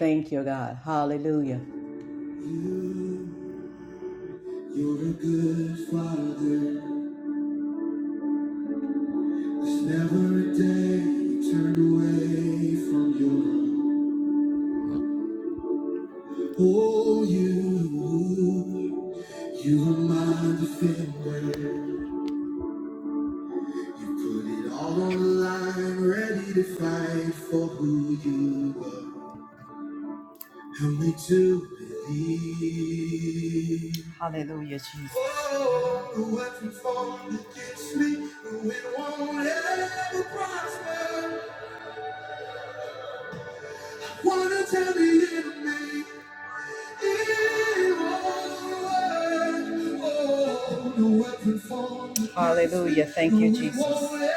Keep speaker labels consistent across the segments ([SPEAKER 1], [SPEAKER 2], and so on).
[SPEAKER 1] Thank you, God. Hallelujah. You, You're a good father. There's never a day you turn away from your love. Oh, you, you are my defender. You put it all on the line, ready to fight for who you are. Help me to believe. Oh, the weapon formed against me, it won't ever prosper. Wanna tell the enemy it won't work. Oh, the weapon formed against me. Hallelujah. Thank you, me, it Jesus. won't ever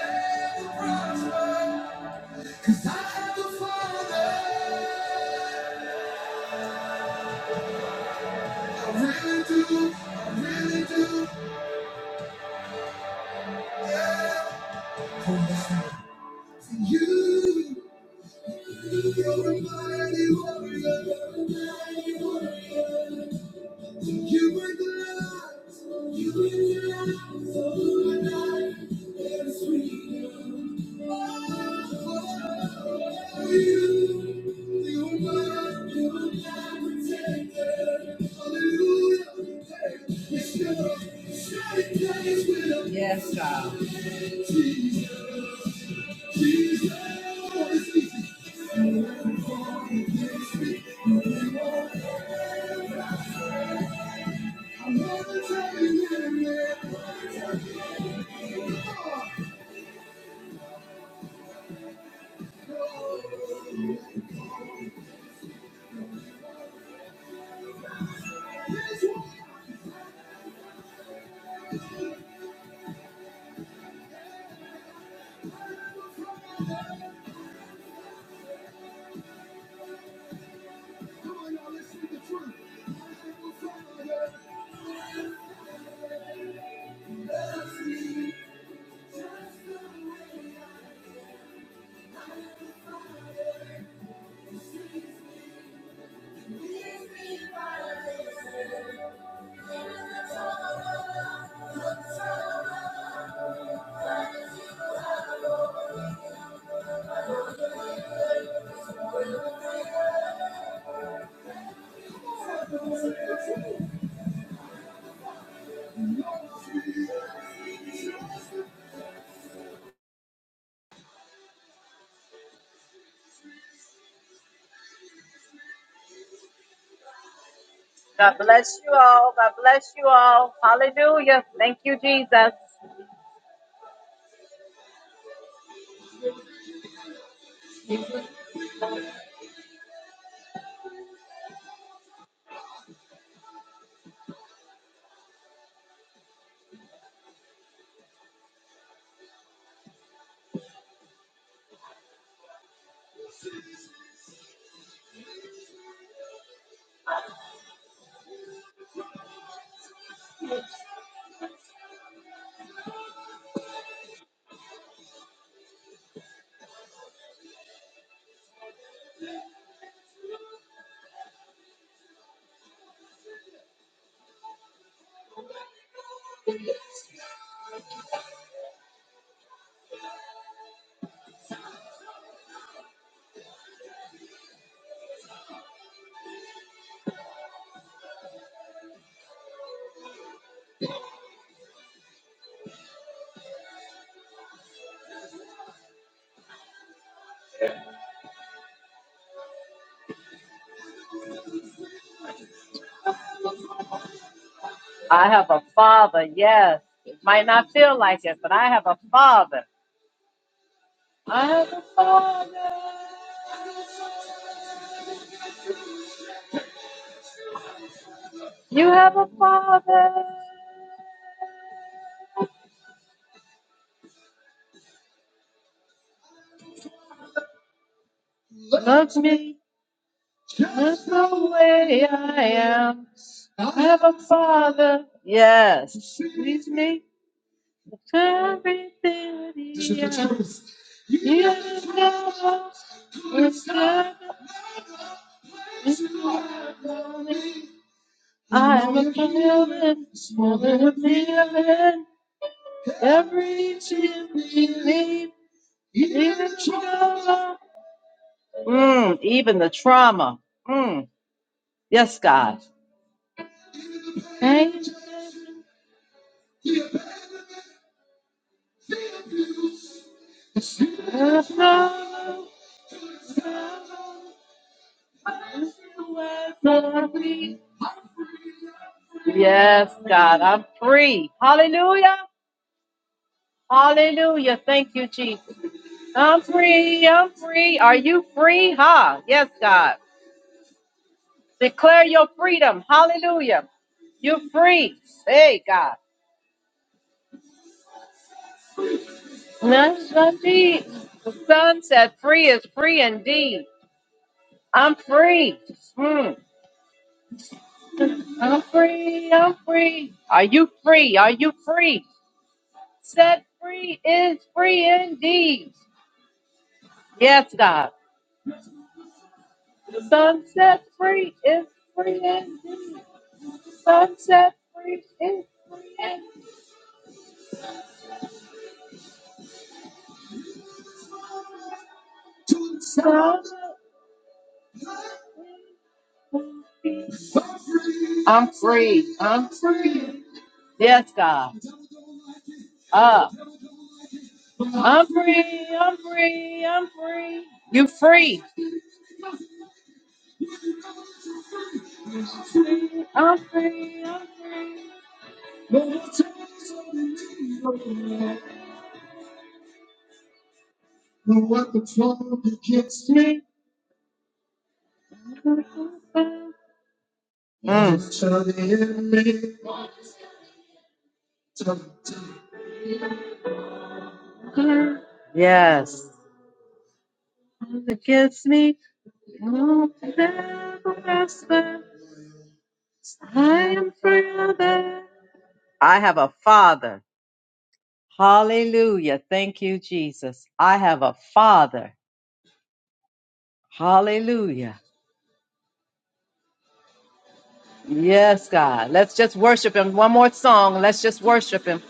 [SPEAKER 1] prosper. 'Cause I have the Father. I really do. I really do. You. Yes, God. God bless you all. God bless you all. Hallelujah. Thank you, Jesus. I have a father. Yes. It might not feel like it, but I have a father. I have a father. You have a father. Loves me just the way I am. I have a father. Yes. Sees me everything. that He has He has never, It's never. It's I'm a feeling, more than a feeling, every chance we leave, even trauma, mm, even the trauma. Mm, yes, God. Thank you. Yes, God, I'm free. Hallelujah. Hallelujah. Thank you, Jesus. I'm free. I'm free. Are you free? Ha. Yes, God. Declare your freedom. Hallelujah. You're free. Hey, God. No, it's not The sun set "Free is free indeed." I'm free. Mm. I'm free. I'm free. Are you free? Are you free? Set free is free indeed. Yes, God. The sun set free is free indeed. The sun set free is free indeed. I'm free. I'm free. Yes, God. Up. I'm free. I'm free. I'm free. You free. I'm free, I'm free. No more chains holding me back. No weapon formed against me. Mm. Shall the enemy prosper? Yes. Against me, no never prosper. I am forever. I have a father. Hallelujah. Thank you, Jesus. I have a father. Hallelujah. Yes, God. Let's just worship Him. One more song. Let's just worship Him.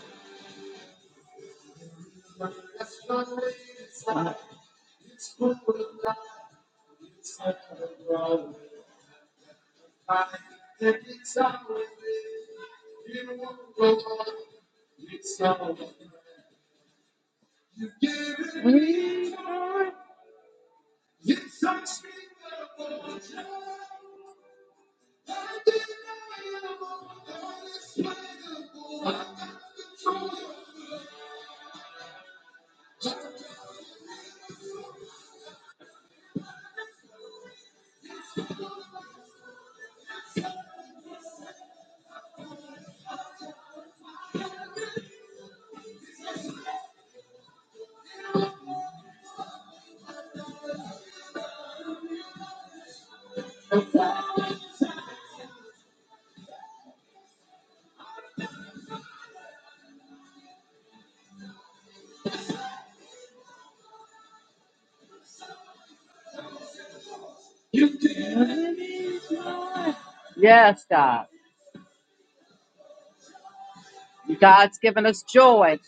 [SPEAKER 1] Yes, God. God's given us joy.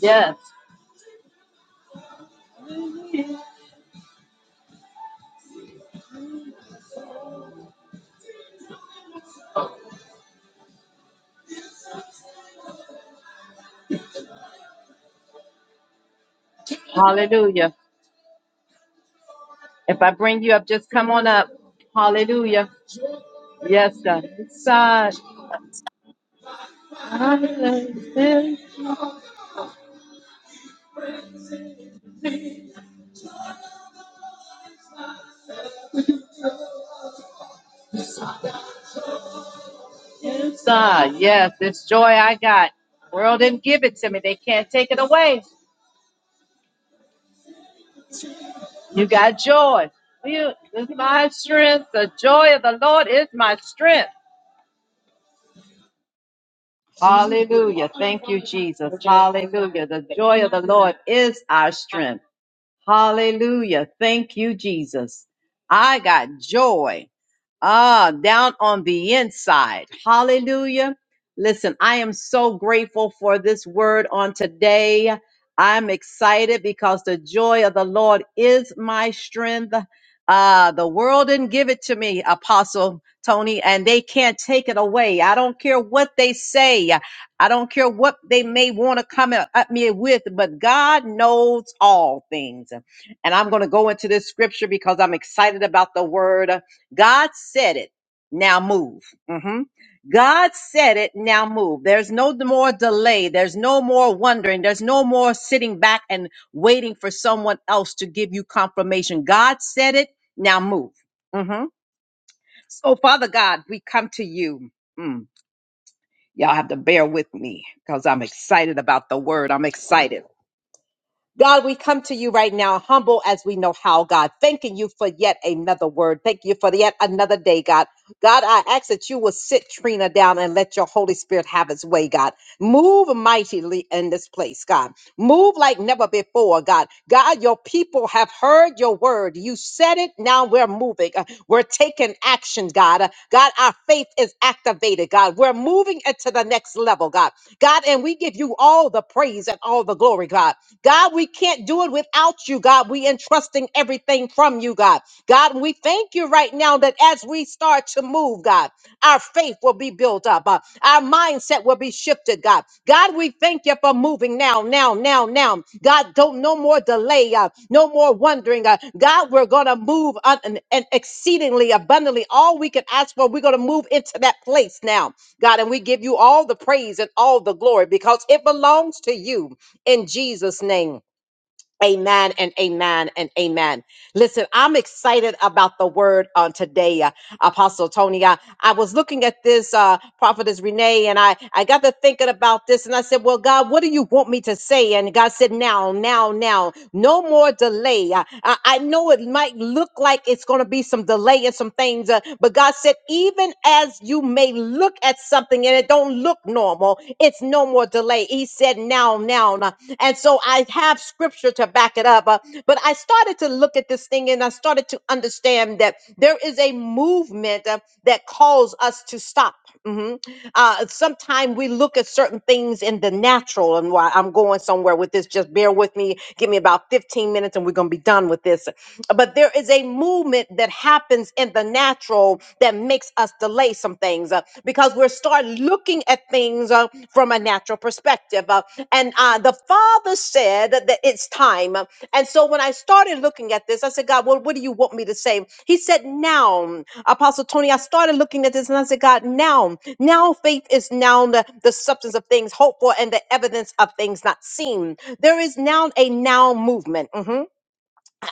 [SPEAKER 1] Yes. Hallelujah. If I bring you up, just come on up. Hallelujah. Yes, God. Inside. Inside. Yes, this joy I got. World didn't give it to me. They can't take it away. You got joy. You this is my strength. The joy of the Lord is my strength. Hallelujah. Thank you, Jesus. Hallelujah. The joy of the Lord is our strength. Hallelujah. Thank you, Jesus. I got joy. Ah, down on the inside. Hallelujah. Listen, I am so grateful for this word on today. I'm excited because the joy of the Lord is my strength. Uh, the world didn't give it to me, Apostle Tony, and they can't take it away. I don't care what they say. I don't care what they may want to come at at me with, but God knows all things. And I'm going to go into this scripture because I'm excited about the word. God said it. Now move. hmm God said it. Now move. There's no more delay. There's no more wondering. There's no more sitting back and waiting for someone else to give you confirmation. God said it. Now move. hmm So, Father God, we come to you. Mm. Y'all have to bear with me because I'm excited about the word. I'm excited. God, we come to you right now, humble as we know how, God, thanking you for yet another word. Thank you for yet another day, God. God, I ask that you will sit Trina down and let your Holy Spirit have its way, God. Move mightily in this place, God. Move like never before, God. God, your people have heard your word. You said it. Now we're moving. Uh, We're taking action, God. Uh, God, our faith is activated, God. We're moving it to the next level, God. God, and we give you all the praise and all the glory, God. God, we can't do it without you, God. We entrusting everything from you, God. God, we thank you right now that as we start to move, God, our faith will be built up. uh, our mindset will be shifted, God. God, we thank you for moving now, now, now, now. God, don't no more delay, uh, no more wondering. Uh, God, we're gonna move on and, and exceedingly abundantly all we can ask for. We're gonna move into that place now, God, and we give you all the praise and all the glory because it belongs to you in Jesus' name. Amen and amen and amen. Listen, I'm excited about the word on today, uh, Apostle Tony. I, I was looking at this uh, prophetess Renee, and I, I got to thinking about this, and I said, "Well, God, what do you want me to say?" And God said, "Now, now, now, no more delay." I, I I know it might look like it's going to be some delay and some things, uh, but God said, "Even as you may look at something and it don't look normal, it's no more delay." He said, "Now, now." now. And so I that have scripture to back it up. Uh, but I started to look at this thing and I started to understand that there is a movement uh, that calls us to stop. Mhm. Uh, Sometimes we look at certain things in the natural, and why I'm going somewhere with this, just bear with me. Give me about 15 minutes and we're going to be done with this. But there is a movement that happens in the natural that makes us delay some things things uh, because we're start looking at things uh, from a natural perspective. uh, and uh, the Father said that it's time. uh, And so when I started looking at this, I said, God, well, what do you want me to say? He said, now, Apostle Tony, I started looking at this and I said, God, now, now faith is now the, the substance of things hoped for and the evidence of things not seen. There is now a now movement. Mhm.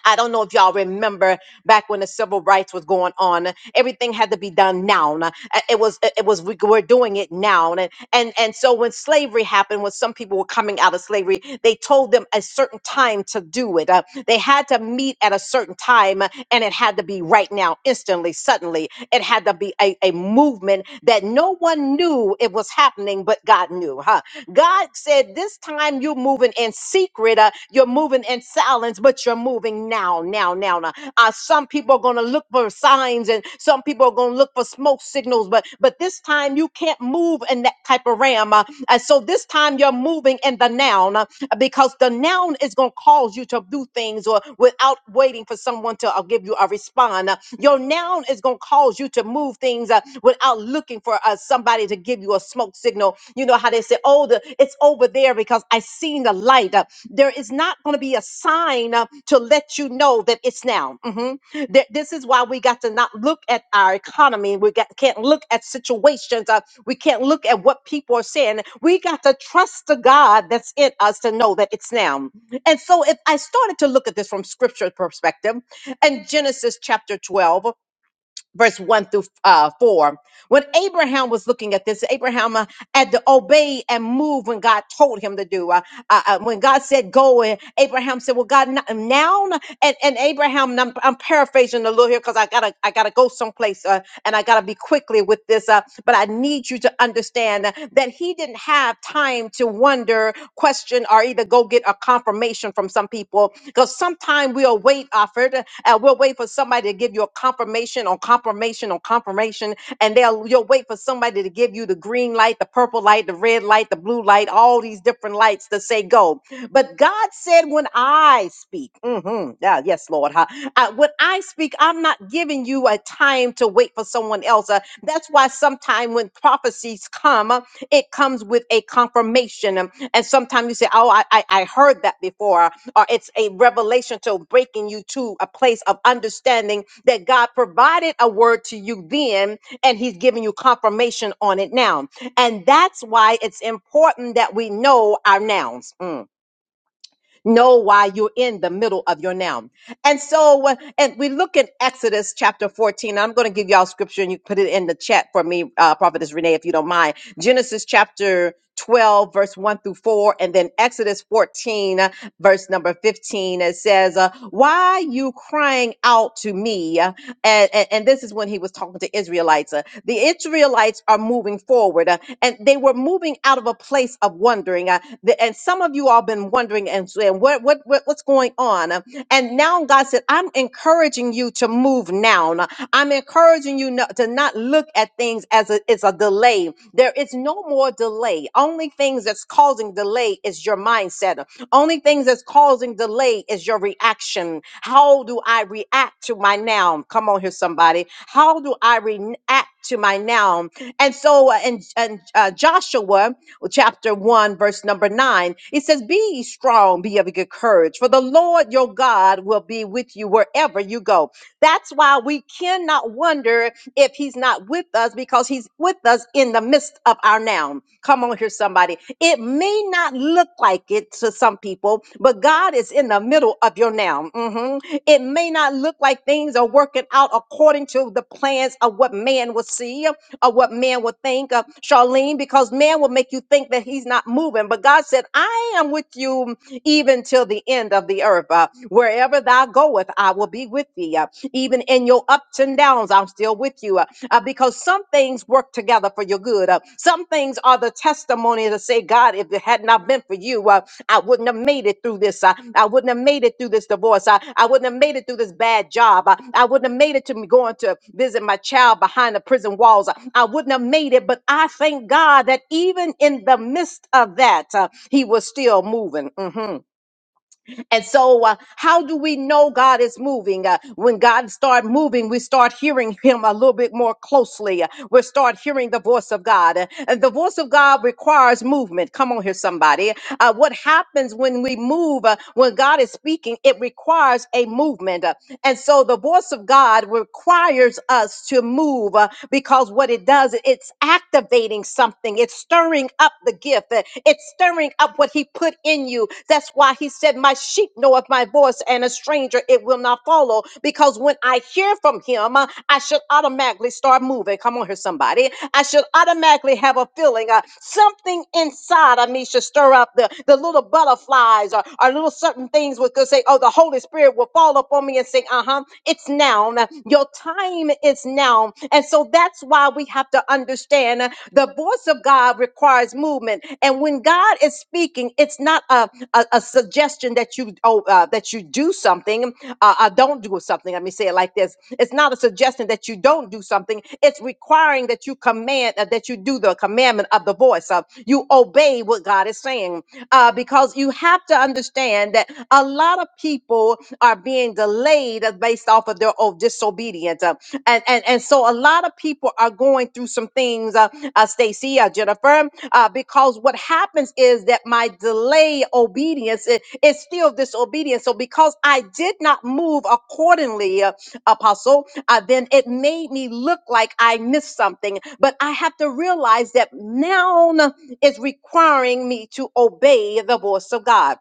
[SPEAKER 1] I don't know if y'all remember back when the civil rights was going on. Everything had to be done now. Uh, It was it it was we were doing it now, and and and so when slavery happened, when some people were coming out of slavery, they told them a certain time to do it. Uh, they had to meet at a certain time, uh, and it had to be right now, instantly, suddenly. It had to be a, a movement that no one knew it was happening, but God knew. Huh? God said at this time you're moving in secret, uh, you're moving in silence, but you're moving now, now, now, now. Uh, some people are going to look for signs, and some people are going to look for smoke signals, but but this time you can't move in that type of realm. Uh, and so this time you're moving in the noun uh, because the noun is going to cause you to do things or without waiting for someone to uh, give you a response. Uh, your noun is going to cause you to move things uh, without went out looking for uh, somebody to give you a smoke signal. You know how they say, oh, the, it's over there because I seen the light. Uh, there is not going to be a sign uh, to let you know that it's now. Mhm. Th- this is why we got to not look at our economy. We got, can't look at situations. Uh, we can't look at what people are saying. We got to trust the God that's in us to know that it's now. And so if I started to look at this from scripture perspective, and Genesis chapter 12 verse 1 through uh, 4. When Abraham was looking at this, Abraham uh, had to obey and move when God told him to do. Uh, uh, uh, when God said go, uh, Abraham said, Well, God, n- now? and and Abraham. And I'm, I'm paraphrasing a little here because I gotta I gotta go someplace uh, and I gotta be quickly with this. Uh, but I need you to understand that he didn't have time to wonder, question, or either go get a confirmation from some people because sometimes we'll wait offered and we'll wait for somebody to give you a confirmation on confirmation on confirmation and they'll you'll wait for somebody to give you the green light, the purple light, the red light, the blue light, all these different lights to say go but God said, when I speak, mhm, yeah, yes, Lord, huh? uh, when I speak, I'm not giving you a time to wait for someone else. Uh, that's why sometimes when prophecies come, uh, it comes with a confirmation. Um, and sometimes you say, oh, I, I, I heard that before. uh, Or it's a revelation to breaking you to a place of understanding that God provided a word to you then, and he's giving you confirmation on it now. And that's why it's important that we know our nouns. Mm know why you're in the middle of your now. And so, uh, and we look at Exodus chapter 14. I'm going to give y'all scripture and you put it in the chat for me, uh, Prophetess Renee, if you don't mind. Genesis chapter 12, verse 1 through 4, and then Exodus 14, uh, verse number 15. It says, uh, Why you crying out to me? uh, and, and, and this is when he was talking to Israelites. Uh, the Israelites are moving forward, uh, and they were moving out of a place of wondering. Uh, the, and some of you all been wondering and saying, what, what, what what's going on? Uh, And now God said, I'm encouraging you to move now. Now, I'm encouraging you not, to not look at things as a, it's a delay. There is no more delay. Only things that's causing delay is your mindset. uh, only things that's causing delay is your reaction. How do I react to my now? Come on here, somebody. How do I react to my now? And so uh, in, in uh, Joshua chapter 1, verse number 9, it says, Be ye strong, be of good courage, for the Lord your God will be with you wherever you go. That's why we cannot wonder if he's not with us because he's with us in the midst of our now. Come on here, somebody. It may not look like it to some people, but God is in the middle of your now. Mhm. It may not look like things are working out according to the plans of what man will see, or what man will think of Charlene, because man will make you think that he's not moving. But God said, I am with you even till the end of the earth. Uh, wherever thou goeth, I will be with thee. Uh, even in your ups and downs, I'm still with you. Uh, uh, because some things work together for your good. Uh, some things are the testimony testimony to say, God, if it had not been for you, uh, I wouldn't have made it through this. Uh, I wouldn't have made it through this divorce. Uh, I wouldn't have made it through this bad job. Uh, I wouldn't have made it to me going to visit my child behind the prison walls. Uh, I wouldn't have made it. But I thank God that even in the midst of that, uh, He was still moving. Mhm. And so, uh, how do we know God is moving? Uh, when God start moving, we start hearing Him a little bit more closely. Uh, we start hearing the voice of God, Uh, and the voice of God requires movement. Come on here, somebody. Uh, what happens when we move? uh, when God is speaking, it requires a movement, Uh, and so the voice of God requires us to move uh, because what it does, it's activating something. It's stirring up the gift gift. It's stirring up what he put in you. That's why he said, My sheep know of my voice, and a stranger it will not follow. Because when I hear from him, uh, I should automatically start moving. Come on here, somebody. I should automatically have a feeling. Uh, something inside of me should stir up the, the little butterflies or, or little certain things would could say, Oh, the Holy Spirit will fall upon me and say, Uh-huh, it's now. Now, Your time is now. And so that's why we have to understand uh, the voice of God requires movement. And when God is speaking, it's not a, a, a suggestion that you oh, uh, that you do something uh, uh, don't do something. Let me say it like this: It's not a suggestion that you don't do something. It's requiring that you command uh, that you do the commandment of the voice of you obey what God is saying. Uh, because you have to understand that a lot of people are being delayed that's based off of their oh, disobedience. Uh, and, and, and so a lot of people are going through some things, uh, uh, Stacy, uh, Jennifer, uh, because what happens is that my delay obedience i- is still disobedience. So because I did not move accordingly, uh, Apostle, uh, then it made me look like I missed something. But I have to realize that now is requiring me to obey the voice of God.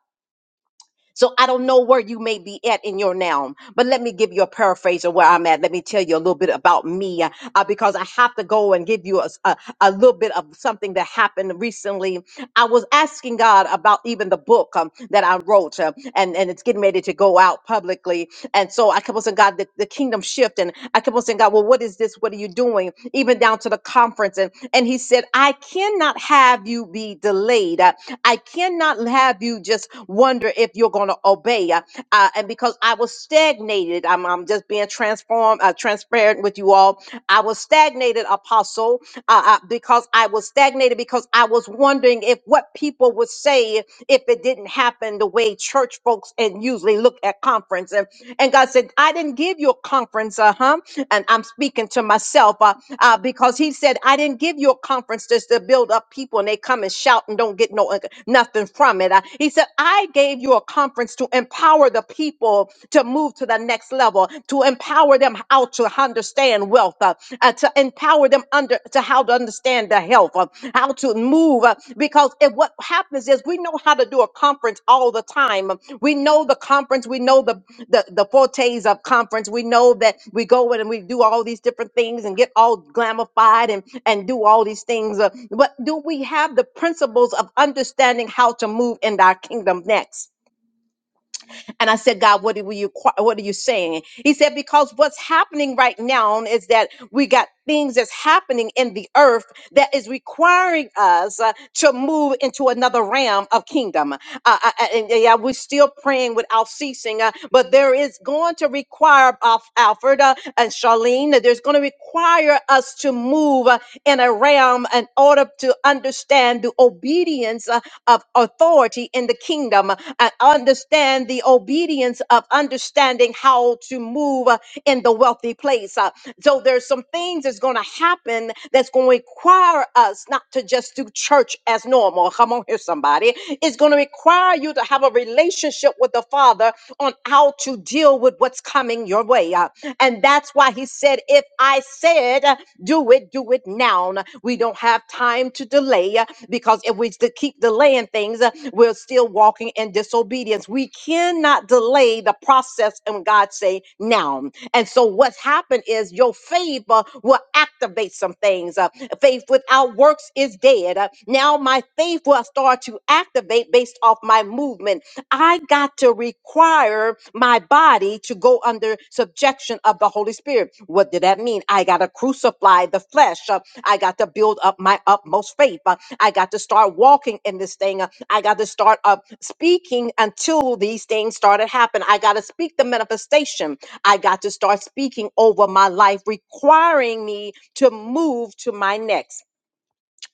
[SPEAKER 1] So I don't know where you may be at in your now, but let me give you a paraphrase of where I'm at. Let me tell you a little bit about me uh, uh, because I have to go and give you a a a little bit of something that happened recently. I was asking God about even the book um, that I wrote uh, and, and it's getting ready to go out publicly. And so I kept on saying, God, the, the kingdom shift. And I kept on saying, God, well, what is this? What are you doing? Even down to the conference. And, and he said, I cannot have you be delayed. I I cannot have you just wonder if you're you're going to obey. Uh, uh, and because I was stagnated, I'm, I'm just being transformed, uh, transparent with you all. I was stagnated, apostle, uh, uh, because I was stagnated because I was wondering if what people would say if it didn't happen the way church folks and usually look at conference. And, and God said, I didn't give you a conference, uh huh. And I'm speaking to myself uh, uh, because He said, I didn't give you a conference just to build up people and they come and shout and don't get no uh, nothing from it. Uh, he said, I gave you to a conference to empower the people to move to the next level, to empower them how to understand wealth, uh, uh, to empower them under to how to understand the health, uh, how to move. uh, because if what happens is we know how to do a conference all the time. We know the conference, we know the the, the fortes of conference. We know that we go in and we do all these different things and get all glamified and, and do all these things. uh, but do we have the principles of understanding how to move in our kingdom next? And I said, God, what are you what are you saying? He said, because what's happening right now is that we got things that's happening in the earth that is requiring us uh, to move into another realm of kingdom. Uh, uh, uh, and uh, yeah, we're still praying without ceasing, uh, but there is going to require Al- Alfred uh, and Charlene. that There's going to require us to move uh, in a realm in order to to understand the obedience uh, of authority in the kingdom uh, and understand the obedience of understanding how to move uh, in the wealthy place. Uh, So there's some things that's going to happen that's going to require us not to just do church as normal. Come on here, somebody. It's going to require you to have a relationship with the Father on how to deal with what's coming your way. Uh, And that's why he said, if I said do it, do it now. We don't have time to delay uh, because if we st- keep delaying things, uh, we're still walking in disobedience. We cannot delay the process and God say now. And so what's happened is your favor will activate some things. Uh, faith without works is dead. Uh, now my faith will start to activate based off my movement. I got to require my body to go under subjection of the Holy Spirit. What did that mean? I got to crucify the flesh. Uh, I got to build up my utmost faith. Uh, I got to start walking in this thing. Uh, I got to start uh, speaking until these things started happening. I got to speak the manifestation. I got to start speaking over my life, requiring me to move to my next.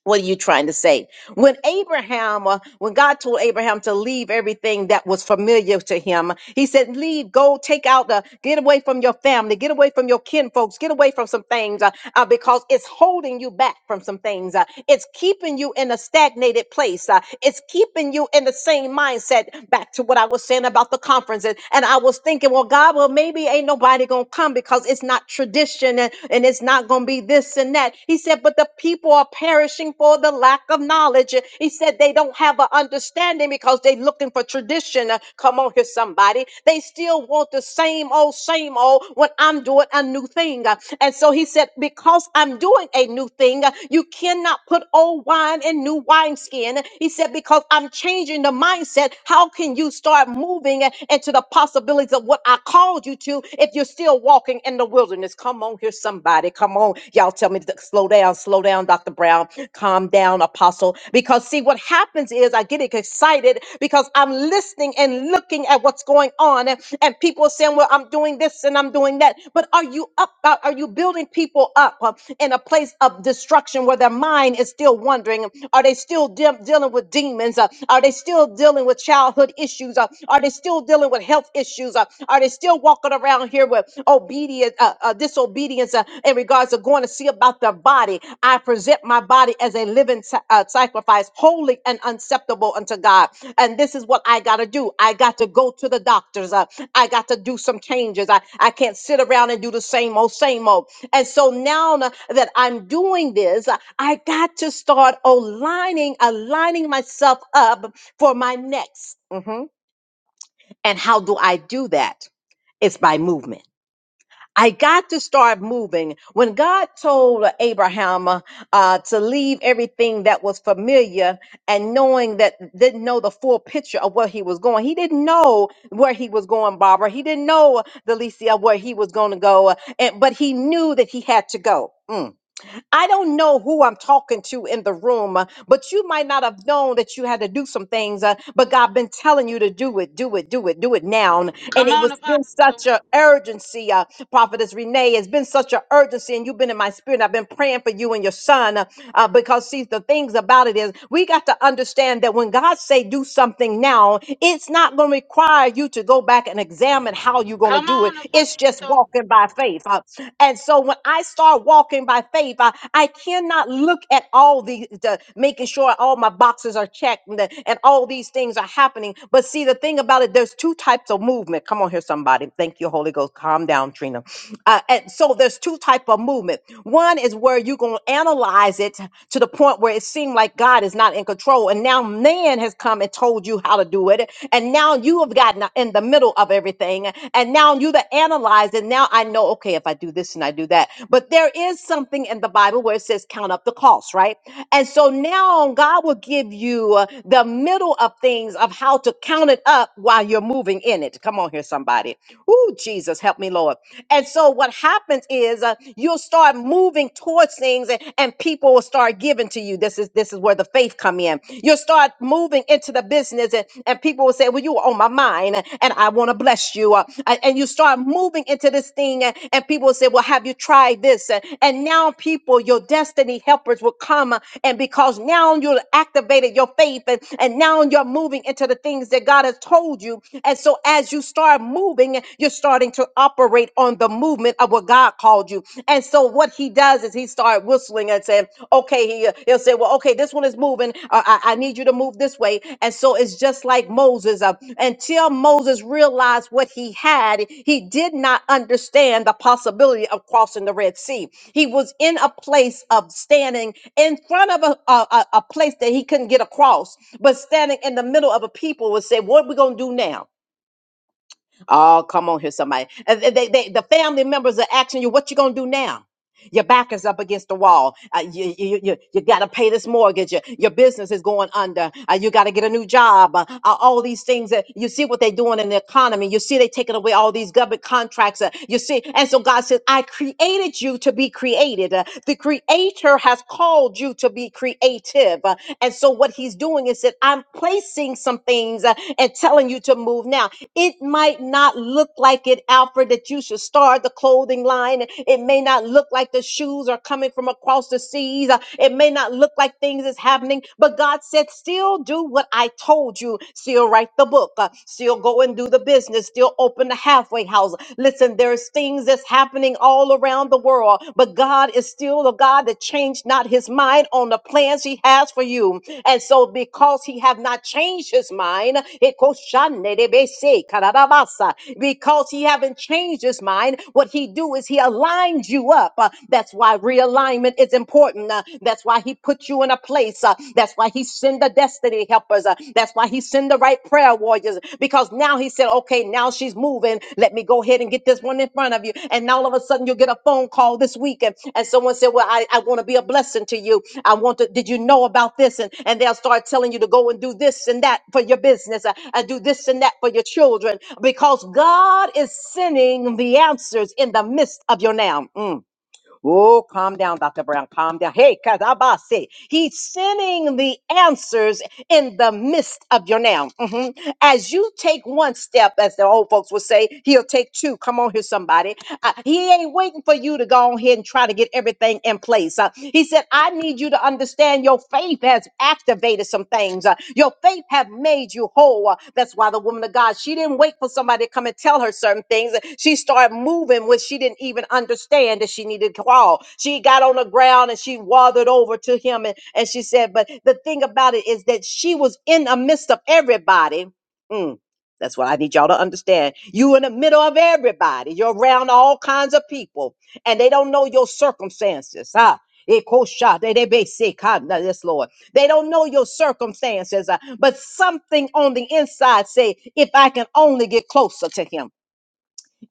[SPEAKER 1] What are you trying to say? When Abraham, uh, when God told Abraham to leave everything that was familiar to him, he said, Leave, go, take out, the, get away from your family, get away from your kin folks, get away from some things uh, uh, because it's holding you back from some things. uh, it's keeping you in a stagnated place. uh, it's keeping you in the same mindset. Back to what I was saying about the conferences. And I was thinking, well, God, well, maybe ain't nobody going to come because it's not tradition and, and it's not going to going to be this and that. He said, but the people are perishing for the lack of knowledge. He said they don't have an understanding because they're looking for tradition. Uh, Come on here, somebody. They still want the same old, same old when I'm doing a new thing. Uh, And so he said, because I'm doing a new thing, uh, you cannot put old wine in new wineskin. He said, because I'm changing the mindset, how can you start moving uh, into the possibilities of what I called you to if you're still walking in the wilderness. Come on here, somebody. Come on. Y'all tell me to slow down, slow down, Dr. Brown. Calm down, Apostle. Because see, what happens is I get excited because I'm listening and looking at what's going on. And, and people are saying, well, I'm doing this and I'm doing that. But are you up? Are are you building people up uh, in a place of destruction where their mind is still wondering, are they still de- dealing with demons? Uh, are they still dealing with childhood issues? Uh, are they still dealing dealing with health issues? Uh, are they still walking around here with obedience, uh, uh, disobedience uh, in regards to going to see about their body? I present my body as a living sa- uh, sacrifice, holy and acceptable unto God. And this is what I got to do. I got to go to the doctors. Uh, I got to do some changes. I, I can't sit around and do the same old, same old. And so now na- that I'm doing this, uh, I got to start aligning, aligning myself up for my next. Mm-hmm. And how do I do that? It's by movement. I got to start moving. When God told Abraham uh, to leave everything that was familiar and knowing that didn't know the full picture of where he was going, he didn't know where he was going, Barbara. He didn't know, Delicia, where he was going to go, and, but he knew that he had to go. Mm. I don't know who I'm talking to in the room, uh, but you might not have known that you had to do some things, uh, but God been telling you to do it, do it, do it, do it now. And
[SPEAKER 2] Come
[SPEAKER 1] it
[SPEAKER 2] on,
[SPEAKER 1] was been
[SPEAKER 2] Apostle.
[SPEAKER 1] such an urgency, uh, Prophetess Renee, it's been such an urgency, and you've been in my spirit. I've been praying for you and your son uh, uh, because see, the things about it is we got to understand that when God say do something now, it's not going to require you to go back and examine how you're going to
[SPEAKER 2] Come
[SPEAKER 1] do it.
[SPEAKER 2] on,
[SPEAKER 1] It's just
[SPEAKER 2] Apostle.
[SPEAKER 1] walking by faith. Uh, And so when I start walking by faith, I, I cannot look at all these, the, making sure all my boxes are checked and, the- and all these things are happening. But see, the thing about it, there's two types of movement. Come on here, somebody. Thank you, Holy Ghost. Calm down, Trina. Uh, and so there's two type of movement. One is where you're going to analyze it to the point where it seemed like God is not in control. And now man has come and told you how to to do it. And now you have gotten in the middle of everything. And now you the analyze and now I know, okay, if I do this and I do that. But there is something in the Bible where it says count up the cost, right? And so now God will give you uh, the middle of things of how to count it up while you're moving in it. Come on here, somebody. Ooh, Jesus, help me, Lord. And so what happens is uh, you'll start moving towards things and, and people will start giving given to you. This is this is where the faith come in. You'll start moving into the business, and, and people will say, "Well, you were on my mind, and I want to bless you." Uh, and and you start moving into this thing, and, and people will say, "Well, have you tried this?" And, and now people, your destiny helpers, will come, uh, and because now you've activated your faith, and, and now you're moving into the things that God has told you. And so, as you start moving, you're starting to operate on the movement of what what God called you. And so what he does is he started whistling and saying, okay, he, he'll say, well, okay, this one is moving. Uh, I, I need you to move this way. And so it's just like Moses. Uh, until Moses realized what he had, he did not understand the possibility of crossing the Red Sea. He was in a place of standing in front of a, a, a a place that he couldn't get across, but standing in the middle of a people would say, what are we going to do now? Oh, come on here, somebody. And They, they, the family members are asking you, what you gonna do now? Your back is up against the wall. Uh, you you, you, you got to pay this mortgage. Your, your business is going under. Uh, you got to get a new job. Uh, uh, all these things that you see what they're doing in the economy. You see they are taking away all these government contracts. Uh, you see, and so God says, "I created you to be created. Uh, the Creator has called you to be creative." Uh, and so what He's doing is that I'm placing some things uh, and telling you to move now. It might not look like it, Alfred, that you should start the clothing line. It may not look like like the shoes are coming from across the seas. Uh, It may not look like things is happening, but God said, still do what I told you. Still write the book. Uh, Still go and do the business. Still open the halfway house. Listen, there's things that's happening all around the world, but God is still a God that changed not his mind on the plans he has for you. And so because he have not changed his mind, it goes shande de bese, karabasa. because he haven't changed his mind, what he do is he aligns you up up. Uh, that's why realignment is important. Uh, that's why he put you in a place. Uh, that's why he send the destiny helpers. Uh, that's why he send the right prayer warriors. Because now he said, okay, now she's moving. Let me go ahead and get this one in front of you. And now all of a sudden you'll get a phone call this weekend. And and someone said, well, I, I want to be a blessing to you. I want to, did you know about this? And, and they'll start telling you to go and do this and that for your business uh, and do this and that for your children because God is sending the answers in the midst of your now. Mm. Oh, calm down, Dr. Brown. Calm down. Hey, Kadabase. He's sending the answers in the midst of your now. Mhm. As you take one step, as the old folks would say, he'll take two. Come on here, somebody. Uh, he ain't waiting for you to go on ahead and try to get everything in place. Uh, he said, I need you to understand your faith faith has activated some things. Uh, Your faith have made you whole. Uh, That's why the woman of God, she didn't wait for somebody to come and tell her certain things. She started moving when she didn't even understand that she needed to crawl. She got on the ground and she wathered over to him and, and she said, but the thing about it is that she was in the midst of everybody. Mm. That's what I need y'all to understand. You in the middle of everybody. You're around all kinds of people and they don't know your circumstances. huh? Ekosha, They they be- sick. ka- na- Yes, Lord. They don't know your circumstances, uh, but something on the inside say, if I can only get closer to him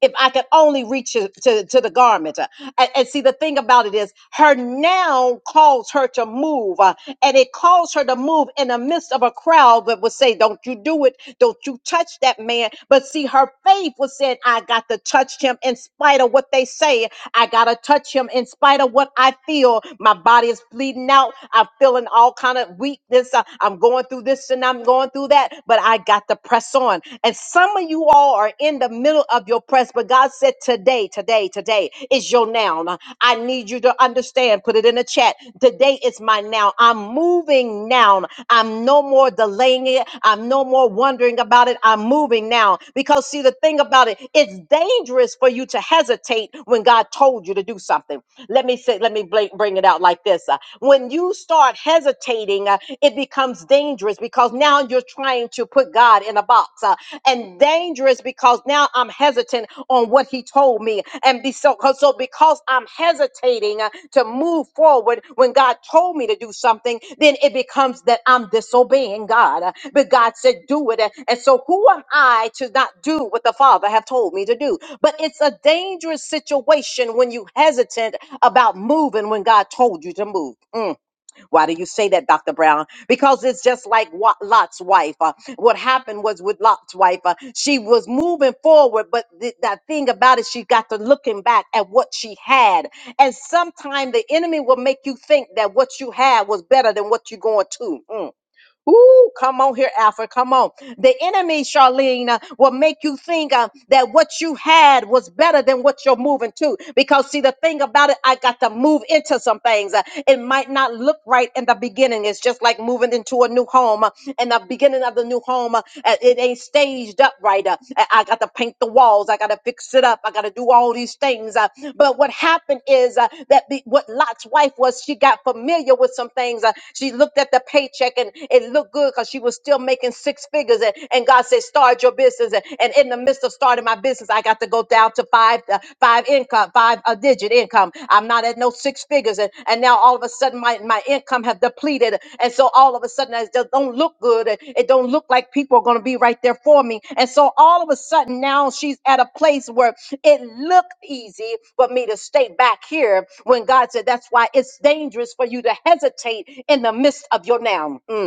[SPEAKER 1] if I could only reach to, to, to the garment. Uh, And, and see, the thing about it is, her now calls her to move, uh, and it calls her to move in the midst of a crowd that would say, Don't you do it, don't you touch that man. But see, her faith was saying, I got to touch him in spite of what they say, I got to touch him in spite of what I feel. My body is bleeding out, I'm feeling all kind of weakness, Uh, I'm going through this and I'm going through that, but I got to press on on. And some of you all are in the middle of your press, but God said, Today, today, today is your now. Now, I need you to understand. Put it in the chat. Today is my now. I'm moving now. I'm no more delaying it. I'm no more wondering about it. I'm moving now. Because, see, the thing about it, it's dangerous for you to hesitate when God told you to do something. Let me say, let me bla- bring it out like this. Uh, When you start hesitating, uh, it becomes dangerous dangerous because now you're trying to put God in a box, uh, and dangerous because now I'm hesitant on what He told me, and be so, 'cause- so because I'm hesitating uh, to move forward when God told me to do something, then it becomes that I'm disobeying God. Uh, But God said, "Do it," and so who am I to not do what the Father have told me to do? But it's a dangerous situation when you hesitant about moving when God told you to move. Mm. Why do you say that, Dr. Brown? Because it's just like Wa- Lot's wife. Uh, what happened was with Lot's wife, uh, she was moving forward, but th- that thing about it, she got to looking back at what she had. And sometimes the enemy will make you think that what you had was better than what you're going to. Mm. Ooh, come on here, Alfred. Come on. The enemy, Charlene, uh, will make you think uh, that what you had was better than what you're moving to. Because, see, the thing about it, I got to move into some things. Uh, it might not look right in the beginning. It's just like moving into a new home. Uh, in the beginning of the new home, uh, uh, it ain't staged up right. Uh, I I got to paint the walls. I got to fix it up. I got to do all these things. Uh, but what happened is uh, that be, what Lot's wife was, she got familiar with some things. Uh, she looked at the paycheck and it, it looked good because she was still making six figures. And, and God said, start your business. And, and in the midst of starting my business, I got to go down to five, uh, five income, five a digit income. I'm not at no six figures. And, and now all of a sudden my, my income have depleted. And so all of a sudden it just don't look good. And it don't look like people are going to be right there for me. And so all of a sudden now she's at a place where it looked easy for me to stay back here when God said, that's why it's dangerous for you to hesitate in the midst of your now. Mm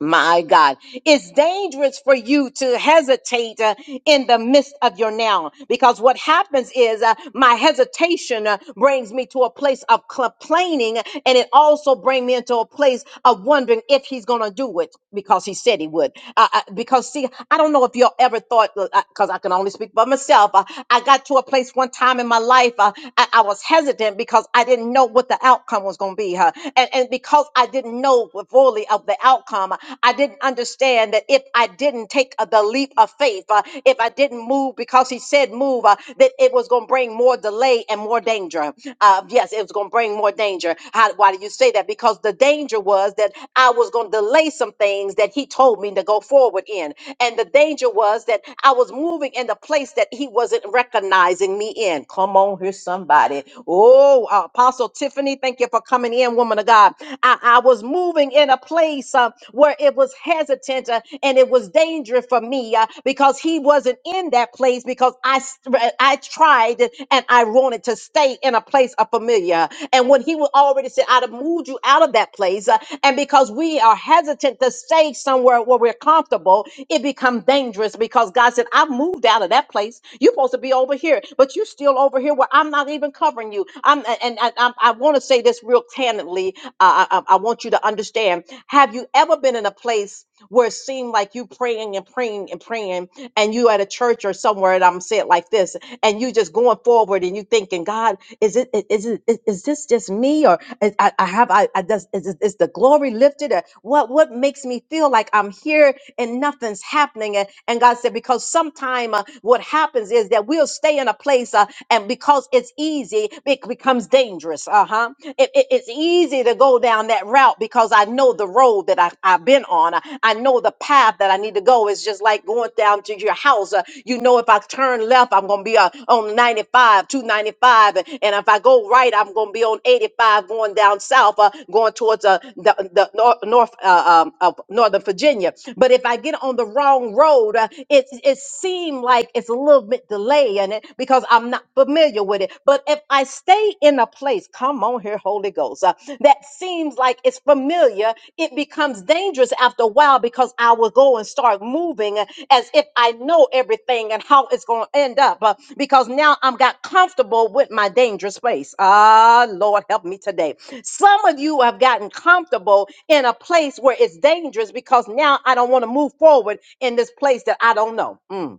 [SPEAKER 1] my God, it's dangerous for you to hesitate uh, in the midst of your now because what happens is uh, my hesitation uh, brings me to a place of complaining and it also brings me into a place of wondering if he's going to do it because he said he would. Uh, uh, because, see, I don't know if you all ever thought, because I can only speak by myself, uh, I got to a place one time in my life life, uh, I, I was hesitant because I didn't know what the outcome was going to be. huh. and, and because I didn't know fully of the outcome, I didn't understand that if I didn't take uh, the leap of faith, uh, if I didn't move because he said move, uh, that it was going to bring more delay and more danger. Uh, yes, it was going to bring more danger. How, why do you say that? Because the danger was that I was going to delay some things things that he told me to go forward in. And the danger was that I was moving in the place that he wasn't recognizing me in. Come on, here, somebody. Oh, uh, Apostle Tiffany, thank you for coming in, woman of God. I, I was moving in a place uh, where it was hesitant uh, and it was dangerous for me uh, because he wasn't in that place because I, s- I tried and I wanted wanted to stay in a place of familiar. And when he was already said, I'd have moved you out of that place. uh, And because we are hesitant to stay somewhere where we're comfortable, it becomes dangerous because God said, I've moved out of that place. You're supposed to be over here, but you are still over here where I'm not even covering you. I'm and I, I, I want to say this real candidly. Uh, I, I I want you to understand. Have you ever been in a place? where it seemed like you praying and praying and praying and you at a church or somewhere and i'm saying it like this and you just going forward and you thinking god is it i- is it is is this just me or is, I, I have i, I does, is, is is the glory lifted or what what makes me feel like i'm here and nothing's happening and, and god said because sometime uh, what happens is that we'll stay in a place uh, and because it's easy it becomes dangerous uh-huh it, it- it's easy to ready to go down that route because I know the road that I, I've been on. I, I know the path that I need to go. It's just like going down to your house. Uh, you know, if I turn left, I'm going to be uh, on 95, 295. And if I go right, I'm going to be on 85 going down south, uh, going towards uh, the, the nor- north uh, um, of Northern Virginia. But if I get on the wrong road, uh, it, it seems like it's a little bit delay in it because I'm not familiar with it it. But if I stay in a place, come on here, Holy Ghost, uh, that seems like it's familiar, it becomes dangerous after a while because I will go and start moving uh, as if I know everything and how it's going to end up uh, because now I'm got comfortable with my dangerous space. Ah, Lord, help me today. Some of you have gotten comfortable in a place where it's dangerous because now I don't want to move forward in this place that I don't know. Mm.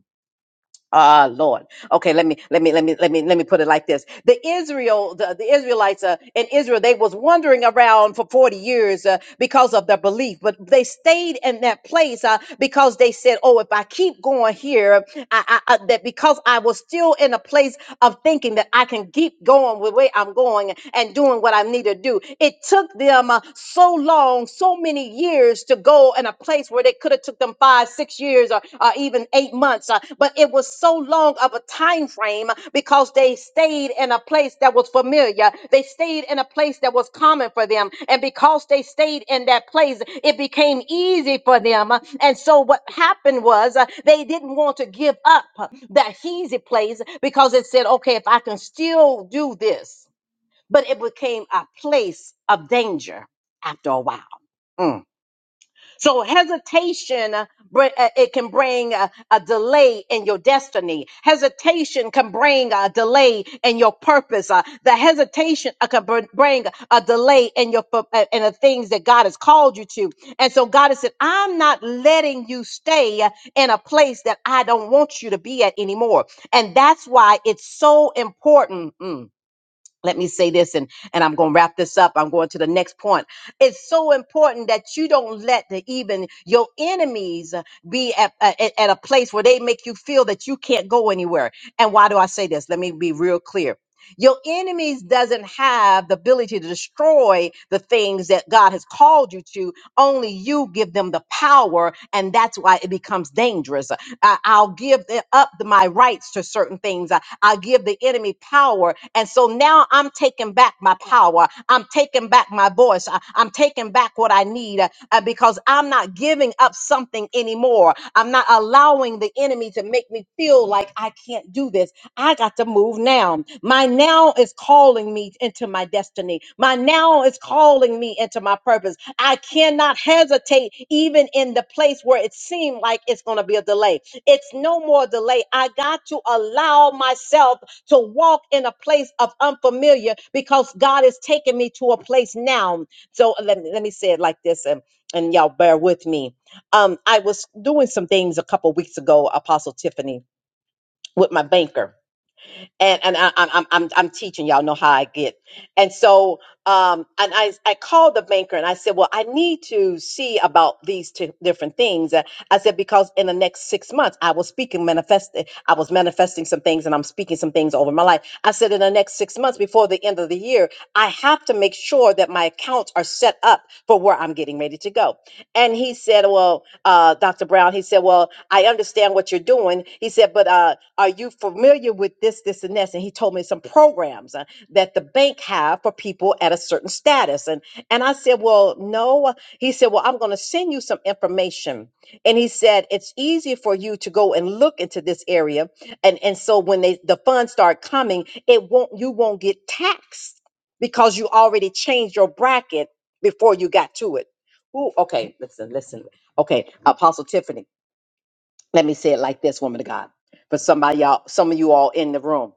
[SPEAKER 1] Ah, Lord. Okay, let me let me let me let me let me put it like this: the Israel, the, the Israelites uh, in Israel, they was wandering around for forty years uh, because of their belief, but they stayed in that place uh, because they said, "Oh, if I keep going here, I, I, I that because I was still in a place of thinking that I can keep going with where I'm going and doing what I need to do." It took them uh, so long, so many years years to go in a place where they could have took them five six years or, or even eight months uh, but it was so long of a time frame because they stayed in a place that was familiar they stayed in a place that was common for them and because they stayed in that place it became easy for them and so what happened was uh, they didn't want to give up that easy place because it said okay if i can still do this but it became a place of danger after a while Mm. So hesitation, uh, br- uh, it can bring a, a delay in your destiny. Hesitation can bring a delay in your purpose. Uh, the hesitation uh, can br- bring a delay in your fu- uh, in the things that God has called you to. And so God has said, "I'm not letting you stay uh, in a place that I don't want you to be at anymore." And that's why it's so important. mm, let me say this and and i'm going to wrap this up i'm going to the next point it's so important that you don't let the even your enemies uh, be at, uh, at, at a place where they make you feel that you can't go anywhere and why do i say this let me be real clear your enemies doesn't have the ability to destroy the things that God has called you to. Only you give them the power, and that's why it becomes dangerous. I- I'll give the- up the- my rights to certain things. I- I'll give the enemy power, and so now I'm taking back my power. I'm taking back my voice. I- I'm taking back what I need uh, uh, because I'm not giving up something anymore. I'm not allowing the enemy to make me feel like I can't do this. I got to move now. My now is calling me into my destiny. My now is calling me into my purpose. I cannot hesitate even in the place where it seemed like it's going to be a delay. It's no more delay. I got to allow myself to walk in a place of unfamiliar because God is taking me to a place now. So let me, let me say it like this and, and y'all bear with me. Um, I was doing some things a couple weeks ago, Apostle Tiffany, with my banker and and I, I'm I'm I'm I'm teaching y'all know how I get. And so um and I I called the banker and I said, well, I need to see about these two different things. Uh, I said because in the next six months I was speaking manifest I was manifesting some things and I'm speaking some things over my life. I said in the next six months before the end of the year, I have to make sure that my accounts are set up for where I'm getting ready to go. And he said, well, uh, Dr. Brown, he said, well, I understand what you're doing. He said, but uh are you familiar with this, this, and this? And he told me some programs uh, that the bank have for people at a certain status. And and I said, Well, no. He said, Well, I'm gonna send you some information. And he said, It's easy for you to go and look into this area. And and so when they the funds start coming, it won't you won't get taxed because you already changed your bracket before you got to it. Ooh, okay, listen, listen. Okay, Apostle Tiffany let me say it like this, woman of God, for somebody y'all, some of you all in the room.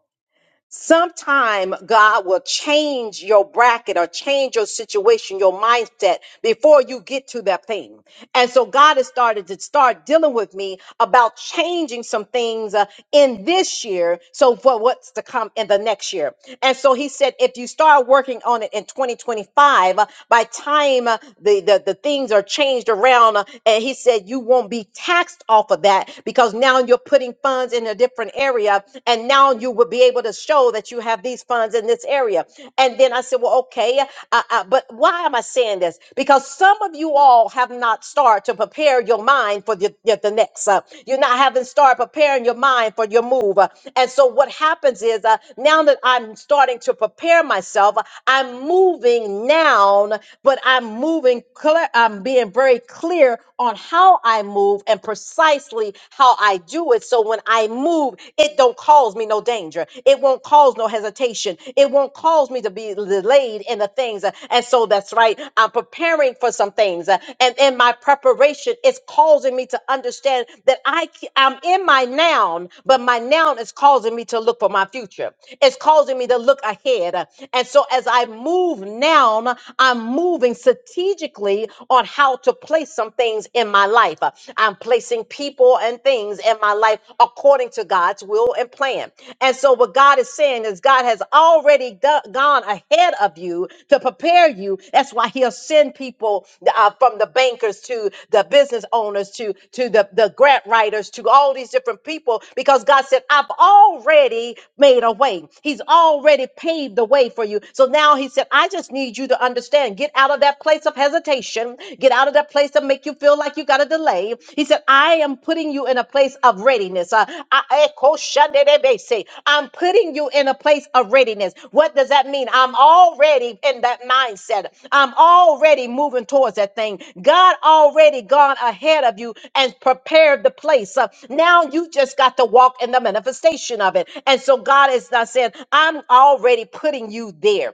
[SPEAKER 1] Sometime God will change your bracket or change your situation, your mindset before you get to that thing. And so God has started to start dealing with me about changing some things uh, in this year. So for what's to come in the next year. And so he said, if you start working on it in 2025, uh, by time uh, the, the, the things are changed around, uh, and he said, you won't be taxed off of that because now you're putting funds in a different area. And now you will be able to show that you have these funds in this area. And then I said, well, okay. Uh, uh, but why am I saying this? Because some of you all have not started to prepare your mind for the, the, the next. Uh, you're not having started preparing your mind for your move. Uh, and so what happens is uh, now that I'm starting to prepare myself, uh, I'm moving now, but I'm moving, clear, I'm being very clear on how I move and precisely how I do it. So when I move, it don't cause me no danger. It won't cause no hesitation. It won't cause me to be delayed in the things. Uh, And so that's right. I'm preparing for some things. uh, And in my preparation, it's causing me to understand that I, c- I'm in my noun, but my noun is causing me to look for my future. It's causing me to look ahead. uh, And so as I move noun, I'm moving strategically on how to place some things in my life. Uh, I'm placing people and things in my life according to God's will and plan. And so, what God is saying is, God has already go- gone ahead of you to prepare you. That's why He'll send people uh, from the bankers to the business owners to to the the grant writers to all these different people because God said, "I've already made a way. He's already paved the way for you." So now He said, "I just need you to understand. Get out of that place of hesitation. Get out of that place that make you feel like you got a delay. He said, I am putting you in a place of readiness. Uh, I- Eko shandedebese. I'm putting you in a place of readiness. What does that mean? I'm already in that mindset. I'm already moving towards that thing. God already gone ahead of you and prepared the place. Uh, now you just got to walk in the manifestation of it. And so God is not saying, I'm already putting you there.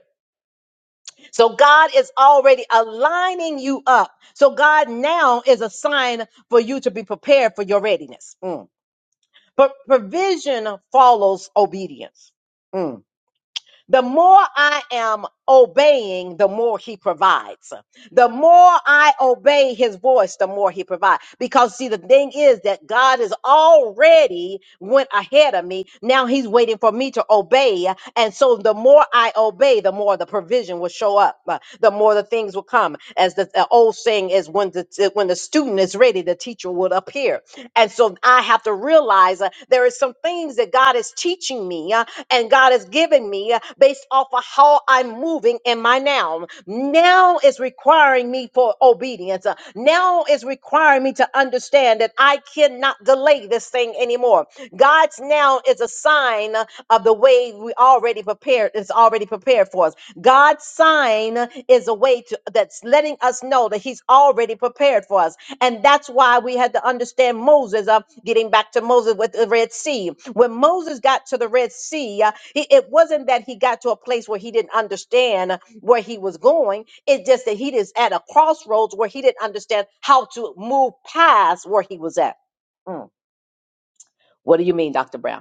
[SPEAKER 1] So God is already aligning you up. So God now is a sign for you to be prepared for your readiness. Mm. But provision follows obedience. Mm. The more I am obeying, the more he provides. The more I obey his voice, the more he provides. Because see, the thing is that God has already went ahead of me. Now he's waiting for me to obey. And so the more I obey, the more the provision will show up. uh, The more the things will come. As the, the old saying is is when the when the student is ready, the teacher would appear. And so I have to realize uh, there is some things that God is teaching me uh, and God is giving me uh, based off of how I'm moving in my now. Now is requiring me for obedience. Uh, Now is requiring me to understand that I cannot delay this thing anymore. God God's now is a sign of the way we already prepared. It's already prepared for us. God's sign is a way to that's letting us know that He's already prepared for us, and that's why we had to understand Moses. Uh, getting back to Moses with the Red Sea, when Moses got to the Red Sea, uh, he, it wasn't that he got to a place where he didn't understand where he was going. It's just that he is at a crossroads where he didn't understand how to move past where he was at. Mm. What do you mean, Doctor Brown?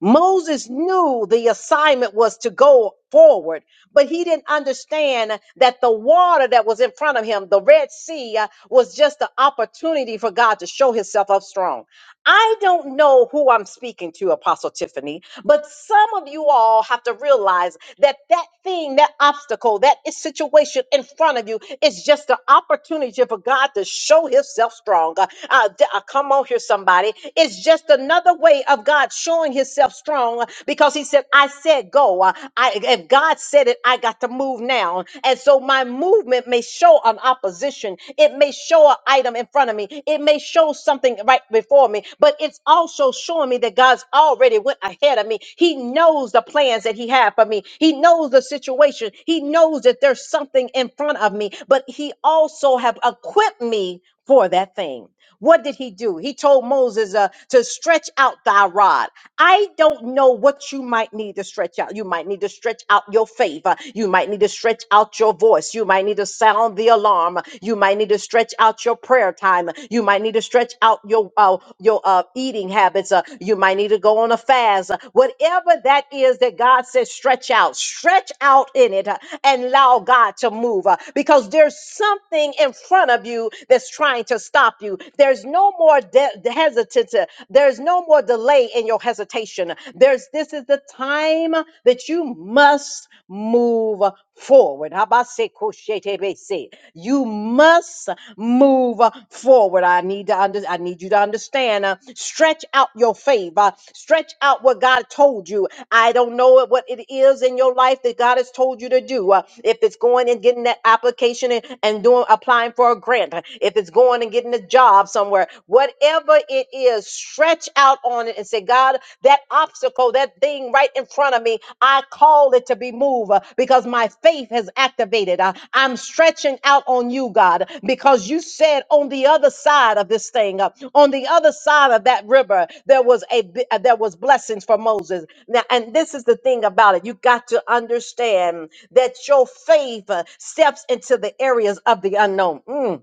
[SPEAKER 1] Moses knew the assignment was to go forward, but he didn't understand that the water that was in front of him, the Red Sea, uh, was just the opportunity for God to show himself up strong. I don't know who I'm speaking to, Apostle Tiffany, but some of you all have to realize that that thing, that obstacle, that i- situation in front of you is just an opportunity for God to show Himself strong. Uh, uh, d- uh, come on here, somebody. It's just another way of God showing Himself strong uh, because He said, I said go. Uh, I, if God said, said it, I got to move now. And so my movement may show an opposition. It may show an item in front of me. It may show something right before me, but it's also showing me that God's already went ahead of me. He knows the plans that He had for me. He knows the situation. He knows that there's something in front of me, but He also have equipped me for that thing. What did he do? He told Moses uh, to stretch out thy rod. I don't know what you might need to stretch out. You might need to stretch out your favor. You might need to stretch out your voice. You might need to sound the alarm. You might need to stretch out your prayer time. You might need to stretch out your uh, your uh, eating habits. Uh, you might need to go on a fast. Uh, Whatever that is that God says, stretch out, stretch out in it, uh, and allow God to move. uh, because there's something in front of you that's trying to stop you. There's no more de- hesitancy. There's no more delay in your hesitation. There's this is the time that you must move forward. Habasekoshetebese. You must move forward. I need to under, I need you to understand. uh, stretch out your faith. uh, stretch out what God told you. I don't know what it is in your life that God has told you to do. uh, if it's going and getting that application and, and doing applying for a grant, uh, if it's going and getting a job, job somewhere, whatever it is, stretch out on it and say, God, that obstacle, that thing right in front of me, I call it to be moved uh, because my faith has activated. Uh, I'm stretching out on you, God, because you said on the other side of this thing, uh, on the other side of that river, there was a bi- uh, there was blessings for Moses. Now, and this is the thing about it. You got to understand that your faith uh, steps into the areas of the unknown. Mm.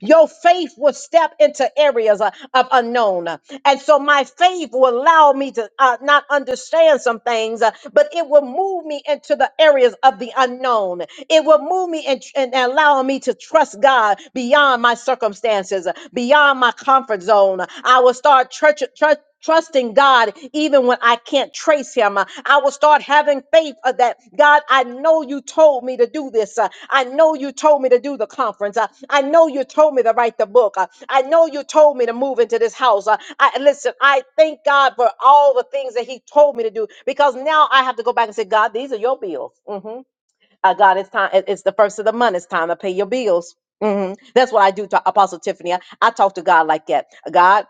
[SPEAKER 1] Your faith will step into areas uh, of unknown. And so my faith will allow me to uh, not understand some things, uh, but it will move me into the areas of the unknown. It will move me and, and allow me to trust God beyond my circumstances, beyond my comfort zone. I will start church, trust. trusting God, even when I can't trace him. Uh, I will start having faith of that. God, I know you told me to do this. Uh, I know you told me to do the conference. Uh, I know you told me to write the book. Uh, I know you told me to move into this house. Uh, I listen, I thank God for all the things that he told me to do because now I have to go back and say, God, these are your bills. Mhm. Uh, God, it's time. it- It's the first of the month. It's time to pay your bills. Mhm. That's what I do to Apostle Tiffany. I, I talk to God like that. God,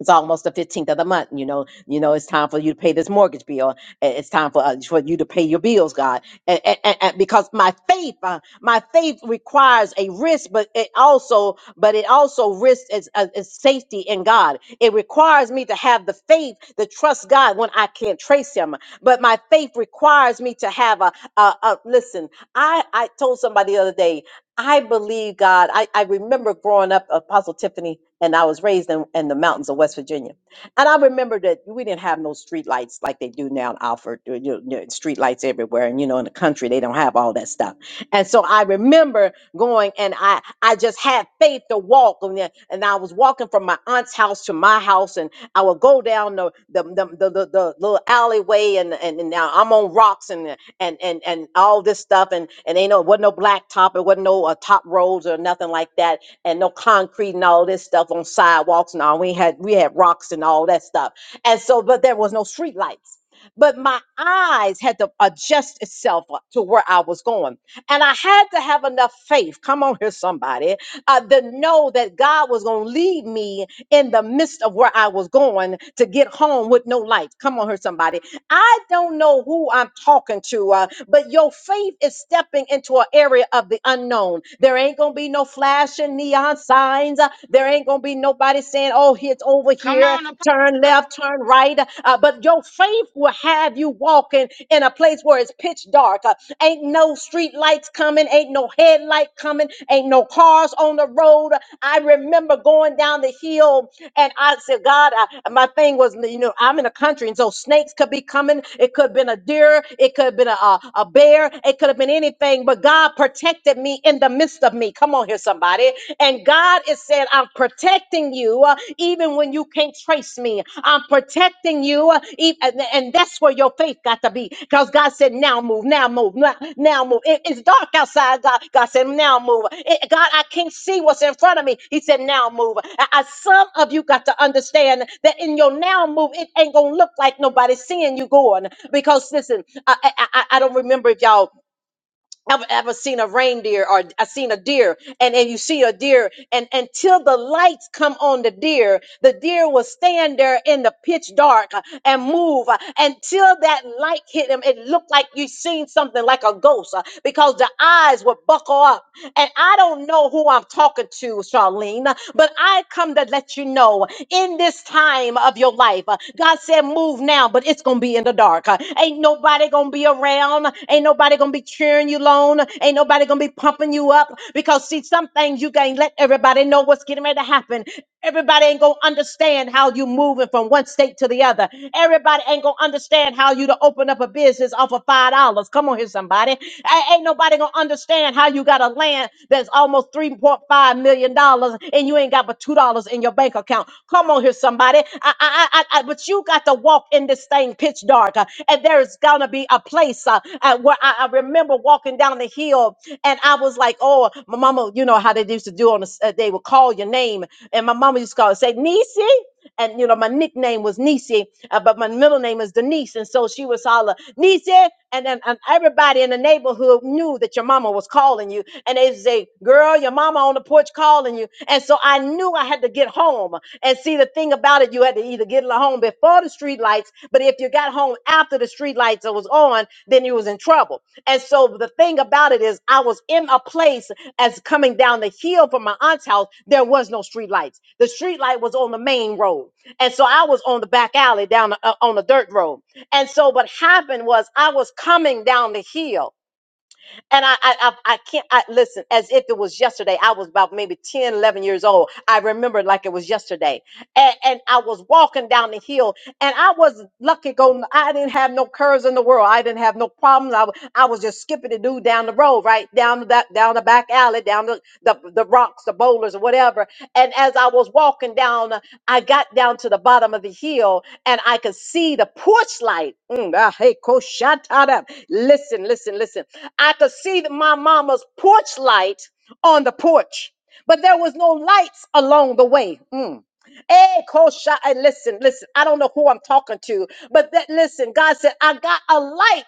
[SPEAKER 1] it's almost the 15th of the month you know you know it's time for you to pay this mortgage bill and it's time for uh, for you to pay your bills god and, and, and, and because my faith uh, my faith requires a risk but it also but it also risks its, uh, its safety in god it requires me to have the faith to trust god when i can't trace him but my faith requires me to have a, a, a listen i i told somebody the other day I believe God. I, I remember growing up, Apostle Tiffany, and I was raised in, in the mountains of West Virginia. And I remember that we didn't have no street lights like they do now in Alford, you know, street lights everywhere. And, you know, in the country, they don't have all that stuff. And so I remember going and I I just had faith to walk and, then- and I was walking from my aunt's house to my house and I would go down the the the, the, the, the little alleyway and, and and now I'm on rocks and and and and all this stuff and and ain't no wasn't no black top it wasn't no uh, top roads or nothing like that and no concrete and all this stuff on sidewalks and all we had we had rocks and all that stuff and so but there was no street lights but my eyes had to adjust itself up to where I was going and I had to have enough faith, come on here, somebody, uh, to know that God was going to lead me in the midst of where I was going to get home with no lights. Come on here, somebody. I don't know who I'm talking to, uh, but your faith is stepping into an area of the unknown. There ain't going to be no flashing neon signs. uh, there ain't going to be nobody saying, oh, it's over
[SPEAKER 2] Come
[SPEAKER 1] here,
[SPEAKER 2] on,
[SPEAKER 1] turn
[SPEAKER 2] Apostle.
[SPEAKER 1] left, turn right. Uh, but your faith will have you walking in a place where it's pitch dark. Uh, ain't no street lights coming, ain't no headlight coming, ain't no cars on the road. I remember going down the hill and I said, God, I, my thing was, you know, I'm in a country, and so snakes could be coming. It could have been a deer. It could have been a, a, a bear. It could have been anything, but God protected me in the midst of me. Come on here, somebody. And God is saying, I'm protecting you uh, even when you can't trace me. I'm protecting correcting you. uh, e- And and that's where your faith got to be. Because God said, now move, now move, now, now move. It- it's dark outside, God. God said, now move. It- God, I can't see what's in front of me. He said, now move. I, I- some of you got to understand that in your now move, it ain't going to look like nobody seeing you going. Because listen, I, I, I I don't remember if y'all I've ever seen a reindeer or I seen a deer and, and you see a deer and until the lights come on the deer, the deer will stand there in the pitch dark uh, and move uh, until that light hit him. It looked like you seen something like a ghost uh, because the eyes would buckle up. And I don't know who I'm talking to, Charlene, but I come to let you know in this this time of your life. Uh, God said, move now, but it's going to be in the dark. Uh, Ain't nobody going to be around. Ain't nobody going to be cheering you on. Ain't nobody going to be pumping you up because, see, some things you can't let everybody know what's getting ready to happen. Everybody ain't gonna understand how you moving from one state to the other. Everybody ain't gonna understand how you to open up a business off of five dollars. Come on here, somebody. A- ain't nobody gonna understand how you got a land that's almost $3.5 million dollars and you ain't got but two dollars in your bank account. Come on here, somebody. I, I, I, I, but you got to walk in this thing pitch dark, uh, and there is gonna be a place uh, uh, where I, I remember walking down the hill, and I was like, "Oh, my mama, you know how they used to do on the, s- uh, they would call your name, and my mama used to call and say, Niecy." And you know, my nickname was Nisi, uh, but my middle name is Denise. And so she was holler, Nisi, and then and everybody in the neighborhood knew that your mama was calling you. And they say, Girl, your mama on the porch calling you. And so I knew I had to get home. And see the thing about it, you had to either get home before all the street lights, but if you got home after the street lights was on, then you was in trouble. And so the thing about it is I was in a place as coming down the hill from my aunt's house, there was no street lights. The street light was on the main road. And so I was on the back alley down the, uh, on the dirt road. And so what happened was I was coming down the hill and I, I, I, I can't, I listen, as if it was yesterday, I was about maybe 10, 11 years old. I remember it like it was yesterday and, and I was walking down the hill and I was lucky Go, I didn't have no curves in the world. I didn't have no problems. I, wa- I was just skipping the dude down the road, right? Down that down the back alley, down the, the, the rocks, the boulders, or whatever. And as I was walking down, uh, I got down to the bottom of the hill and I could see the porch light. Mm, ah, hey, coach, shut up. Listen, listen, listen. I could see the- my mama's porch light on the porch, but there was no lights along the way. Mm. Hey, Kosha, and listen, listen, I don't know who I'm talking to, but that listen, God said, I got a light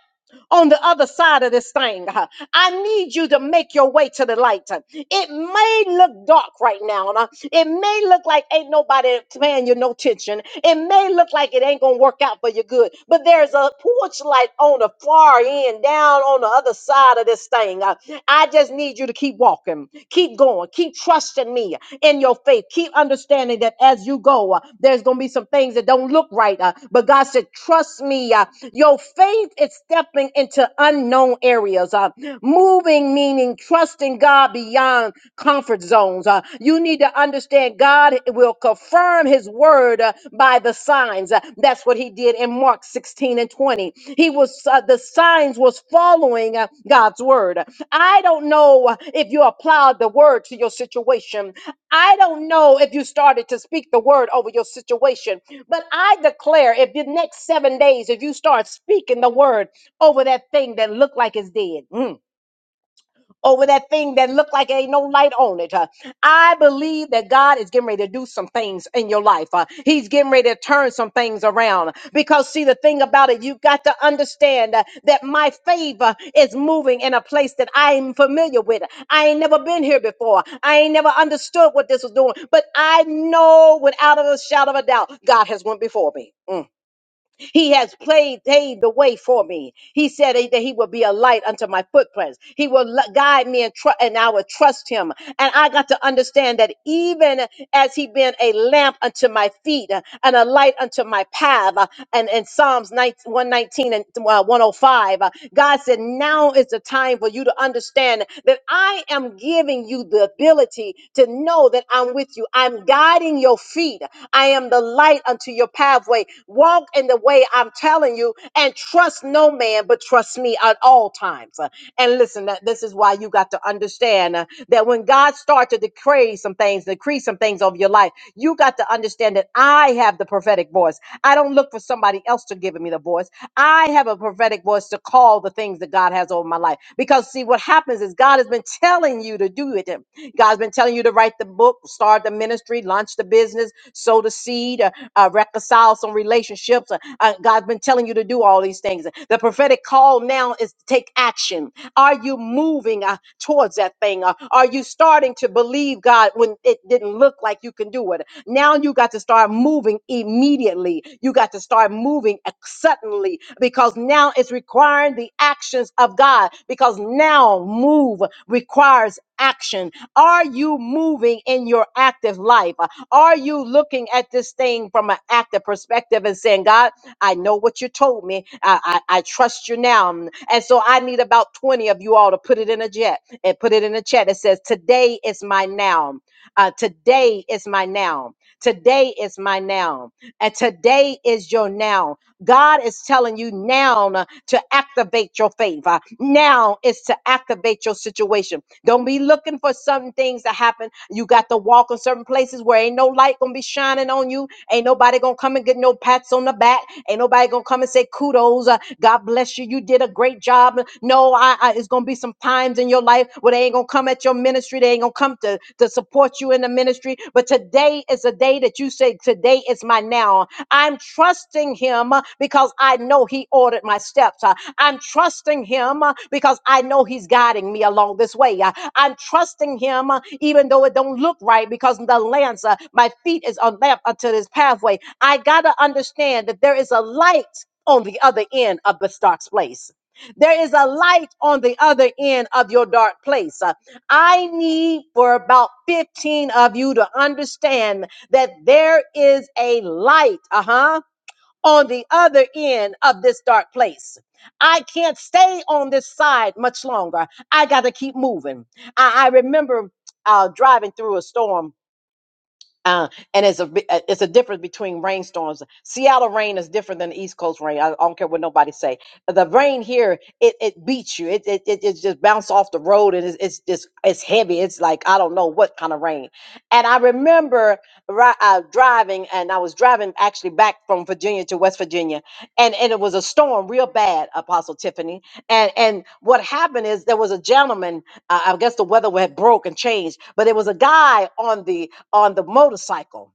[SPEAKER 1] on the other side of this thing. huh. I need you to make your way to the light. Uh, It may look dark right now. uh, It may look like ain't nobody paying you no attention. It may look like it ain't gonna work out for your good. But there's a porch light on the far end, down on the other side of this thing. Uh, I just need you to keep walking, keep going, keep trusting me in your faith. Keep understanding that as you go, uh, there's going to be some things that don't look right. uh, but God said, trust me. uh, your faith is stepping into unknown areas. uh, moving meaning trusting God beyond comfort zones. Uh, you need to understand God will confirm his word uh, by the signs. Uh, that's what he did in Mark 16 and 20. He was uh, the signs was following uh, God's word. I don't know if you applied the word to your situation. I don't know if you started to speak the word over your situation. But I declare if the next 7 days if you start speaking the word over that thing that looked like it's dead. mm, over that thing that looked like ain't no light on it. uh. I believe that God is getting ready to do some things in your life. uh. He's getting ready to turn some things around. Because, see, the thing about it, you got to understand uh, that my favor is moving in a place that I am familiar with. I ain't never been here before. I ain't never understood what this was doing. But I know without a shadow of a doubt, God has went before me. Mm. He has played, paved the way for me. He said that he will be a light unto my footprints. He will lu- guide me and, tru- and I will trust him. And I got to understand that even as he been a lamp unto my feet uh, and a light unto my path, uh, and in Psalms 19 119 and uh, 105, uh, God said, now is the time for you to understand that I am giving you the ability to know that I'm with you. I'm guiding your feet. I am the light unto your pathway. Walk in the way I'm telling you and trust no man, but trust me at all times. Uh, And listen, that- this is why you got to understand uh, that when God starts to decree some things, decree some things over your life, you got to understand that I have the prophetic voice. I don't look for somebody else to give me the voice. I have a prophetic voice to call the things that God has over my life. Because see, what happens is God has been telling you to do it. God's been telling you to write the book, start the ministry, launched a business, sowed a seed, uh, uh, reconciled some relationships. Uh, uh, God's been telling you to do all these things. The prophetic call now is to take action. Are you moving uh, towards that thing? Uh, are you starting to believe God when it didn't look like you can do it? Now you got to start moving immediately. You got to start moving suddenly because now it's requiring the actions of God because now move requires action. Are you moving in your active life? Are you looking at this thing from an active perspective and saying, God, I know what you told me. I, I, I trust you now. And so I need about 20 of you all to put it in a jet and put it in a chat. It says, Today is my now. Uh, today is my now. Today is my now. And today is your now. God is telling you now uh, to activate your faith. Uh, Now is to activate your situation. Don't be looking for certain things to happen. You got to walk in certain places where ain't no light gonna be shining on you. Ain't nobody gonna come and get no pats on the back. Ain't nobody gonna come and say kudos. uh, God bless you. You did a great job. No, I, I it's gonna be some times in your life where they ain't gonna come at your ministry. They ain't gonna come to to support support you in the ministry. But today is a day that you say, Today is my now. I'm trusting him uh, because I know he ordered my steps. Uh, I'm trusting him uh, because I know he's guiding me along this way. Uh, I'm trusting him uh, even though it don't look right because the lamps, uh, my feet is a lamp unto this pathway. I got to understand that there is a light on the other end of the dark place. There is a light on the other end of your dark place. Uh, I need for about 15 of you to understand that there is a light, uh huh, on the other end of this dark place. I can't stay on this side much longer. I got to keep moving. I, I remember uh, driving through a storm uh, and it's a bi- uh, it's a difference between rainstorms. Seattle rain is different than the East Coast rain. I, I don't care what nobody say. The rain here it, it beats you. It, it it it just bounce off the road and it's it's just it's heavy. It's like I don't know what kind of rain. And I remember ri- uh, driving and I was driving actually back from Virginia to West Virginia and and it was a storm real bad. Apostle Tiffany and and what happened is there was a gentleman. Uh, I guess the weather had broke and changed, but there was a guy on the on the motorcycle.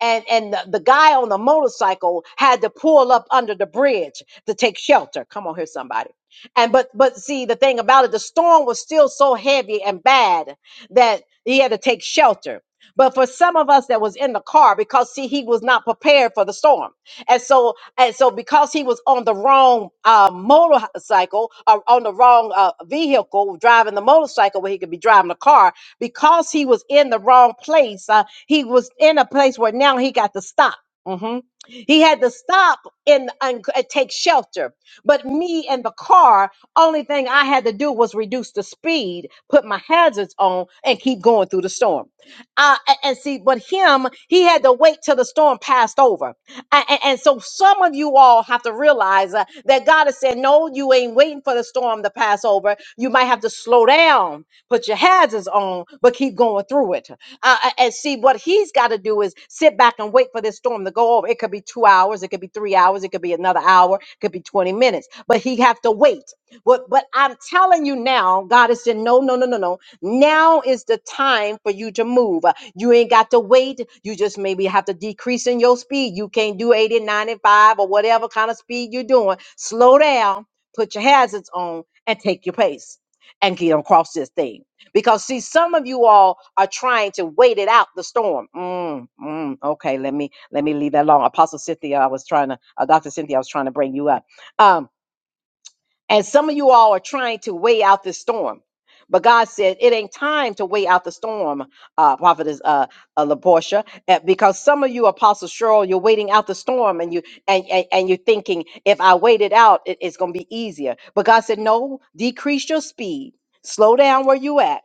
[SPEAKER 1] And, and the the guy on the motorcycle had to pull up under the bridge to take shelter. Come on here, somebody. And but but see the thing about it, the storm was still so heavy and bad that he had to take shelter. But for some of us that was in the car, because see, he was not prepared for the storm and so and so because he was on the wrong uh, motorcycle or on the wrong uh, vehicle driving the motorcycle where he could be driving a car because he was in the wrong place uh, he was in a place where now he got to stop Mhm. He had to stop and, and c- take shelter. But me and the car, only thing I had to do was reduce the speed, put my hazards on, and keep going through the storm. Uh, a- and see, but him, he had to wait till the storm passed over. And, and- and so some of you all have to realize uh, that God has said, no, you ain't waiting for the storm to pass over. You might have to slow down, put your hazards on, but keep going through it. Uh, uh, and see, what he's got to do is sit back and wait for this storm to go over. It could be two hours. It could be three hours. It could be another hour. It could be 20 minutes, but he have to wait. But, but I'm telling you now, God is saying, no, no, no, no, no. Now is the time for you to move. You ain't got to wait. You just maybe have to decrease in your speed. You can't do 80, 95, or whatever kind of speed you're doing. Slow down, put your hazards on, and take your pace and get across this thing. Because see, some of you all are trying to wait it out the storm. Mm, mm, okay, let me let me leave that alone. Apostle Cynthia, I was trying to, uh, Dr. Cynthia, I was trying to bring you up. Um. And some of you all are trying to weigh out this storm. But God said it ain't time to weigh out the storm, uh, prophetess uh, uh, Laportia, uh, because some of you, Apostle Cheryl, you're waiting out the storm, and you and, and, and you're thinking, if I wait it out, it- it's going to be easier. But God said, no, decrease your speed, slow down where you at,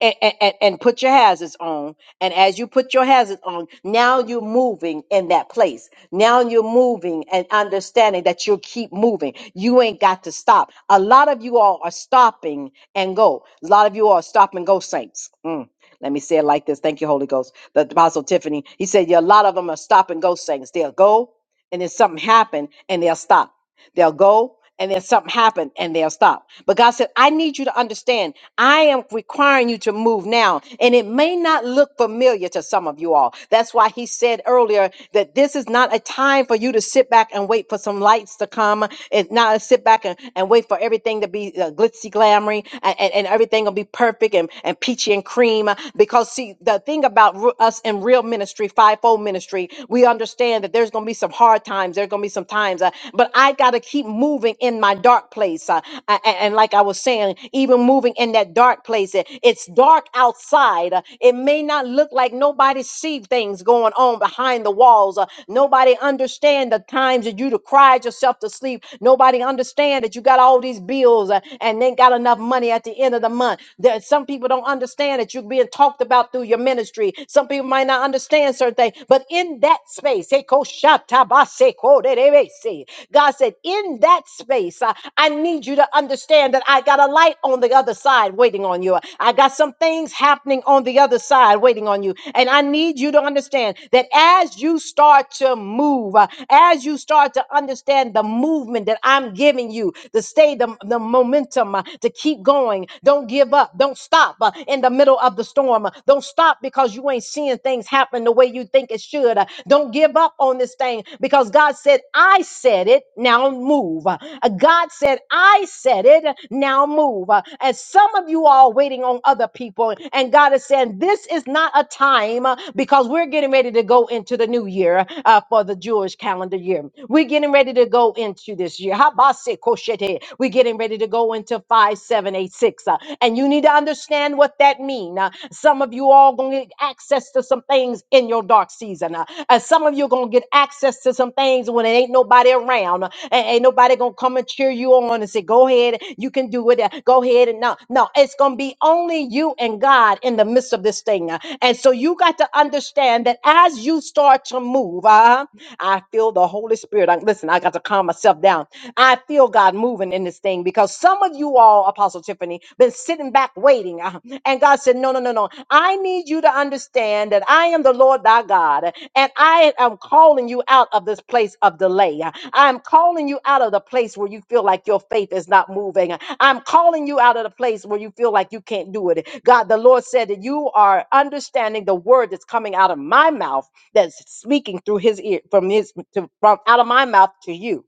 [SPEAKER 1] and, and, and put your hazards on. And as you put your hazards on, now you're moving in that place. Now you're moving and understanding that you'll keep moving. You ain't got to stop. A lot of you all are stopping and go. A lot of you all are stop and go saints. Mm. Let me say it like this. Thank you, Holy Ghost. The Apostle Tiffany, he said, yeah, a lot of them are stop and go saints. They'll go and then something happen and they'll stop. They'll go and then something happened, and they'll stop. But God said, I need you to understand, I am requiring you to move now. And it may not look familiar to some of you all. That's why he said earlier that this is not a time for you to sit back and wait for some lights to come. It's not a sit back and, and wait for everything to be uh, glitzy, glamoury, and, and, and everything will be perfect and, and peachy and cream. Because, see, the thing about ru- us in real ministry, fivefold ministry, we understand that there's going to be some some hard times. There are going to be some times, uh, but I got to keep moving in my dark place. Uh, a- a- and, like I was saying, even moving in that dark place, it- it's dark outside. Uh, it may not look like nobody see things going on behind the walls. Uh, nobody understand the times that you to cried yourself to sleep. Nobody understand that you got all these bills uh, and then got enough money at the end of the month. There, some people don't understand that you're being talked about through your ministry. Some people might not understand certain thing. But in that space, eh, ko shata ba se ko de de be se. God said, in that space, uh, I need you to understand that I got a light on the other side waiting on you. I got some things happening on the other side waiting on you. And I need you to understand that as you start to move, uh, as you start to understand the movement that I'm giving you, to stay the, the momentum, uh, to keep going, don't give up, don't stop uh, in the middle of the storm storm. Don't stop because you ain't seeing things happen the way you think it should. Don't give up on this thing because God said, I said it, now move. Uh, God said, I said it, now move. Uh, And some of you are waiting on other people, and God is saying, This is not a time uh, because we're getting ready to go into the new year uh, for the Jewish calendar year. We're getting ready to go into this year. Habase koshete. We're getting ready to go into 5786 and you need to understand what that means. some of you all gonna get access to some things in your dark season, uh, and some of you gonna get access to some things when it ain't nobody around, uh, and ain't nobody gonna come and cheer you on and say, "Go ahead, you can do it. uh, Go ahead." And no, no, it's gonna be only you and God in the midst of this thing, uh, and so you got to understand that as you start to move, uh, I feel the Holy Spirit. I, listen, I got to calm myself down. I feel God moving in this thing thing because some of you all, Apostle Tiffany, been sitting back waiting. Uh, And God said, No, no, no, no. I need you to understand that I am the Lord thy God, and I am calling you out of this place of delay. I'm calling you out of the place where you feel like your faith is not moving. I'm calling you out of the place where you feel like you can't do it. God, the Lord said that you are understanding the word that's coming out of my mouth that's speaking through his ear from his to, from out of my mouth to you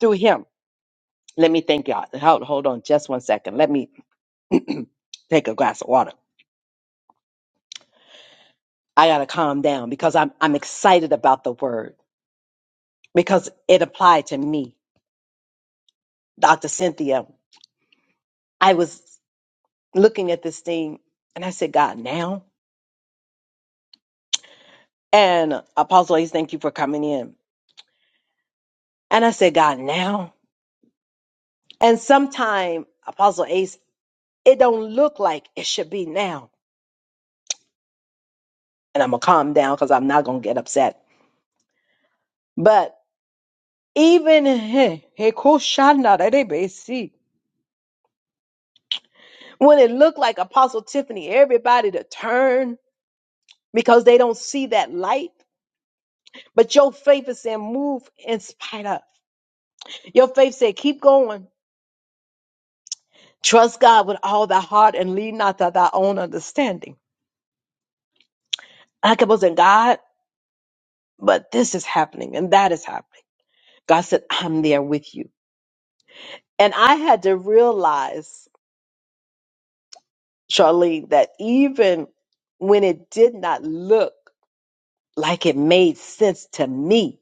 [SPEAKER 1] through him. Let me thank y'all. Hold, hold on just one second. Let me take a glass of water. I gotta calm down because I'm I'm excited about the word because it applied to me. Dr. Cynthia, I was looking at this thing and I said, God, now? And Apostle Ace, thank you for coming in. And I said, God, now? And sometime, Apostle Ace, it don't look like it should be now. And I'm gonna calm down because I'm not gonna get upset. But even When it looked like Apostle Tiffany, everybody to turn because they don't see that light. But your faith is saying, move in spite of. Your faith said, keep going. Trust God with all thy heart and lean not to thy own understanding. I kept on saying, God, but this is happening and that is happening. God said, I'm there with you. And I had to realize, Charlene, that even when it did not look like it made sense to me,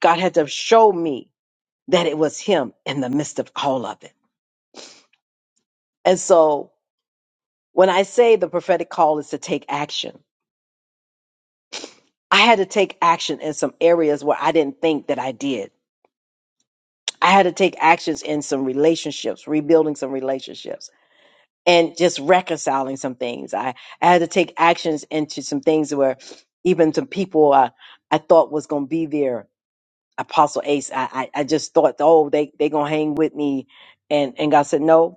[SPEAKER 1] God had to show me that it was him in the midst of all of it. And so when I say the prophetic call is to take action, I had to take action in some areas where I didn't think that I did. I had to take actions in some relationships, rebuilding some relationships and just reconciling some things. I, I had to take actions into some things where even some people I, I thought was going to be there. Apostle Ace, I, I, I just thought, oh, they, they going to hang with me. And, and God said, no,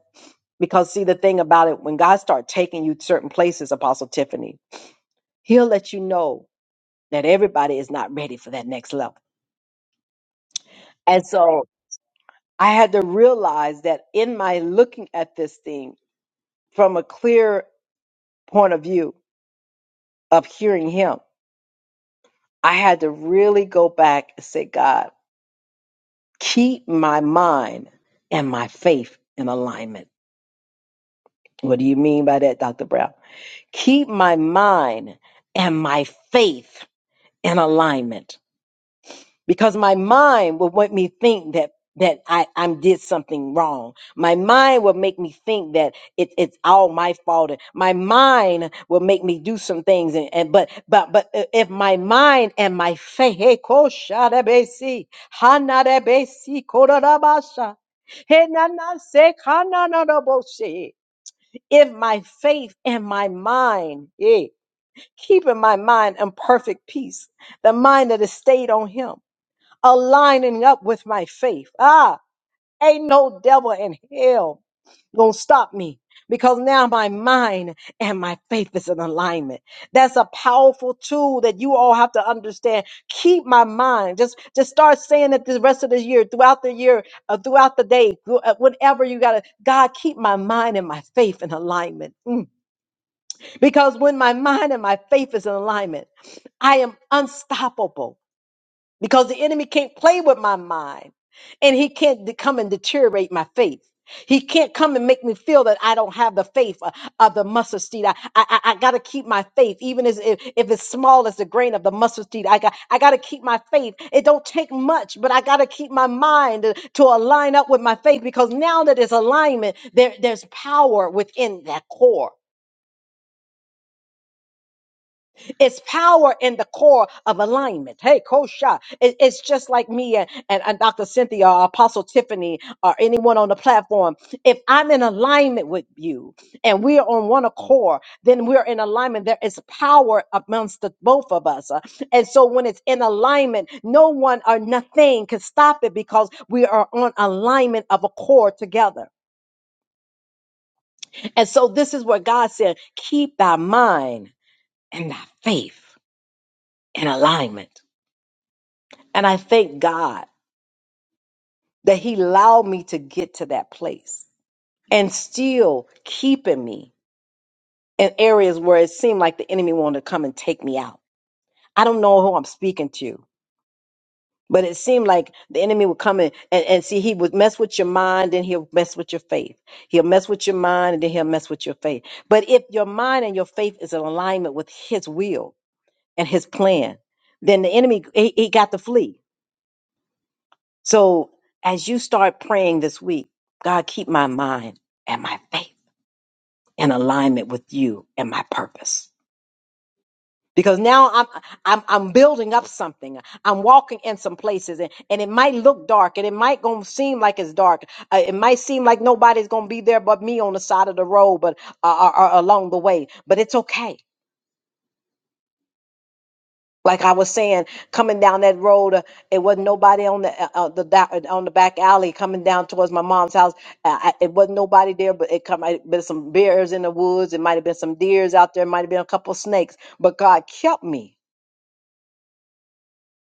[SPEAKER 1] Because see, the thing about it, when God starts taking you certain places, Apostle Tiffany, He'll let you know that everybody is not ready for that next level. And so I had to realize that in my looking at this thing from a clear point of view of hearing Him, I had to really go back and say, God, keep my mind and my faith in alignment. What do you mean by that, Dr. Brown? Keep my mind and my faith in alignment because my mind will make me think that that I, I did something wrong. My mind will make me think that it, it's all my fault. My mind will make me do some things. And, and but but but i- if my mind and my faith, hey, ko shada besi, kororabasha, henana se if my faith and my mind, yeah, keeping my mind in perfect peace, the mind that is stayed on him aligning up with my faith. Ah, ain't no devil in hell gonna stop me because now my mind and my faith is in alignment. That's a powerful tool that you all have to understand. Keep my mind. Just just start saying it the rest of the year, throughout the year, uh, throughout the day, thro- uh, whatever you gotta. God, keep my mind and my faith in alignment. Mm. Because when my mind and my faith is in alignment, I am unstoppable because the enemy can't play with my mind and he can't de- come and deteriorate my faith. He can't come and make me feel that I don't have the faith of, of the mustard seed. I, I, I got to keep my faith, even as if, if it's small as the grain of the mustard seed. I got I got to keep my faith. It don't take much, but I got to keep my mind to, to align up with my faith because now that it's alignment, there there's power within that core. It's power in the core of alignment. Hey, Kosha, it, it's just like me and, and, and Dr. Cynthia or Apostle Tiffany or anyone on the platform. If I'm in alignment with you and we are on one accord, then we're in alignment. There is power amongst the both of us. Uh, And so when it's in alignment, no one or nothing can stop it because we are on alignment of accord together. And so this is what God said keep thy mind and thy faith in alignment. And I thank God that He allowed me to get to that place and still keeping me in areas where it seemed like the enemy wanted to come and take me out. I don't know who I'm speaking to, but it seemed like the enemy would come in and, and see, he would mess with your mind, then he'll mess with your faith. He'll mess with your mind, and then he'll mess with your faith. But if your mind and your faith is in alignment with his will and his plan, then the enemy, he, he got to flee So as you start praying this week, God, keep my mind and my faith in alignment with you and my purpose. Because now I'm I'm I'm building up something. I'm walking in some places, and, and it might look dark, and it might gonna seem like it's dark. Uh, it might seem like nobody's gonna be there but me on the side of the road, but uh, or, or along the way. But it's okay like I was saying, coming down that road, uh, it wasn't nobody on the uh, uh, the da- uh, on the back alley coming down towards my mom's house. Uh, I, it wasn't nobody there, but it come, might have been some bears in the woods. It might have been some deers out there. It Might have been a couple of snakes. But God kept me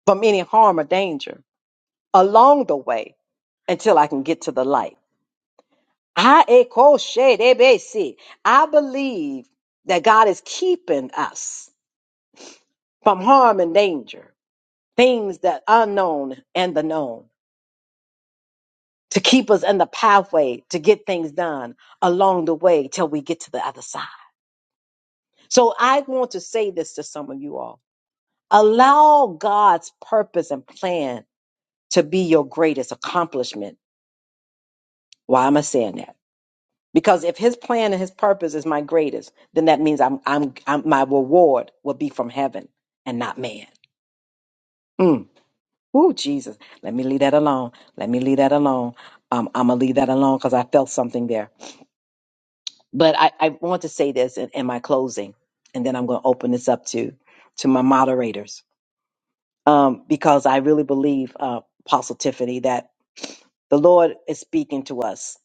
[SPEAKER 1] from any harm or danger along the way until I can get to the light. I echo shade, eh, bae, see. I believe that God is keeping us from harm and danger, things that unknown and the known. to keep us in the pathway to get things done along the way till we get to the other side. So I want to say this to some of you all. Allow God's purpose and plan to be your greatest accomplishment. Why am I saying that? Because if his plan and his purpose is my greatest, then that means I'm, I'm, I'm my reward will be from heaven and not man. Mm. Ooh, Jesus. Let me leave that alone. Let me leave that alone. Um, I'm going to leave that alone because I felt something there. But I, I want to say this in, in my closing, and then I'm going to open this up to to my moderators um, because I really believe, uh, Apostle Tiffany, that the Lord is speaking to us,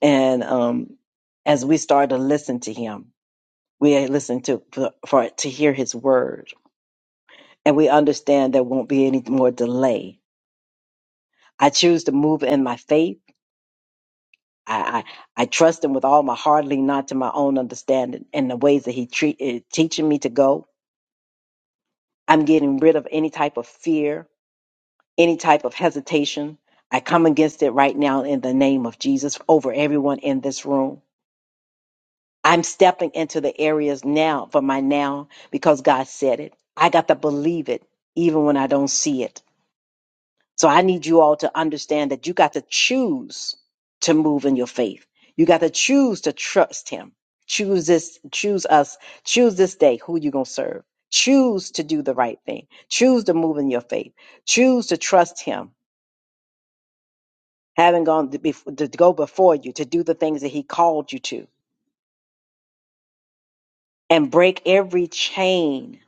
[SPEAKER 1] and um, as we start to listen to Him, we listen to for, for to hear His word, and we understand there won't be any more delay. I choose to move in my faith. I, I, I trust him with all my heart, lean not to my own understanding and the ways that he treat, is teaching me to go. I'm getting rid of any type of fear, any type of hesitation. I come against it right now in the name of Jesus over everyone in this room. I'm stepping into the areas now for my now because God said it. I got to believe it even when I don't see it. So I need you all to understand that you got to choose to move in your faith. You got to choose to trust him. Choose this, choose us, choose this day who you're going to serve. Choose to do the right thing. Choose to move in your faith. Choose to trust him, having gone to, bef- to go before you to do the things that he called you to and break every chain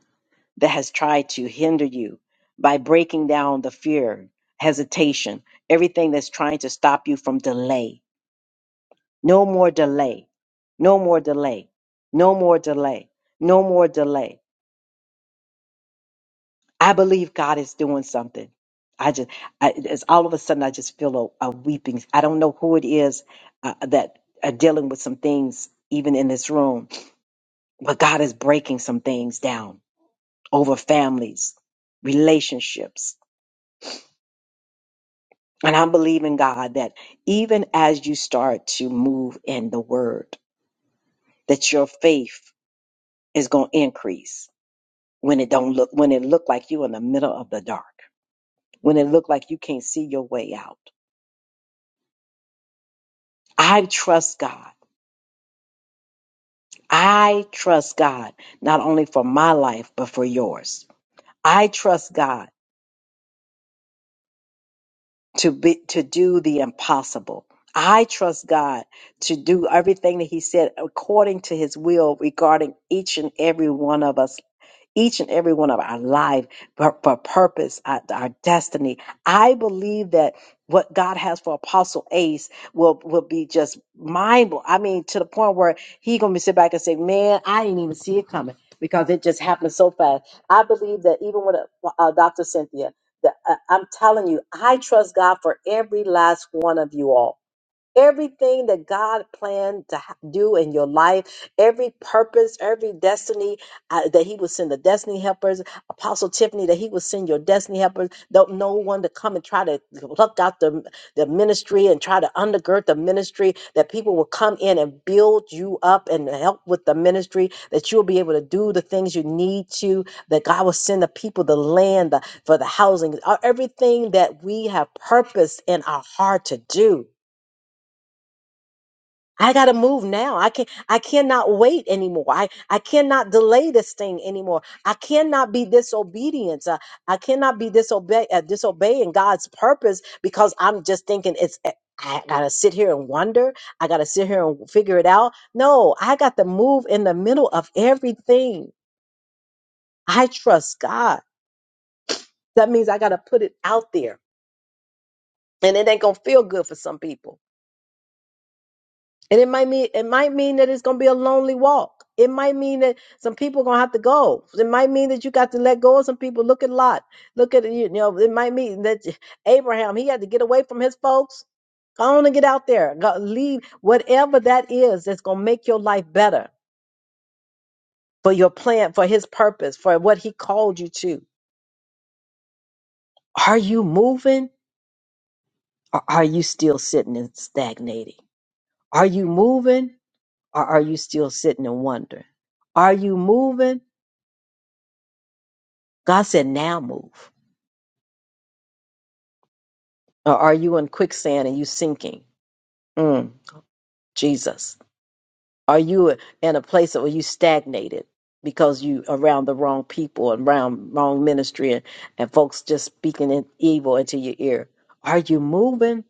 [SPEAKER 1] that has tried to hinder you by breaking down the fear, hesitation, everything that's trying to stop you from delay No more delay. No more delay. No more delay. No more delay. I believe God is doing something. I just, I, it's all of a sudden, I just feel a, a weeping. I don't know who it is uh, that are dealing with some things, even in this room, but God is breaking some things down over families, relationships. And I'm believing God that even as you start to move in the word, that your faith is going to increase when it don't look when it look like you in the middle of the dark when it look like you can't see your way out i trust god i trust god not only for my life but for yours i trust god to be to do the impossible. I trust God to do everything that He said according to His will regarding each and every one of us, each and every one of our life, for, for purpose, our, our destiny. I believe that what God has for Apostle Ace will will be just mind blowing. I mean, to the point where he gonna be sit back and say, "Man, I didn't even see it coming." Because it just happened so fast. I believe that even when uh, Dr. Cynthia the, I- I'm telling you, I trust God for every last one of you all. Everything that God planned to ha- do in your life, every purpose, every destiny uh, that He will send the destiny helpers, Apostle Tiffany, that He will send your destiny helpers. Don't no one to come and try to pluck out the, the ministry and try to undergird the ministry. That people will come in and build you up and help with the ministry. That you'll be able to do the things you need to. That God will send the people, the land, the, for the housing, uh, everything that we have purpose in our heart to do. I gotta move now. I can I cannot wait anymore. I, I cannot delay this thing anymore. I cannot be disobedient. Uh, I cannot be disobey uh, disobeying God's purpose because I'm just thinking it's eh, I gotta sit here and wonder. I gotta sit here and figure it out. No, I got to move in the middle of everything. I trust God. That means I gotta put it out there, and it ain't gonna feel good for some people And it might mean it might mean that it's gonna be a lonely walk. It might mean that some people are gonna have to go. It might mean that you got to let go of some people. Look at Lot. Look at you know. It might mean that Abraham he had to get away from his folks. Go on and get out there. Go, leave whatever that is that's gonna make your life better for your plan, for His purpose, for what He called you to. Are you moving, or are you still sitting and stagnating? Are you moving, or are you still sitting and wondering? Are you moving? God said, now move. Or are you in quicksand and you sinking? Mm, Jesus. Are you in a place where you stagnated because you around the wrong people and around wrong ministry and, and folks just speaking in evil into your ear? Are you moving?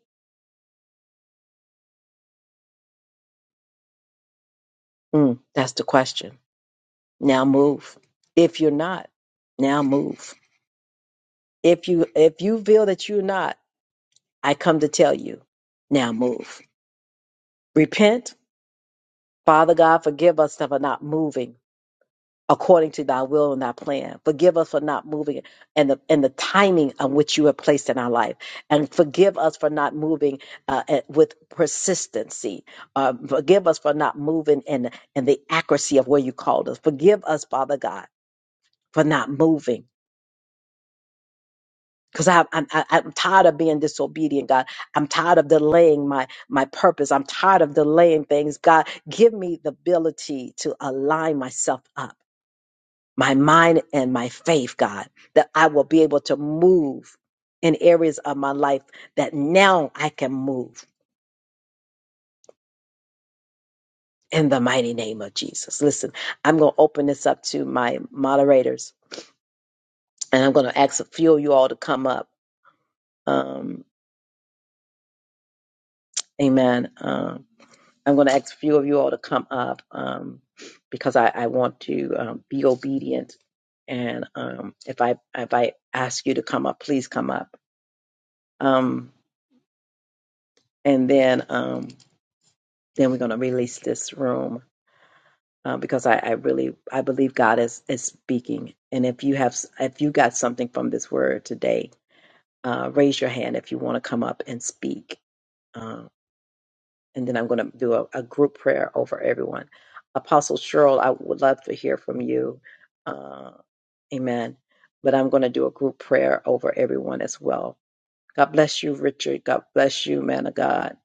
[SPEAKER 1] Mm, that's the question. Now move. If you're not, now move. If you if you feel that you're not, I come to tell you, now move. Repent. Father God, forgive us for not moving according to thy will and thy plan. Forgive us for not moving and the and the timing on which you have placed in our life. And forgive us for not moving uh, at- with persistency. Uh, forgive us for not moving in, in the accuracy of where you called us. Forgive us, Father God, for not moving. Because I'm, I'm I- I'm tired of being disobedient, God. I'm tired of delaying my my purpose. I'm tired of delaying things, God. Give me the ability to align myself up my mind and my faith, God, that I will be able to move in areas of my life that now I can move in the mighty name of Jesus. Listen, I'm going to open this up to my moderators and I'm going to ask a few of you all to come up. Um, amen. Um, I'm going to ask a few of you all to come up um, because I, I want to um, be obedient. And um, if I if I ask you to come up, please come up. Um, and then Um, then we're going to release this room uh, because I, I really I believe God is is speaking. And if you have if you got something from this word today, uh, raise your hand if you want to come up and speak. Uh, and then I'm going to do a, a group prayer over everyone. Apostle Cheryl, I would love to hear from you. Uh, amen. But I'm going to do a group prayer over everyone as well. God bless you, Richard. God bless you, man of God.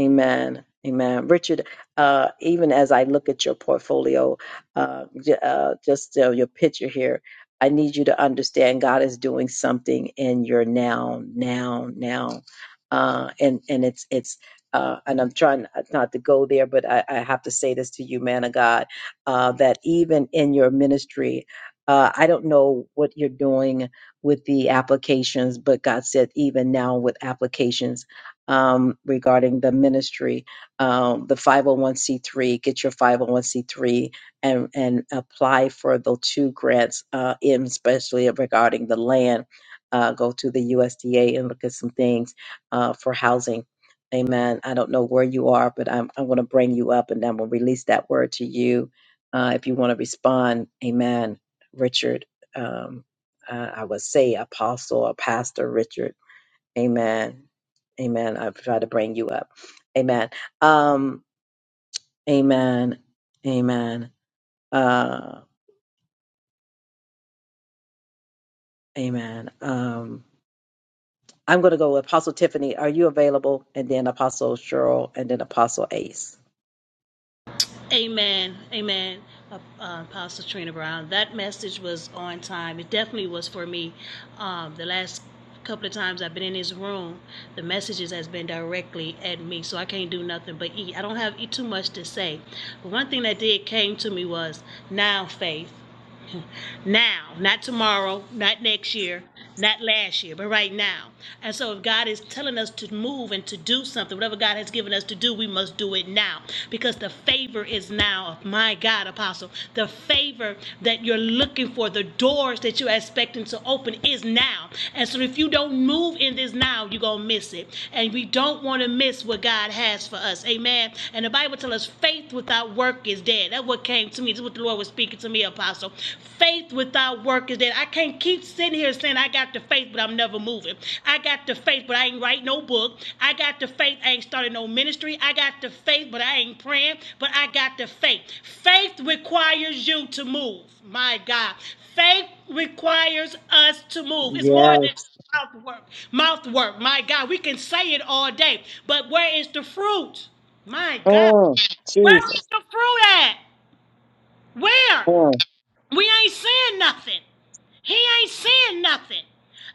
[SPEAKER 1] Amen. Amen. Richard, uh, even as I look at your portfolio, uh, j- uh, just uh, your picture here, I need you to understand God is doing something in your now, now, now. Uh, and, and it's, it's, uh, and I'm trying not to go there, but I, I have to say this to you, man of God, uh, that even in your ministry, uh, I don't know what you're doing with the applications, but God said, even now with applications um, regarding the ministry, um, the 501c3, get your 501c3 and, and apply for the two grants, uh, in especially regarding the land. Uh, go to the USDA and look at some things uh, for housing. Amen. I don't know where you are, but I'm, I'm going to bring you up and I'm going to release that word to you. Uh, if you want to respond, amen. Richard, um, uh, I would say apostle or pastor Richard. Amen. Amen. I've tried to bring you up. Amen. Um, amen. Amen. Uh, amen. Um, I'm going to go with Apostle Tiffany. Are you available? And then Apostle Cheryl and then Apostle Ace.
[SPEAKER 3] Amen. Amen. Uh, uh, Apostle Trina Brown. That message was on time. It definitely was for me. Um, the last couple of times I've been in his room, the messages has been directly at me, so I can't do nothing but eat. I don't have eat too much to say. But one thing that did came to me was now faith now, not tomorrow, not next year, not last year, but right now. And so, if God is telling us to move and to do something, whatever God has given us to do, we must do it now because the favor is now of my God, Apostle. The favor that you're looking for, the doors that you're expecting to open is now. And so, if you don't move in this now, you're going to miss it. And we don't want to miss what God has for us. Amen. And the Bible tells us faith without work is dead. That's what came to me. This is what the Lord was speaking to me, Apostle. Faith without work is dead. I can't keep sitting here saying I got the faith, but I'm never moving. I got the faith, but I ain't write no book. I got the faith, I ain't started no ministry. I got the faith, but I ain't praying. But I got the faith. Faith requires you to move. My God. Faith requires us to move. It's more
[SPEAKER 1] Yes.
[SPEAKER 3] than just mouth work. Mouth work. My God. We can say it all day. But where is the fruit? My God.
[SPEAKER 1] Mm,
[SPEAKER 3] Where is
[SPEAKER 1] Jesus.
[SPEAKER 3] the fruit at? Where? We ain't saying nothing. He ain't saying nothing.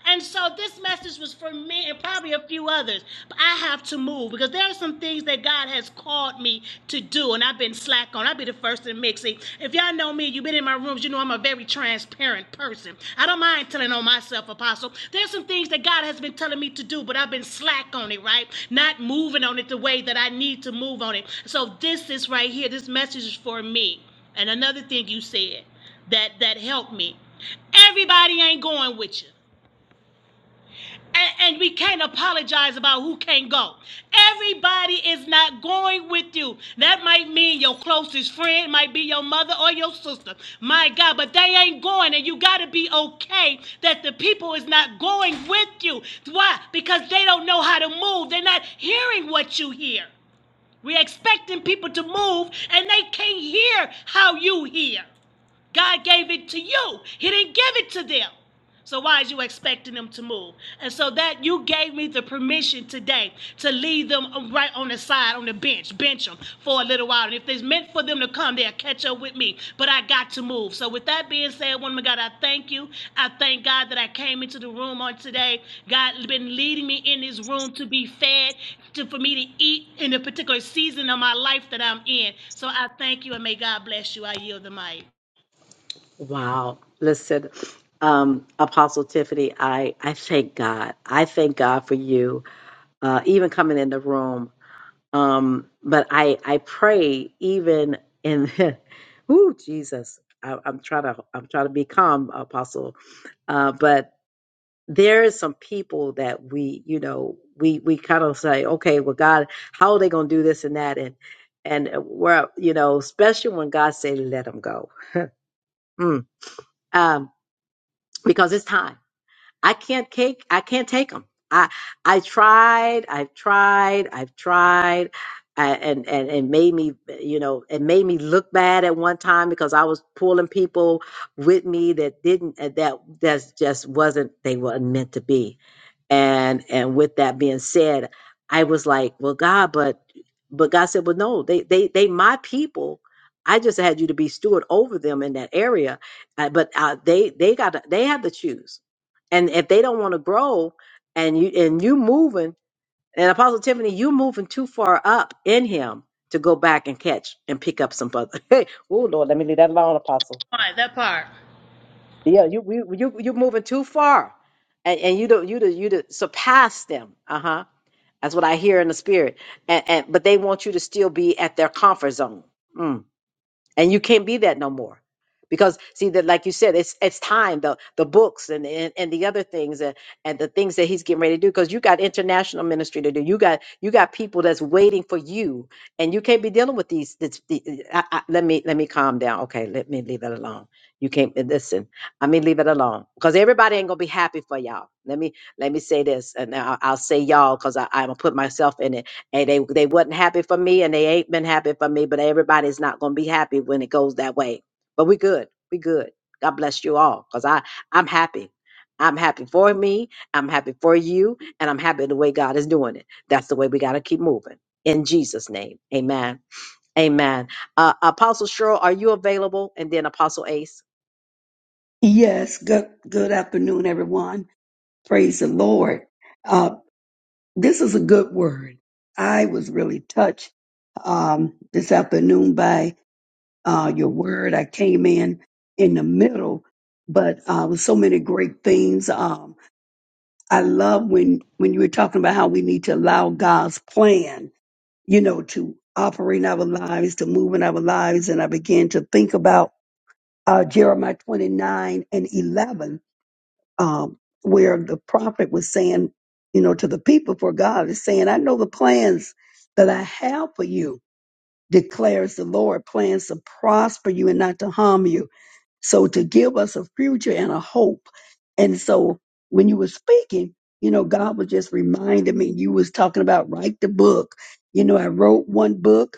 [SPEAKER 3] And so this message was for me and probably a few others. But I have to move because there are some things that God has called me to do, and I've been slack on. I'll be the first to mix it. If y'all know me, you've been in my rooms, you know I'm a very transparent person. I don't mind telling on myself, Apostle. There's some things that God has been telling me to do, but I've been slack on it, right? Not moving on it the way that I need to move on it. So this is right here. This message is for me. And another thing you said that that helped me. Everybody ain't going with you. And, and we can't apologize about who can't go. Everybody is not going with you. That might mean your closest friend, might be your mother or your sister. My God, but they ain't going, and you got to be okay that the people is not going with you. Why? Because they don't know how to move. They're not hearing what you hear. We're expecting people to move, and they can't hear how you hear. God gave it to you. He didn't give it to them. So why is you expecting them to move? And so that you gave me the permission today to leave them right on the side, on the bench, bench them for a little while. And if it's meant for them to come, they'll catch up with me. But I got to move. So with that being said, woman of God, I thank you. I thank God that I came into the room on today. God has been leading me in this room to be fed, to for me to eat in the particular season of my life that I'm in. So I thank you and may God bless you. I yield the mic.
[SPEAKER 1] Wow. Listen, um, Apostle Tiffany, I, I thank God. I thank God for you, uh, even coming in the room. Um, but I, I pray even in, ooh, Jesus, I, I'm trying to, I'm trying to be calm, apostle. Uh, but there is some people that we, you know, we, we kind of say, okay, well, God, how are they going to do this and that? And, and we're, you know, especially when God say, let them go. Mm. Um, because it's time I can't take I can't take them. I I tried, I've tried, I've tried, I, and and and made me you know it made me look bad at one time because I was pulling people with me that didn't uh, that that's just wasn't they weren't meant to be, and and with that being said, I was like, well, God, but but God said, well, no, they they they my people. I just had you to be steward over them in that area, uh, but uh, they they got to, they have to choose and if they don't want to grow and you and you moving and apostle tiffany you moving too far up in him to go back and catch and pick up some other hey oh lord let me leave that alone apostle
[SPEAKER 3] All right, that part.
[SPEAKER 1] yeah you you you, you moving too far and, and you don't you do you do surpass them uh-huh that's what i hear in the spirit and, and but they want you to still be at their comfort zone Mm and you can't be that no more because see that like you said it's it's time the the books and and, and the other things and, and the things that he's getting ready to do because you got international ministry to do you got you got people that's waiting for you and you can't be dealing with these this, the, I, I, let me let me calm down okay let me leave it alone you can't uh, listen i mean leave it alone because everybody ain't gonna be happy for y'all let me let me say this and I- i'll say y'all because i'm gonna put myself in it Hey, they they wasn't happy for me, and they ain't been happy for me. But everybody's not gonna be happy when it goes that way. But we good. We good. God bless you all, cause I I'm happy. I'm happy for me. I'm happy for you, and I'm happy the way God is doing it. That's the way we gotta keep moving. In Jesus' name, Amen. Amen. Uh, Apostle Cheryl, are you available? And then Apostle Ace.
[SPEAKER 4] Yes, good good afternoon, everyone. Praise the Lord. Uh, this is a good word. I was really touched um, this afternoon by uh, your word. I came in in the middle, but uh, with so many great things. Um, I love when when you were talking about how we need to allow God's plan, you know, to operate in our lives, to move in our lives, and I began to think about uh, Jeremiah twenty nine and eleven um, where the prophet was saying, you know, to the people for God is saying, I know the plans that I have for you, declares the Lord, plans to prosper you and not to harm you. So to give us a future and a hope. And so when you were speaking, you know, God was just reminding me, you was talking about write the book. You know, I wrote one book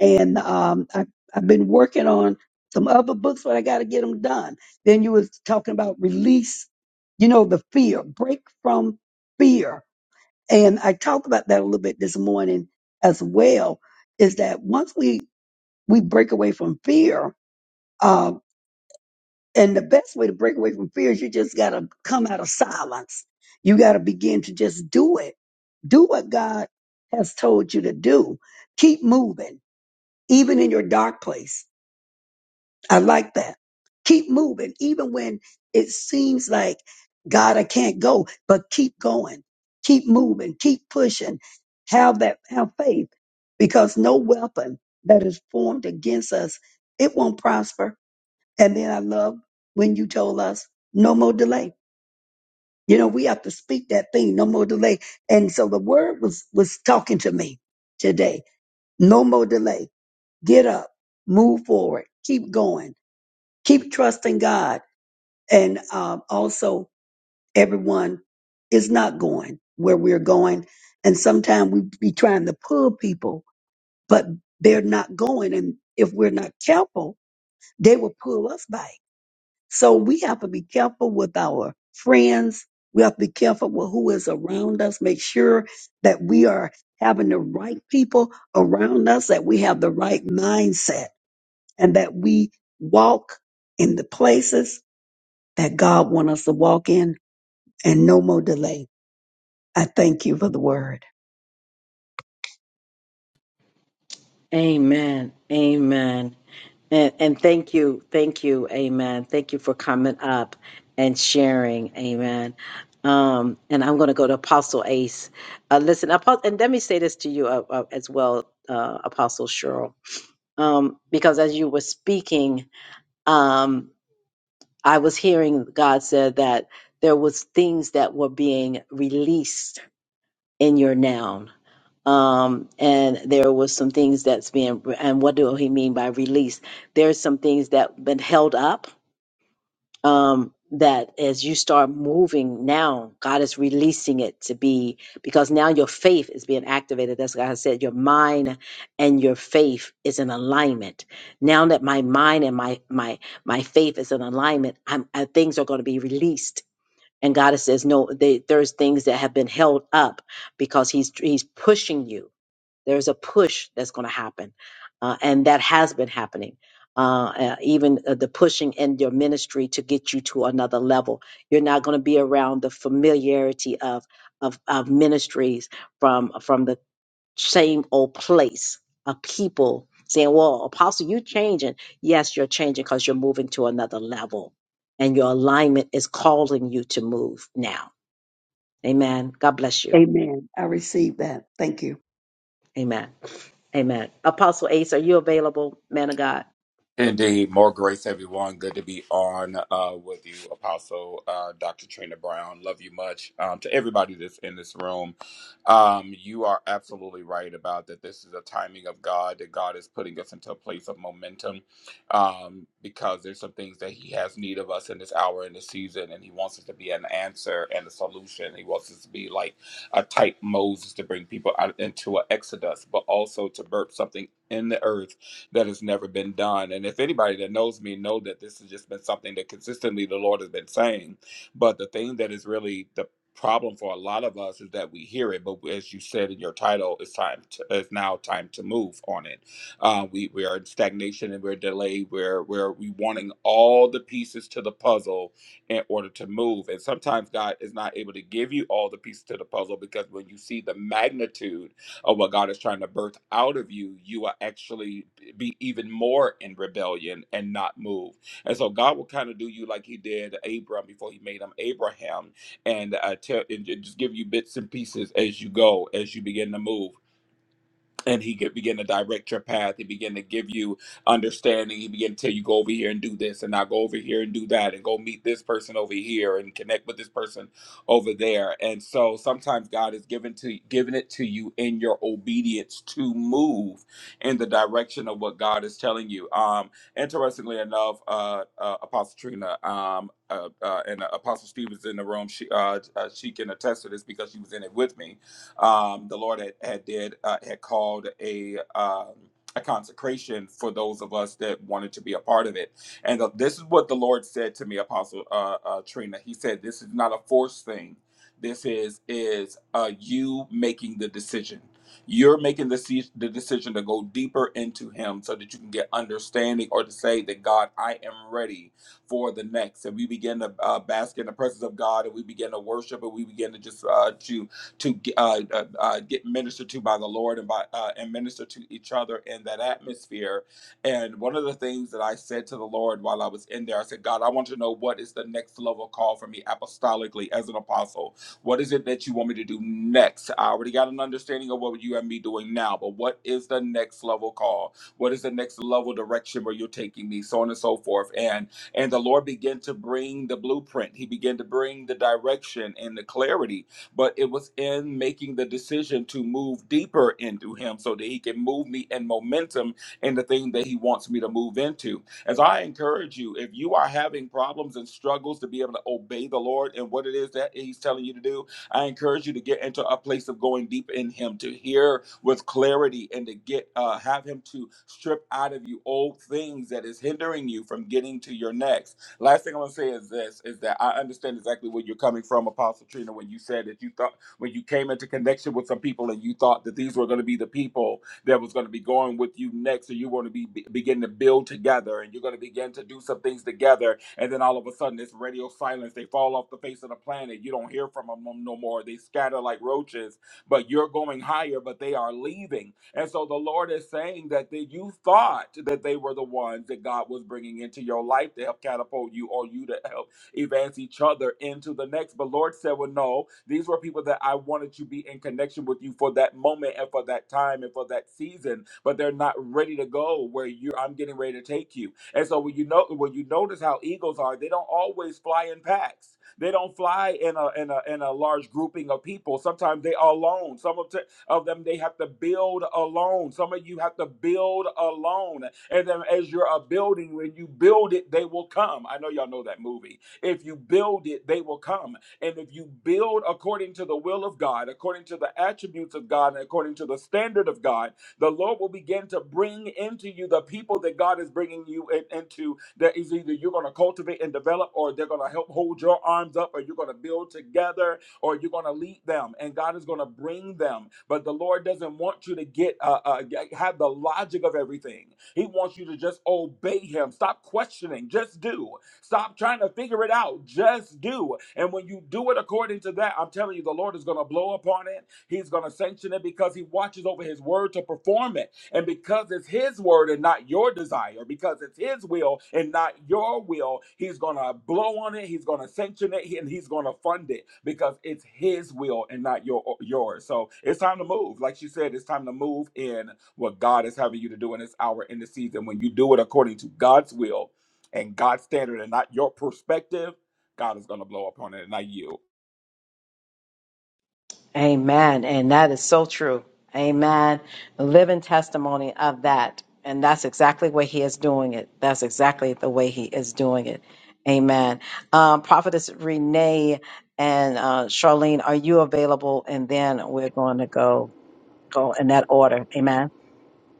[SPEAKER 4] and um, I, I've been working on some other books, but I got to get them done. Then you was talking about release, you know, the fear, break from fear, and I talked about that a little bit this morning as well. Is that once we we break away from fear, uh, and the best way to break away from fear is you just got to come out of silence. You got to begin to just do it. Do what God has told you to do. Keep moving, even in your dark place I like that. Keep moving, even when it seems like God, I can't go, but keep going, keep moving, keep pushing. Have that, have faith, because no weapon that is formed against us, it won't prosper. And then I love when you told us, no more delay. You know, we have to speak that thing, no more delay. And so the word was was talking to me today. No more delay. Get up, move forward, keep going, keep trusting God and um, also everyone is not going where we're going and sometimes we be trying to pull people but they're not going and if we're not careful they will pull us back so we have to be careful with our friends we have to be careful with who is around us make sure that we are having the right people around us that we have the right mindset and that we walk in the places that god wants us to walk in and no more delay. I thank you for the word.
[SPEAKER 1] Amen. Amen. And, and thank you. Thank you. Amen. Thank you for coming up and sharing. Amen. Um, and I'm going to go to Apostle Ace. Uh, listen, Apostle, and let me say this to you uh, uh, as well, uh, Apostle Cheryl, um, because as you were speaking, um, I was hearing God said that there was things that were being released in your noun um and there was some things that's being and what do he mean by release there's some things that been held up um that as you start moving now god is releasing it to be because now your faith is being activated that's what i said your mind and your faith is in alignment now that my mind and my my my faith is in alignment I'm, I, things are going to be released and god says no they, there's things that have been held up because he's he's pushing you there's a push that's going to happen, uh, and that has been happening. Uh, uh, even uh, the pushing in your ministry to get you to another level. You're not going to be around the familiarity of, of of ministries from from the same old place of people saying, "Well, Apostle, you changing?" Yes, you're changing because you're moving to another level, and your alignment is calling you to move now. Amen. God bless you.
[SPEAKER 4] Amen. I receive that. Thank you.
[SPEAKER 1] Amen. Amen. Apostle Ace, are you available, man of God?
[SPEAKER 5] Indeed, more grace, everyone. Good to be on uh, with you, Apostle uh, Dr. Trina Brown. Love you much. Um, to everybody that's in this room, um, you are absolutely right about that. This is a timing of God that God is putting us into a place of momentum um, because there's some things that He has need of us in this hour in this season, and He wants us to be an answer and a solution. He wants us to be like a type Moses to bring people out into an exodus, but also to burp something in the earth that has never been done. And if anybody that knows me know that this has just been something that consistently the Lord has been saying. But the thing that is really the problem for a lot of us is that we hear it, but as you said in your title, it's time. To, it's now time to move on it. Uh, we we are in stagnation and we're delayed. We're we're we wanting all the pieces to the puzzle in order to move. And sometimes God is not able to give you all the pieces to the puzzle because when you see the magnitude of what God is trying to birth out of you, you are actually be even more in rebellion and not move. And so God will kind of do you like He did Abram before He made him Abraham, and uh, tell and ju- just give you bits and pieces as you go, as you begin to move and he could begin to direct your path. He begin to give you understanding. He begin to tell you go over here and do this, and now go over here and do that, and go meet this person over here, and connect with this person over there. And so sometimes God is given to giving it to you in your obedience to move in the direction of what God is telling you. Um, interestingly enough, uh, uh Apostle Trina, um, uh, uh, and Apostle Steve is in the room. She uh, uh, she can attest to this because she was in it with me um, the Lord had, had did uh, had called a um, a consecration for those of us that wanted to be a part of it. And the, this is what the Lord said to me, Apostle uh, uh, Trina. He said, "This is not a forced thing. This is is uh, you making the decision." you're making the, ce- the decision to go deeper into him so that you can get understanding or to say that god i am ready for the next and we begin to uh, bask in the presence of god and we begin to worship and we begin to just uh, to to uh, uh, uh, get ministered to by the Lord and by uh, and minister to each other in that atmosphere. And one of the things that I said to the Lord while I was in there, I said, God, I want to know what is the next level call for me apostolically as an apostle. What is it that you want me to do next? I already got an understanding of what you and me doing now, but what is the next level call? What is the next level direction where you're taking me? So on and so forth. And and the Lord began to bring the blueprint. He began to bring the direction and the clarity but it was in making the decision to move deeper into him so that he can move me in momentum in the thing that he wants me to move into. As I encourage you, if you are having problems and struggles to be able to obey the Lord and what it is that he's telling you to do, I encourage you to get into a place of going deep in him to hear with clarity and to get uh, have him to strip out of you old things that is hindering you from getting to your next Last thing I'm gonna say is this: is that I understand exactly where you're coming from, Apostle Trina, when you said that you thought when you came into connection with some people and you thought that these were going to be the people that was going to be going with you next, or you want to be be- begin to build together, and you're going to begin to do some things together, and then all of a sudden it's radio silence. They fall off the face of the planet. You don't hear from them no no more. They scatter like roaches but you're going higher, but they are leaving. And so the Lord is saying that the, you thought that they were the ones that God was bringing into your life to help catapult you or you to help advance each other into the next. But Lord said, Well, no, these were people that I wanted to be in connection with you for that moment and for that time and for that season, but they're not ready to go where you I'm getting ready to take you. And so when you know when you notice how eagles are, they don't always fly in packs. They don't fly in a in a in a large grouping of people. Sometimes they are alone. Some of, t- of them they have to build alone. Some of you have to build alone. And then as you're a building, when you build it, they will come. I know y'all know that movie. If you build it, they will come. And if you build according to the will of God, according to the attributes of God, and according to the standard of God, the Lord will begin to bring into you the people that God is bringing you in- into that is either you're going to cultivate and develop or they're going to help hold your arms up or you're going to build together or you're going to lead them and God is going to bring them. But the Lord doesn't want you to get uh, uh, have the logic of everything. He wants you to just obey him. Stop questioning. Just do. Stop trying to figure it out. Just do. And when you do it according to that, I'm telling you, the Lord is going to blow upon it. He's going to sanction it because he watches over his word to perform it. And because it's his word and not your desire, because it's his will and not your will, he's going to blow on it, he's going to sanction it, and he's going to fund it because it's his will and not your yours. So it's time to move. Like she said, it's time to move in what God is having you to do in this hour, in this season. When you do it according to God's will and God's standard and not your perspective, God is going to blow upon it and not you.
[SPEAKER 1] Amen. And that is so true. Amen. Living testimony of that. And that's exactly what he is doing it. That's exactly the way he is doing it. Amen. Um, Prophetess Renee and uh, Charlene, are you available? And then we're going to go go in that order. Amen.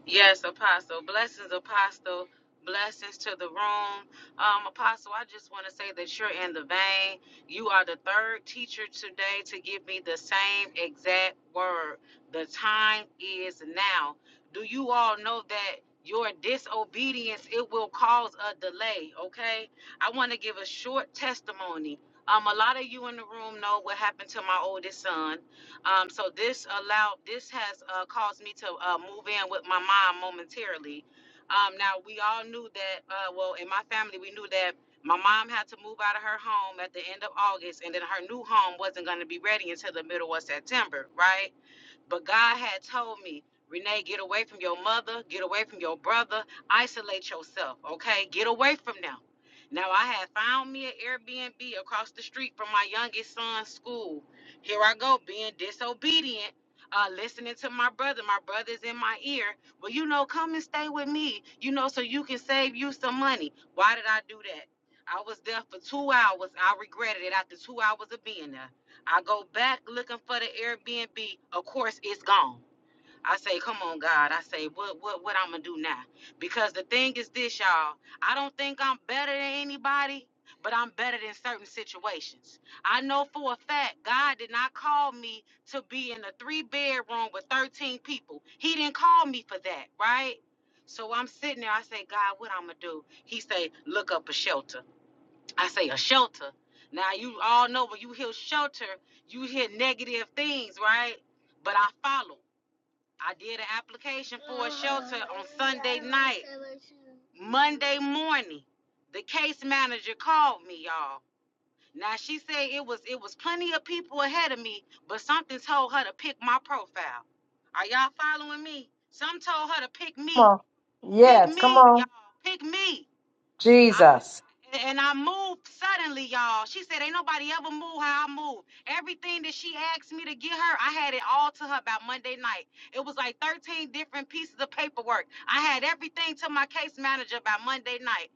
[SPEAKER 2] Yes, Apostle. Blessings, Apostle. Blessings to the room. Um, Apostle, I just want to say that you're in the vein. You are the third teacher today to give me the same exact word. The time is now. Do you all know that your disobedience it will cause a delay, okay? I want to give a short testimony. Um, a lot of you in the room know what happened to my oldest son. Um, so this allowed this has uh, caused me to uh, move in with my mom momentarily. Um, now we all knew that. Uh, well, in my family, we knew that my mom had to move out of her home at the end of August, and then her new home wasn't going to be ready until the middle of September, right? But God had told me, Renee, get away from your mother, get away from your brother, isolate yourself, okay? Get away from them. Now I had found me an Airbnb across the street from my youngest son's school. Here I go, being disobedient, uh, listening to my brother. My brother's in my ear. Well, you know, come and stay with me, you know, so you can save you some money. Why did I do that? I was there for two hours. I regretted it after two hours of being there. I go back looking for the Airbnb. Of course, it's gone. I say, come on, God. I say, what, what, what I'm gonna do now? Because the thing is this, y'all. I don't think I'm better than anybody, but I'm better than certain situations. I know for a fact God did not call me to be in a three bedroom with 13 people. He didn't call me for that, right? So I'm sitting there. I say, God, what I'm gonna do? He say, look up a shelter. I say a shelter. Now you all know when you hear shelter, you hear negative things, right? But I follow. I did an application Monday morning. The case manager called me, y'all. Now she said it was it was plenty of people ahead of me, but something told her to pick my profile. Are y'all following me? Some told her to pick
[SPEAKER 1] Come
[SPEAKER 2] me.
[SPEAKER 1] on.
[SPEAKER 2] Pick
[SPEAKER 1] Yes, come
[SPEAKER 2] me, y'all.
[SPEAKER 1] on.
[SPEAKER 2] Pick me. I
[SPEAKER 1] Jesus.
[SPEAKER 2] got, and I moved suddenly, y'all. She said, "Ain't nobody ever moved how I moved. Everything that she asked me to get her, I had it all to her by Monday night. It was like 13 different pieces of paperwork. I had everything to my case manager by Monday night.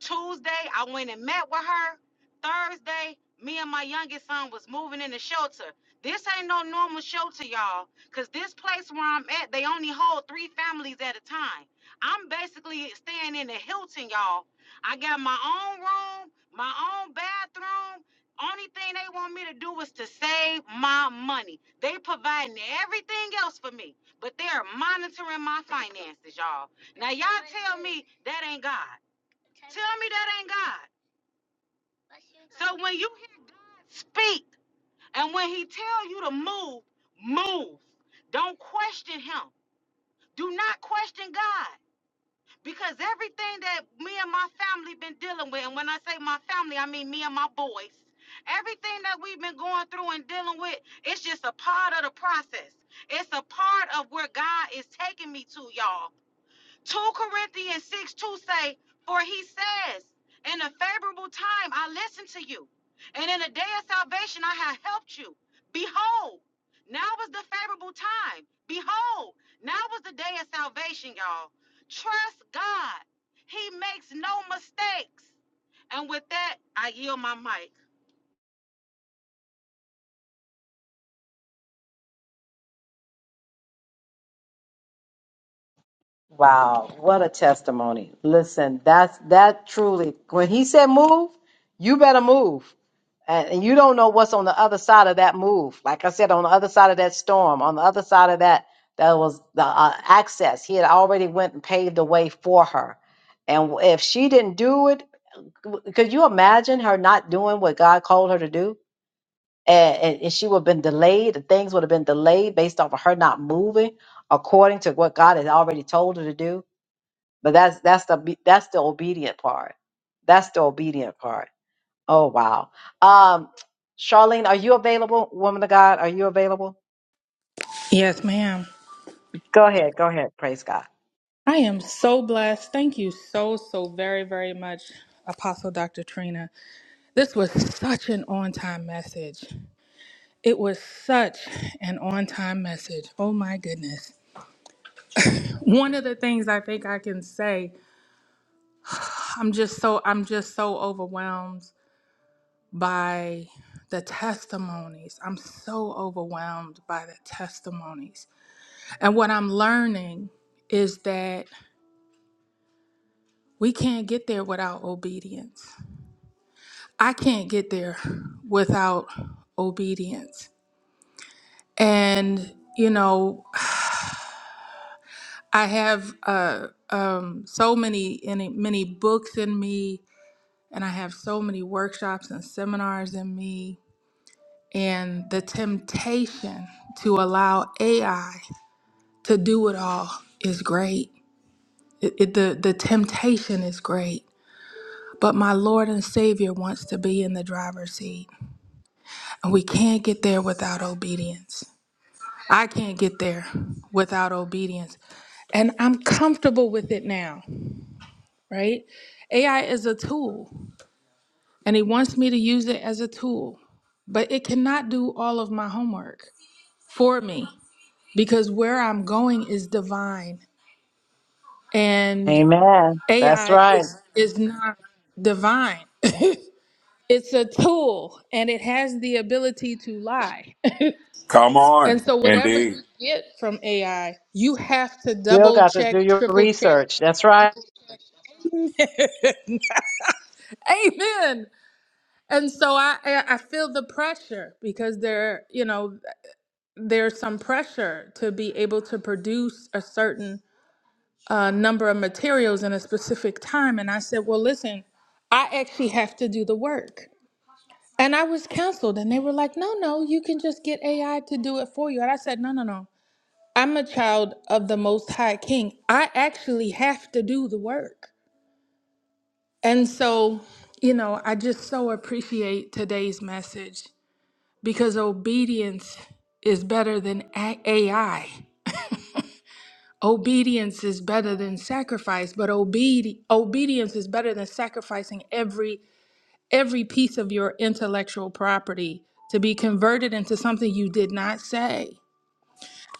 [SPEAKER 2] Tuesday, I went and met with her. Thursday, me and my youngest son was moving in the shelter. This ain't no normal shelter, y'all, cause this place where I'm at, they only hold three families at a time. I'm basically staying in the Hilton, y'all." I got my own room, my own bathroom. Only thing they want me to do is to save my money. They providing everything else for me, but they're monitoring my finances, y'all. Now, y'all, that ain't God. Tell me that ain't God. When you hear God speak and when he tell you to move, move. Don't question him. Do not question God. Because everything that me and my family been dealing with, and when I say my family, I mean me and my boys, everything that we've been going through and dealing with, it's just a part of the process. It's a part of where God is taking me to, y'all. 2 Corinthians 6 2 say, For he says, In a favorable time I listened to you, and in a day of salvation I have helped you. Behold, now was the favorable time. Behold, now was the day of salvation, y'all. Trust God, He makes no mistakes. And with that, I yield my mic.
[SPEAKER 1] Wow, what a testimony. Listen, that's that truly when he said move, you better move. And, and you don't know what's on the other side of that move. Like I said, on the other side of that storm, on the other side of that, that was the uh, access. He had already went and paved the way for her. And if she didn't do it, w- could you imagine her not doing what God called her to do? And, and, and she would have been delayed. and Things would have been delayed based off of her not moving according to what God had already told her to do but that's that's the obe- that's the obedient part. That's the obedient part. Oh wow. Um, Charlene, are you available? Woman of God, are you available?
[SPEAKER 6] Yes, ma'am.
[SPEAKER 1] Go ahead. Go ahead. Praise God.
[SPEAKER 6] I am so blessed. Thank you so, so very, very much, Apostle Dr. Trina. This was such an on time message. It was such an on time message. Oh my goodness. One of the things I think I can say, I'm just so, I'm just so overwhelmed by the testimonies. I'm so overwhelmed by the testimonies. And what I'm learning is that we can't get there without obedience. I can't get there without obedience. And you know, I have uh, um, so many and many books in me, and I have so many workshops and seminars in me, and the temptation to allow AI to do it all is great. It, it, the the temptation is great, but my Lord and Savior wants to be in the driver's seat, and we can't get there without obedience. I can't get there without obedience. And I'm comfortable with it now, right? AI is a tool, and He wants me to use it as a tool, but it cannot do all of my homework for me because where I'm going is divine, and
[SPEAKER 1] Amen. That's
[SPEAKER 6] AI
[SPEAKER 1] right.
[SPEAKER 6] is, is not divine. It's a tool, and it has the ability to lie.
[SPEAKER 5] Come
[SPEAKER 6] And
[SPEAKER 5] on.
[SPEAKER 6] so, whatever
[SPEAKER 5] Indeed.
[SPEAKER 6] you get from AI, you have to
[SPEAKER 1] Still
[SPEAKER 6] double
[SPEAKER 1] got to
[SPEAKER 6] check,
[SPEAKER 1] do your
[SPEAKER 6] triple check.
[SPEAKER 1] research. That's right.
[SPEAKER 6] Amen. Amen. And so I, I I feel the pressure because there, you know, there's some pressure to be able to produce a certain uh, number of materials in a specific time. And I said, well, listen, I actually have to do the work. And I was counseled, and they were like, no, no, you can just get AI to do it for you. And I said, no, no, no. I'm a child of the Most High King. I actually have to do the work. And so, you know, I just so appreciate today's message because obedience is better than A- AI. Obedience is better than sacrifice, but obedi- obedience is better than sacrificing every every piece of your intellectual property to be converted into something you did not say.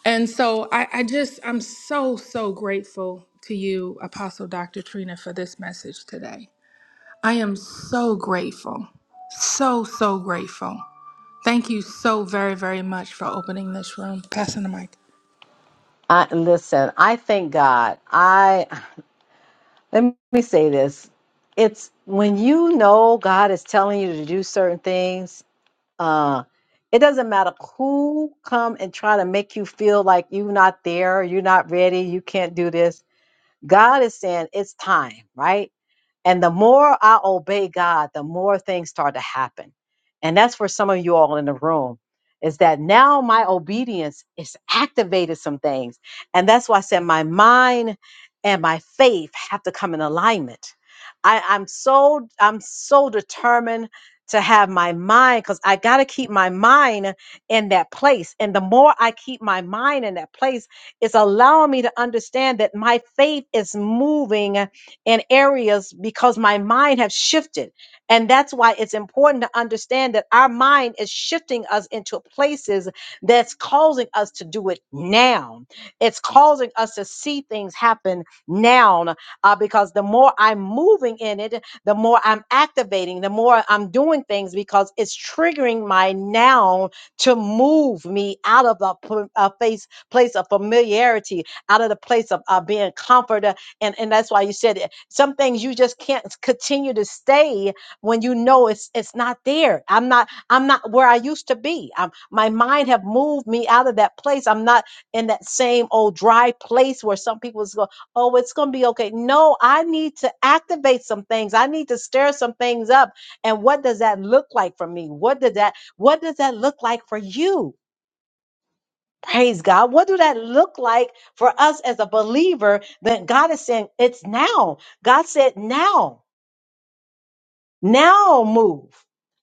[SPEAKER 6] And so I, I just, I'm so, so grateful to you, Apostle Dr. Trina, for this message today. I am so grateful, so, so grateful. Thank you so very, very much for opening this room. Passing the mic.
[SPEAKER 1] I listen, I thank God. I let me say this. It's when you know God is telling you to do certain things uh it doesn't matter who come and try to make you feel like you're not there you're not ready you can't do this god is saying it's time right and the more I obey God, the more things start to happen. And that's for some of you all in the room is that now my obedience is activated some things. And that's why I said my mind and my faith have to come in alignment. I, I'm so I'm so determined to have my mind because I gotta keep my mind in that place. And the more I keep my mind in that place, it's allowing me to understand that my faith is moving in areas because my mind have shifted. And that's why it's important to understand that our mind is shifting us into places that's causing us to do it now. It's causing us to see things happen now uh, because the more I'm moving in it, the more I'm activating, the more I'm doing things because it's triggering my now to move me out of a, pl- a face, place of familiarity, out of the place of uh, being comfort and and that's why you said it. Some things you just can't continue to stay when you know it's it's not there. I'm not I'm not where I used to be. I'm, my mind have moved me out of that place. I'm not in that same old dry place where some people go, oh, it's gonna be okay. No, I need to activate some things. I need to stir some things up. And what does that look like for me? What does that what does that look like for you? Praise God. What do that look like for us as a believer? Then God is saying it's now. God said now, now move.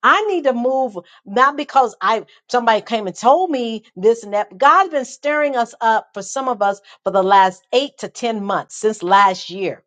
[SPEAKER 1] I need to move not because I somebody came and told me this and that. God's been stirring us up for some of us for the last eight to ten months since last year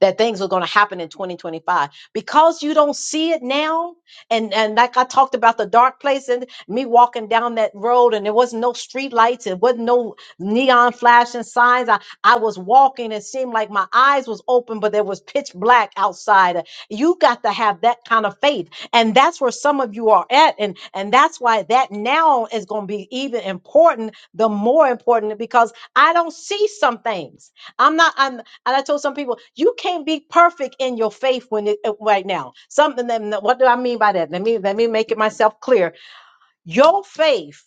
[SPEAKER 1] that things were going to happen in 2025 because you don't see it now and and like i talked about the dark place and me walking down that road and there was no street lights it wasn't no neon flashing signs i i was walking it seemed like my eyes was open but there was pitch black outside you got to have that kind of faith and that's where some of you are at and and that's why that now is going to be even important the more important because i don't see some things i'm not I'm. And I told some people, you can't be perfect in your faith when it, uh, right now. Something that, what do I mean by that? Let me let me make it myself clear your faith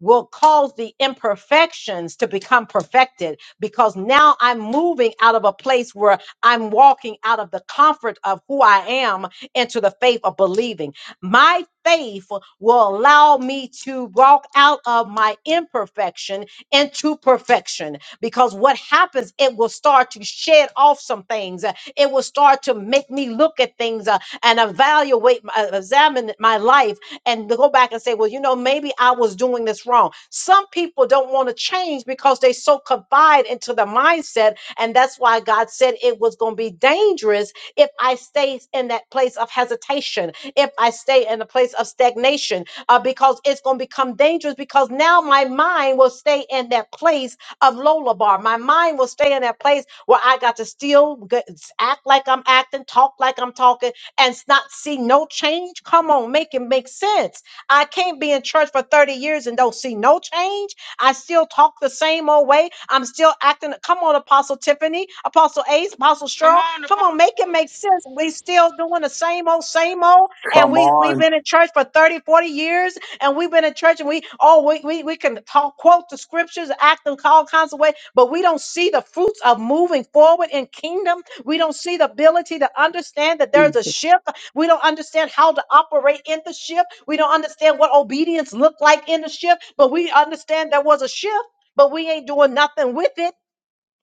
[SPEAKER 1] will cause the imperfections to become perfected because now I'm moving out of a place where I'm walking out of the comfort of who I am into the faith of believing. My faith will allow me to walk out of my imperfection into perfection because what happens, it will start to shed off some things. It will start to make me look at things uh, and evaluate, my- examine my life and to go back and say, well, you know, maybe I was doing this wrong. Some people don't want to change because they so confide into the mindset. And that's why God said it was going to be dangerous if I stay in that place of hesitation, if I stay in a place of stagnation, uh, because it's going to become dangerous because now my mind will stay in that place of Lolabar. My mind will stay in that place where I got to still g- act like I'm acting, talk like I'm talking, and not see no change? Come on, make it make sense. I can't be in church for 30 years and don't see no change. I still talk the same old way. I'm still acting. Come on, Apostle Tiffany, Apostle Ace, Apostle
[SPEAKER 2] Come
[SPEAKER 1] Cheryl.
[SPEAKER 2] on,
[SPEAKER 1] Come on, make it
[SPEAKER 2] Apostle.
[SPEAKER 1] make sense. We still doing the same old, same old. And
[SPEAKER 5] Come
[SPEAKER 1] we, we've
[SPEAKER 5] on.
[SPEAKER 1] been in church for 30, 40 years. And we've been in church and we, oh, we, we, we can talk, quote the scriptures, act in all kinds of ways, but we don't see the fruits of moving forward in kingdom we don't see the ability to understand that there's a shift. We don't understand how to operate in the shift. We don't understand what obedience looked like in the shift, but we understand there was a shift, but we ain't doing nothing with it.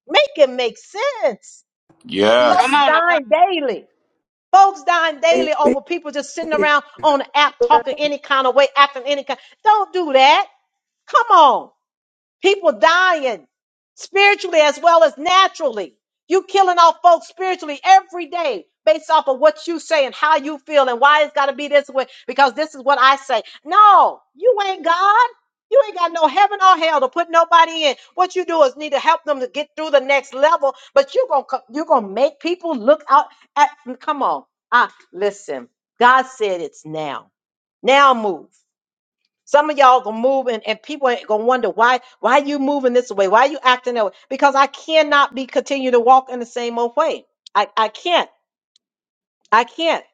[SPEAKER 1] Make it make sense.
[SPEAKER 5] Yes.
[SPEAKER 2] Come
[SPEAKER 1] Folks
[SPEAKER 2] on, Apostle.
[SPEAKER 1] dying daily. Folks dying daily
[SPEAKER 4] Amen.
[SPEAKER 1] over people just sitting around on the app talking any kind of way, acting any kind. Don't do that. Come on. People dying spiritually as well as naturally. You killing off folks spiritually every day based off of what you say and how you feel and why it's got to be this way because this is what I say. No, you ain't God. You ain't got no heaven or hell to put nobody in. What you do is need to help them to get through the next level, but you are going to you are going to make people look out at come on. Ah, listen. God said it's now. Now move. Some of y'all gonna move and, and people ain't gonna wonder why why you moving this way, why you acting that way. Because I cannot be continue to walk in the same old way. I, I can't. I can't.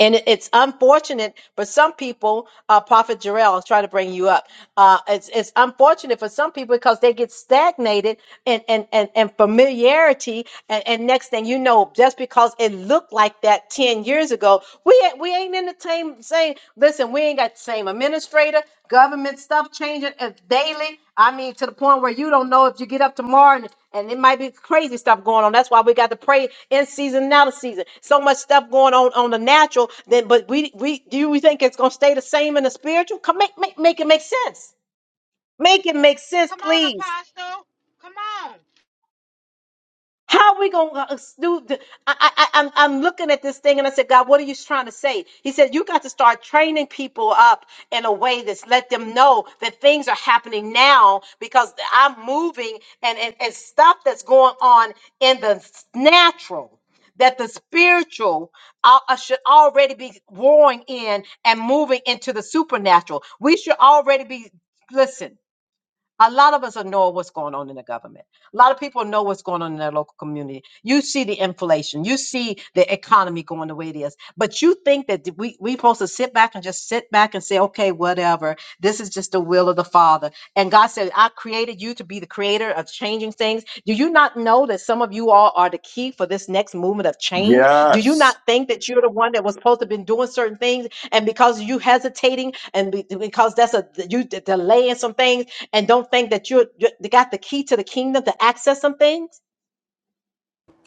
[SPEAKER 1] And it- it's unfortunate for some people, uh, Prophet Jarrell, I'll try to bring you up. Uh, it's, it's unfortunate for some people because they get stagnated and, and, and, and familiarity. And, and next thing you know, just because it looked like that 10 years ago, we, ain't- we ain't in the same, same, listen, we ain't got the same administrator, government stuff changing as daily. I mean, to the point where you don't know if you get up tomorrow and, and it might be crazy stuff going on. That's why we got to pray in season and out of season. So much stuff going on on the natural. Then, but we we do we think it's gonna stay the same in the spiritual? Come make make make it make sense. Make it make sense,
[SPEAKER 2] Come on,
[SPEAKER 1] please.
[SPEAKER 2] Apostle. Come on.
[SPEAKER 1] How are we going to do? The, I, I, I- I'm, I'm looking at this thing and I said, God, what are you trying to say? He said, You got to start training people up in a way that's let them know that things are happening now because I'm moving and, and, and stuff that's going on in the s- natural. That the spiritual uh, uh, should already be warring in and moving into the supernatural. We should already be, listen. A lot of us know what's going on in the government. A lot of people know what's going on in their local community. You see the inflation. You see the economy going the way it is. But you think that th- we we supposed to sit back and just sit back and say, okay, whatever. This is just the will of the Father. And God said, I created you to be the creator of changing things. Do you not know that some of you all are the key for this next movement of change? Do you
[SPEAKER 5] Yes.
[SPEAKER 1] not think that you're the one that was supposed to have been doing certain things, and because you hesitating, and be- because that's a you d- delaying some things? and don't think that you're, you got the key to the kingdom to access some things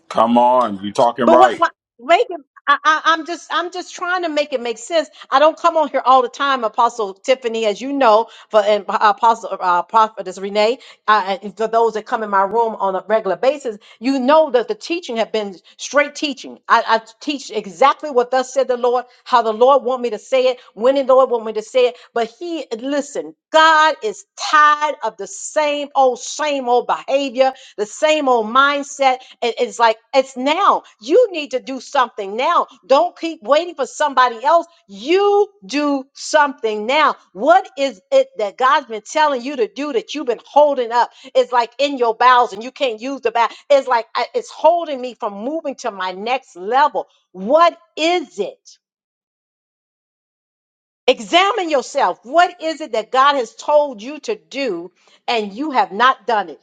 [SPEAKER 5] Come on, you talking
[SPEAKER 1] but what,
[SPEAKER 5] right.
[SPEAKER 1] what make it I, I, I'm just I'm just trying to make it make sense. I don't come on here all the time, Apostle Tiffany, as you know, for and uh, Apostle uh, Prophetess Renee, uh, and for those that come in my room on a regular basis, you know that the teaching have been straight teaching. I, I teach exactly what thus said the Lord, how the Lord want me to say it, when the Lord want me to say it. But He listen, God is tired of the same old same old behavior the same old mindset. It- It's like, it's now. You need to do something now. Don't keep waiting for somebody else. You do something now. What is it that God's been telling you to do that you've been holding up? It's like in your bowels and you can't use the bowel. It's like, I- it's holding me from moving to my next level. What is it? Examine yourself. What is it that God has told you to do and you have not done it?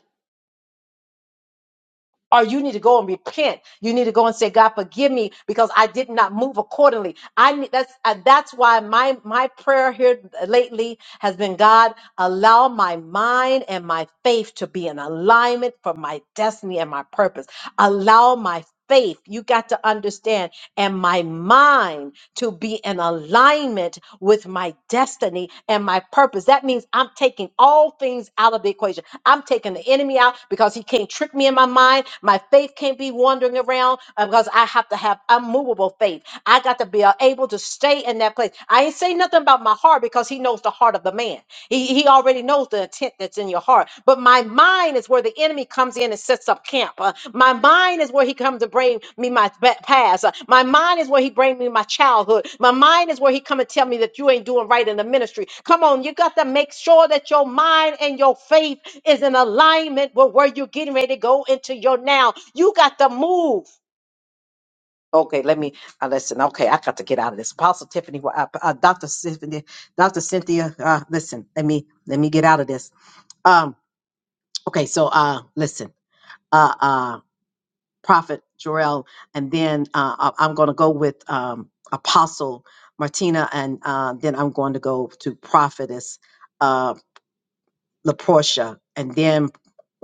[SPEAKER 1] or you need to go and repent. You need to go and say, God, forgive me because I did not move accordingly. I need that's uh, that's why my my prayer here lately has been, God, allow my mind and my faith to be in alignment for my destiny and my purpose. Allow my faith, you got to understand, and my mind to be in alignment with my destiny and my purpose. That means I'm taking all things out of the equation. I'm taking the enemy out because he can't trick me in my mind. My faith can't be wandering around uh, because I have to have unmovable faith. I got to be uh, able to stay in that place. I ain't say nothing about my heart because he knows the heart of the man. He, he already knows the intent that's in your heart. But my mind is where the enemy comes in and sets up camp. Uh, my mind is where he comes to bring me my ba- past. Uh, my mind is where he bring me my childhood. My mind is where he come and tell me that you ain't doing right in the ministry. Come on, you got to make sure that your mind and your faith is in alignment with where you're getting ready to go into your now. You got to move. Okay, let me uh, listen. Okay, I got to get out of this. Apostle Tiffany, uh, uh, Doctor Cynthia, Doctor Cynthia, uh, listen. Let me let me get out of this. Um, okay, so uh, listen, uh, uh, Prophet Jorel, and then uh, I- I'm going to go with um, Apostle Martina, and uh, then I'm going to go to Prophetess. uh, LaPortia, and then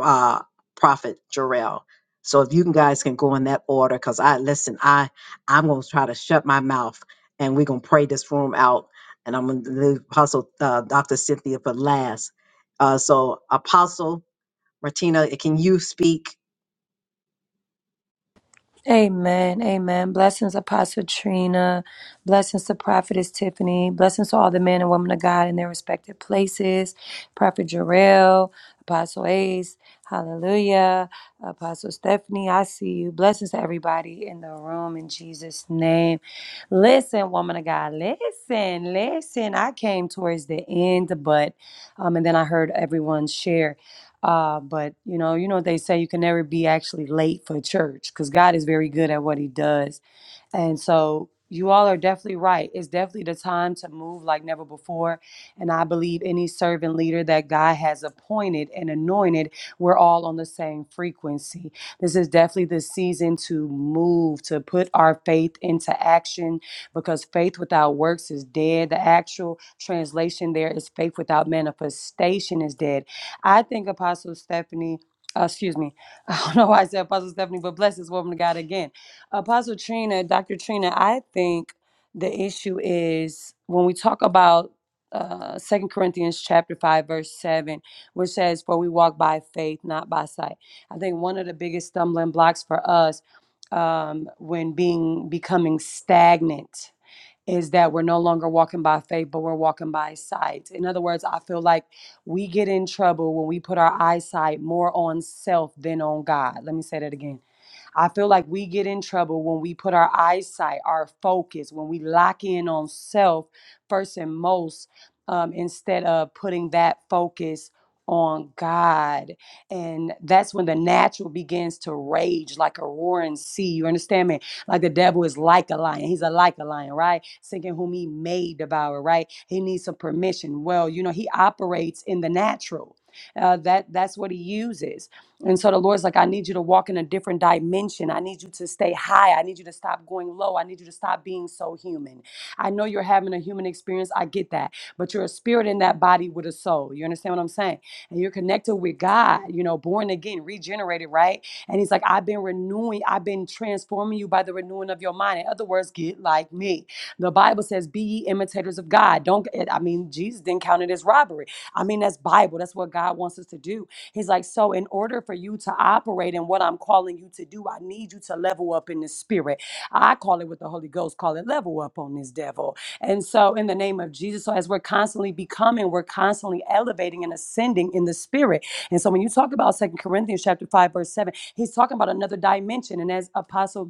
[SPEAKER 1] uh, Prophet Jarrell. So if you can- guys can go in that order, because I listen, I I'm gonna try to shut my mouth, and we're gonna pray this room out, and I'm gonna leave Apostle uh, Dr. Cynthia for last. Uh, so Apostle Martina, can you speak?
[SPEAKER 7] Amen. Amen. Blessings, Apostle Trina. Blessings to Prophetess Tiffany. Blessings to all the men and women of God in their respective places. Prophet Jarrell, Apostle Ace. Hallelujah. Apostle Stephanie, I see you. Blessings to everybody in the room in Jesus' name. Listen, woman of God, listen, listen. I came towards the end, but, um, and then I heard everyone share. Uh, but you know, you know, they say you can never be actually late for church because God is very good at what He does. And so you all are definitely right. It's definitely the time to move like never before. And I believe any servant leader that God has appointed and anointed, we're all on the same frequency. This is definitely the season to move, to put our faith into action because faith without works is dead. The actual translation there is faith without manifestation is dead I think Apostle Stephanie, uh, excuse me, I don't know why I said Apostle Stephanie, but bless this woman of God again. Apostle Trina, Dr. Trina, I think the issue is when we talk about uh second corinthians chapter 5 verse 7 which says for we walk by faith not by sight i think one of the biggest stumbling blocks for us um when being becoming stagnant is that we're no longer walking by faith, but we're walking by sight. In other words, I feel like we get in trouble when we put our eyesight more on self than on God. Let me say that again I feel like we get in trouble when we put our eyesight, our focus, when we lock in on self first and most, um, instead of putting that focus on God. And that's when the natural begins to rage like a roaring sea. You understand me? Like the devil is like a lion. He's a like a lion, right? Seeking whom he may devour, right? He needs some permission. Well, you know, he operates in the natural. Uh, that that's what he uses and so the Lord's like, I need you to walk in a different dimension. I need you to stay high. I need you to stop going low. I need you to stop being so human. I know you're having a human experience. I get that. But you're a spirit in that body with a soul. You understand what I'm saying? And you're connected with God, you know, born again, regenerated, right? And He's like, I've been renewing, I've been transforming you by the renewing of your mind. In other words, get like me. The Bible says, be ye imitators of God. Don't, I mean, Jesus didn't count it as robbery. I mean, that's Bible. That's what God wants us to do He's like, So, in order for you to operate in what I'm calling you to do, I need you to level up in the spirit. I call it with the Holy Ghost, call it level up on this devil. And so, in the name of Jesus, so as we're constantly becoming, we're constantly elevating and ascending in the spirit. And so, when you talk about Second Corinthians chapter 5, verse 7, he's talking about another dimension. And as Apostle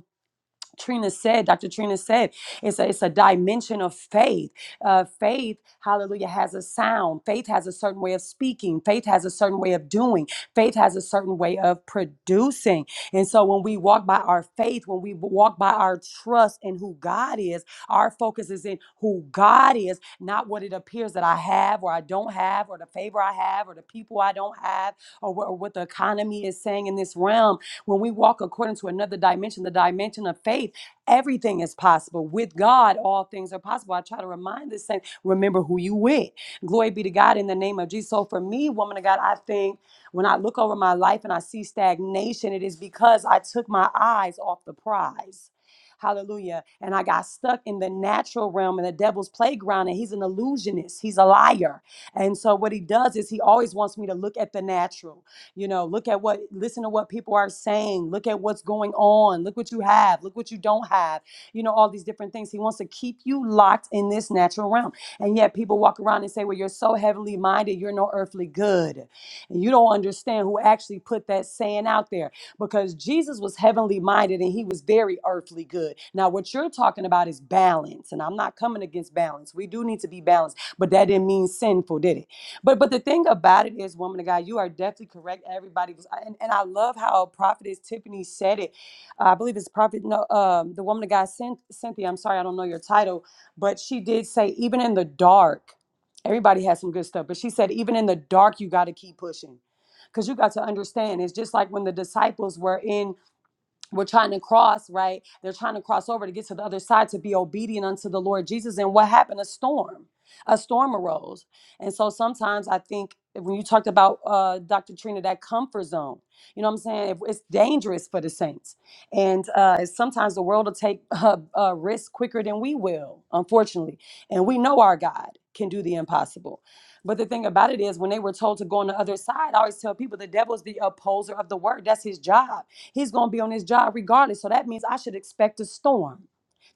[SPEAKER 7] Trina said, Dr. Trina said, it's a, it's a dimension of faith. Uh, faith, hallelujah, has a sound. Faith has a certain way of speaking. Faith has a certain way of doing. Faith has a certain way of producing. And so when we walk by our faith, when we walk by our trust in who God is, our focus is in who God is, not what it appears that I have or I don't have or the favor I have or the people I don't have or, what- or what the economy is saying in this realm when we walk according to another dimension, the dimension of faith, everything is possible. With God, all things are possible. I try to remind this saint, remember who you with. Glory be to God in the name of Jesus. So for me, woman of God, I think when I look over my life and I see stagnation, it is because I took my eyes off the prize. Hallelujah. And I got stuck in the natural realm and the devil's playground, and he's an illusionist. He's a liar. And so, what he does is he always wants me to look at the natural. You know, look at what, listen to what people are saying. Look at what's going on. Look what you have. Look what you don't have. You know, all these different things. He wants to keep you locked in this natural realm. And yet people walk around and say, well, you're so heavenly minded, you're no earthly good. And you don't understand who actually put that saying out there because Jesus was heavenly minded and he was very earthly good. Now, what you're talking about is balance. And I'm not coming against balance. We do need to be balanced, but that didn't mean sinful, did it? But but the thing about it is, woman of God, you are definitely correct. Everybody was, and, and I love how Prophetess Tiffany said it. I believe it's Prophet, no, um, the woman of God, Cyn- Cynthia. I'm sorry, I don't know your title, but she did say, even in the dark, everybody has some good stuff. But she said, even in the dark, you got to keep pushing, because you got to understand. It's just like when the disciples were in we're trying to cross, right? They're trying to cross over to get to the other side to be obedient unto the Lord Jesus. And what happened? A storm. A storm arose. And so sometimes I think when you talked about uh, Dr. Trina, that comfort zone, you know what I'm saying? If- It's dangerous for the saints. And uh, sometimes the world will take uh, uh, risks quicker than we will, unfortunately. And we know our God can do the impossible. But the thing about it is, when they were told to go on the other side, I always tell people the devil's the opposer of the word. That's his job. He's going to be on his job regardless. So that means I should expect a storm.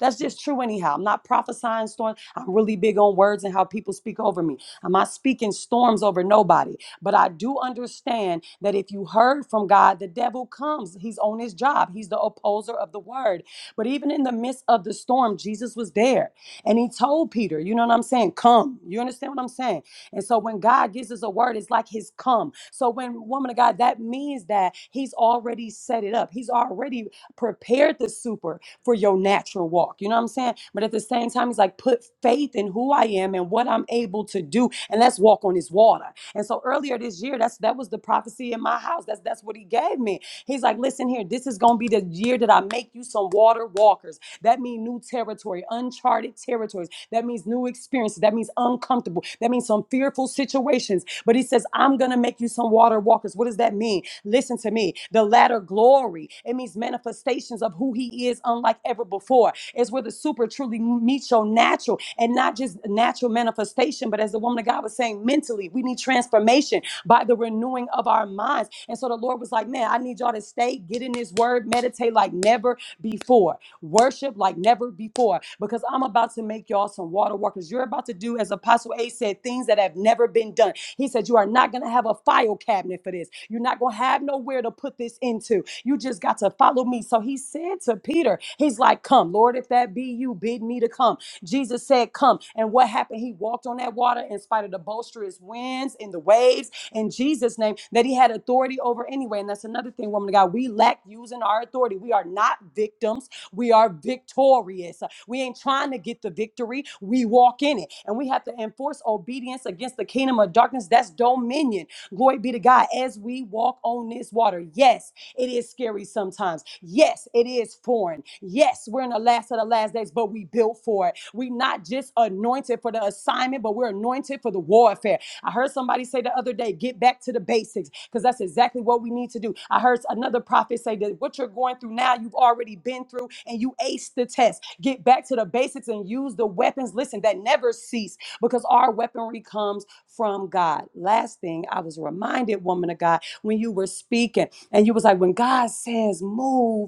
[SPEAKER 7] That's just true, anyhow. I'm not prophesying storms. I'm really big on words and how people speak over me. I'm not speaking storms over nobody. But I do understand that if you heard from God, the devil comes. He's on his job, he's the opposer of the word. But even in the midst of the storm, Jesus was there and he told Peter, you know what I'm saying? Come. You understand what I'm saying? And so when God gives us a word, it's like his come. So when woman of God, that means that he's already set it up. He's already prepared the super for your natural walk. You know what I'm saying? But at the same time, he's like, put faith in who I am and what I'm able to do, and let's walk on his water. And so earlier this year, that's that was the prophecy in my house. That's that's what he gave me. He's like, listen here, this is gonna be the year that I make you some water walkers. That means new territory, uncharted territories. That means new experiences. That means uncomfortable. That means some fearful situations. But he says, I'm going to make you some water walkers. What does that mean? Listen to me. The latter glory, it means manifestations of who he is, unlike ever before. It's where the super truly meets your natural and not just natural manifestation, but as the woman of God was saying, mentally, we need transformation by the renewing of our minds. And so the Lord was like, Man, I need y'all to stay, get in this word, meditate meditate like never before, worship like never before, because I'm about to make y'all some water walkers. You're about to do, as Apostle A said, things that have never been done. He said, You are not going to have a file cabinet for this. You're not going to have nowhere to put this into. You just got to follow me. So he said to Peter, He's like, Come, Lord, if that be you, bid me to come. Jesus said, Come. And what happened? He walked on that water in spite of the boisterous winds and the waves in Jesus' name that he had authority over anyway. And that's another thing, woman of God. We lack using our authority. We are not victims. We are victorious. We ain't trying to get the victory. We walk in it. And we have to enforce obedience against the kingdom of darkness. That's dominion. Glory be to God as we walk on this water. Yes, it is scary sometimes. Yes, it is foreign. Yes, we're in the last of the last days, but we built for it. We're not just anointed for the assignment, but we're anointed for the warfare. I heard somebody say the other day, get back to the basics, because that's exactly what we need to do. I heard another prophet say that what you're going through now, you've already been through and you aced the test. Get back to the basics and use the weapons, listen, that never cease, because our weaponry comes from God. Last thing I was reminded, woman of God, when you were speaking, and you was like, when God says move,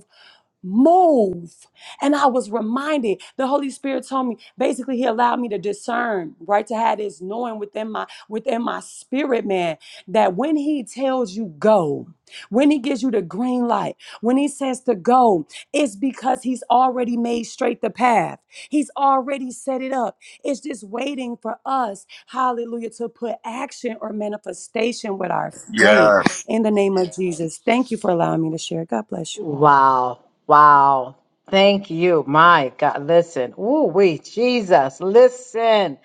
[SPEAKER 7] move. And I was reminded, the Holy Spirit told me, basically he allowed me to discern, right? To have this knowing within my within my spirit, man, that when he tells you go, when he gives you the green light, when he says to go, it's because he's already made straight the path. He's already set it up. It's just waiting for us, hallelujah, to put action or manifestation with our faith
[SPEAKER 5] Yes,
[SPEAKER 7] in the name of Jesus. Thank you for allowing me to share. God bless you all.
[SPEAKER 1] Wow. Wow. Thank you. My God. Listen. Ooh, we Jesus. Listen.